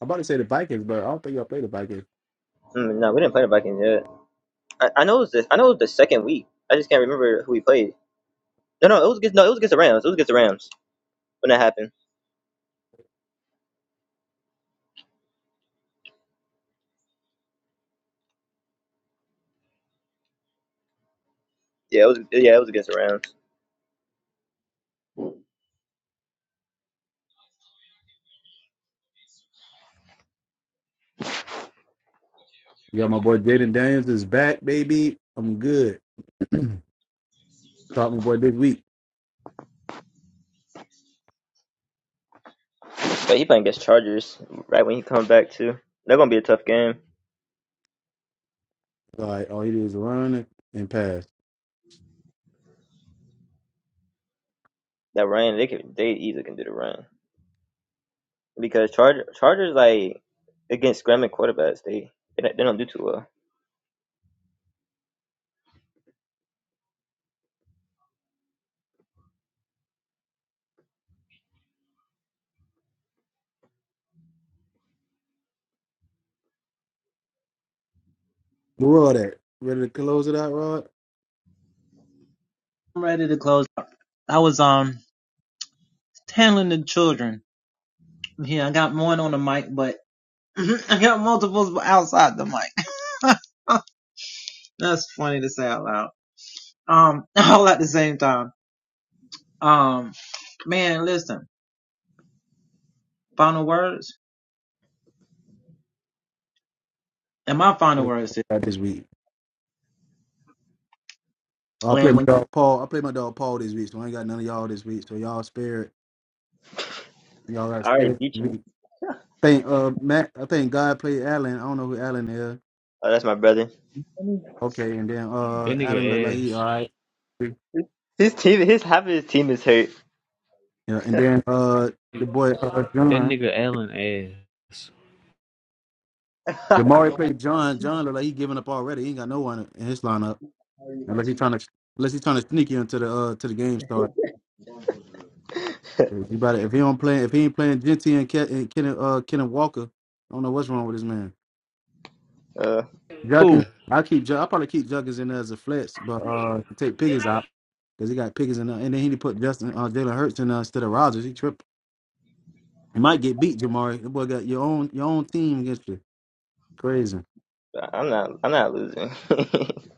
Speaker 1: I'm about to say the Vikings, but I don't think y'all play the Vikings.
Speaker 2: Mm, no, we didn't play the Vikings yet. I, I know it was the I know it was the second week. I just can't remember who we played. No, no, it was against no, it was against the Rams. It was against the Rams when that happened. Yeah, it was yeah, it was against the Rams.
Speaker 1: We got my boy Jaden Daniels is back, baby. I'm good. Talk my boy this week.
Speaker 2: But he playing against Chargers right when he comes back too. They're gonna be a tough game.
Speaker 1: Like all he did was run and, pass.
Speaker 2: That Ryan, they could they easily can do the run because Charger Chargers like against scrambling quarterbacks they they don't, they don't do too well.
Speaker 1: But Rod at ready to close it out, Rod. What the fuck Got this week. I play my dog Paul. I play my dog Paul this week, so I ain't got none of y'all this week. So y'all spirit, y'all got
Speaker 2: All right,
Speaker 1: spirit
Speaker 2: beat
Speaker 1: this
Speaker 2: you.
Speaker 1: week. Thank uh Matt. I think God played Allen. I don't know who Allen is.
Speaker 2: Oh, that's my brother.
Speaker 1: Okay, and then
Speaker 4: That
Speaker 1: uh Allen looked like
Speaker 4: nigga
Speaker 1: he all
Speaker 4: ass.
Speaker 1: right. Yeah,
Speaker 2: His team, his half of his team is hurt.
Speaker 1: and then uh the boy uh
Speaker 4: That
Speaker 1: John.
Speaker 4: nigga Allen ass.
Speaker 2: uh,
Speaker 1: Jamari played John. John look like he giving up already. He ain't got no one in his lineup unless he trying to unless he trying to sneak you into the uh to the game start. If he, about if he don't play if he ain't playing Genty and Ke- and Kenan uh Kenan Walker, I don't know what's wrong with this man.
Speaker 4: Who?
Speaker 1: Juggins, I keep Ju- I probably keep Juggins in there as a flex, but uh take Pickens out because he got Pickens in there, and then he put Justin uh Jalen Hurts in there instead of Rogers. He tripped. He might get beat, Jamari. The boy got your own your own team against you. Crazy.
Speaker 2: I'm not, I'm not losing.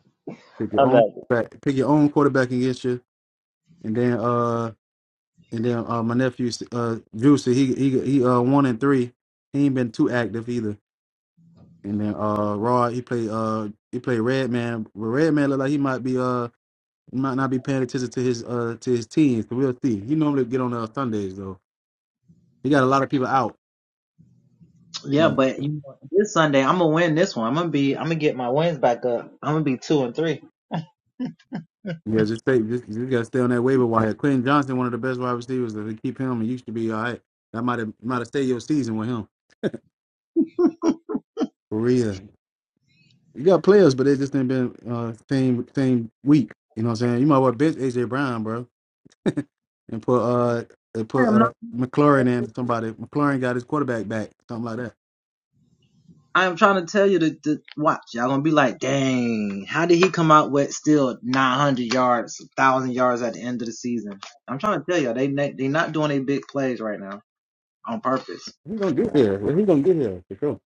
Speaker 1: Pick your
Speaker 2: I'm
Speaker 1: own
Speaker 2: not.
Speaker 1: back. pick your own quarterback against you, and then uh. And then uh, my nephew, uh, Juicy, he he he uh one and three. He ain't been too active either. And then uh, Rod, he played uh he played Red Man. But Red Man look like he might be uh might not be paying attention to his uh to his teams. So we'll see. He normally get on uh, Sundays though. He got a lot of people out. Like yeah, just stay just, you gotta stay on that waiver wire. Quentin Johnson, one of the best wide receivers. If they keep him, he used to be all right. That might have might have stayed your season with him for real. You got players, but they just ain't been uh same same week. You know what I'm saying? You might well bench AJ Brown, bro, and put uh and put uh McLaurin in somebody. McLaurin got his quarterback back, something like that. He's gonna get here. He's gonna get here for sure.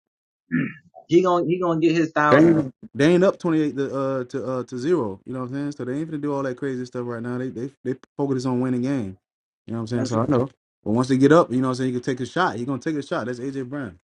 Speaker 1: They ain't, they ain't up twenty eight to uh to uh to zero. You know what I'm saying? So they ain't gonna do all that crazy stuff right now. They they they focus on winning game. You know what I'm saying? So I know. But once they get up, you know what I'm saying, You can take a shot. He's gonna take a shot. That's AJ Brown.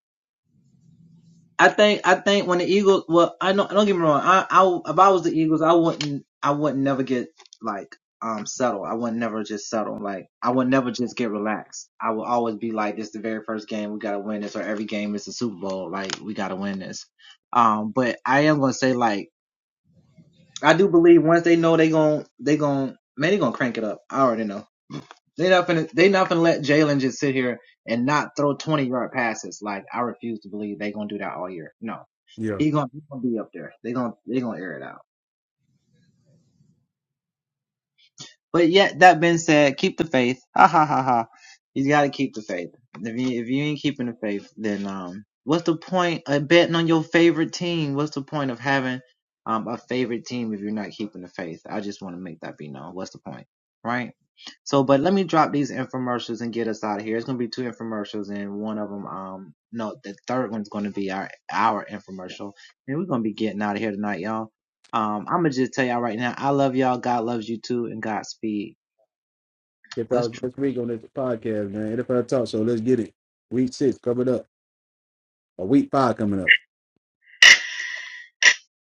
Speaker 1: Tip out this week on this podcast, man. NFL Talk Show. Let's get it. Week six coming up. Or week five coming up.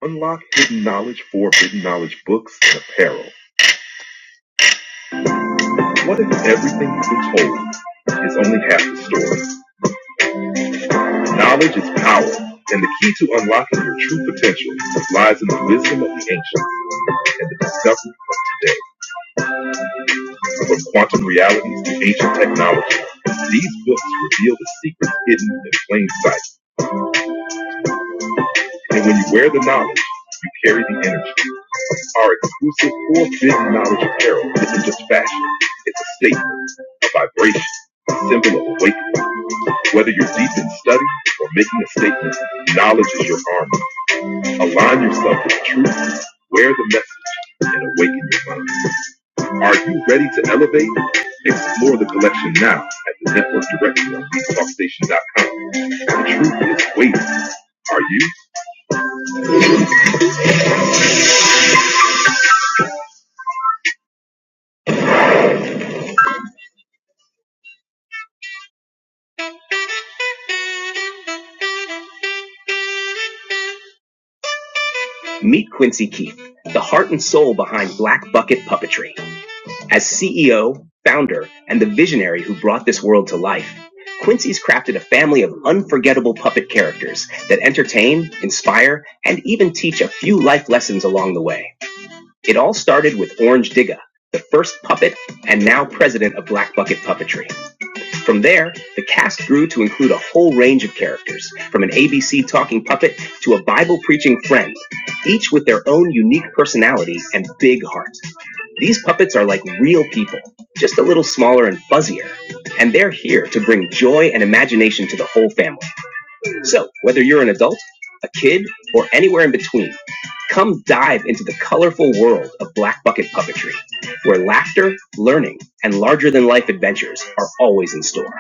Speaker 3: Unlock hidden knowledge, forbidden knowledge books, and apparel. What if everything you've been told is only half the story? Knowledge is power, and the key to unlocking your true potential lies in the wisdom of the ancients and the discovery of today. From quantum realities to ancient technology, these books reveal the secrets hidden in plain sight. And when you wear the knowledge, you carry the energy. Our exclusive four-bit knowledge apparel isn't just fashion. It's a statement, a vibration, a symbol of awakening. Whether you're deep in study or making a statement, knowledge is your armor. Align yourself with the truth, wear the message, and awaken your mind. Are you ready to elevate? Explore the collection now at the network directory on BeatTalkStation.com. The truth is waiting. Are you? Meet Quincy Keith, the heart and soul behind Black Bucket Puppetry. As CEO, founder, and the visionary who brought this world to life, Quincy's crafted a family of unforgettable puppet characters that entertain, inspire, and even teach a few life lessons along the way. It all started with Orange Digga, the first puppet and now president of Black Bucket Puppetry. From there, the cast grew to include a whole range of characters, from an ABC talking puppet to a Bible preaching friend, each with their own unique personality and big heart. These puppets are like real people, just a little smaller and fuzzier, and they're here to bring joy and imagination to the whole family. So, whether you're an adult, a kid, or anywhere in between, come dive into the colorful world of Black Bucket Puppetry, where laughter, learning, and larger than life adventures are always in store.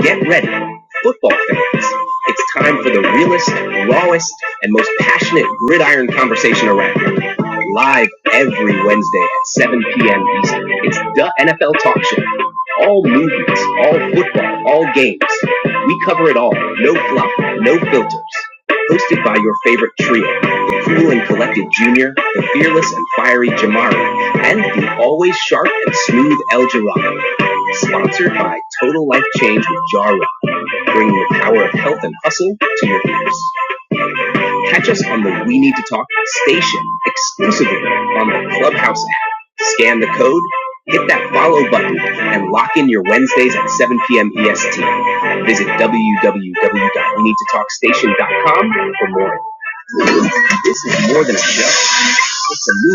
Speaker 3: Get ready, football fans. It's time for the realest, rawest, and most passionate gridiron conversation around. Live every Wednesday at 7 p.m. Eastern. It's the NFL Talk Show. All movies, all football, all games. We cover it all. No fluff, no filters. Hosted by your favorite trio, the cool and collected Junior, the fearless and fiery Jamari, and the always sharp and smooth El Jirado. Sponsored by Total Life Change with Jarrah, bringing the power of health and hustle to your ears. Catch us on the We Need to Talk station exclusively on the Clubhouse app. Scan the code, hit that follow button, and lock in your Wednesdays at 7 p.m. EST. Visit www.weneedtotalkstation.com for more. This is more than a show. It's a movement.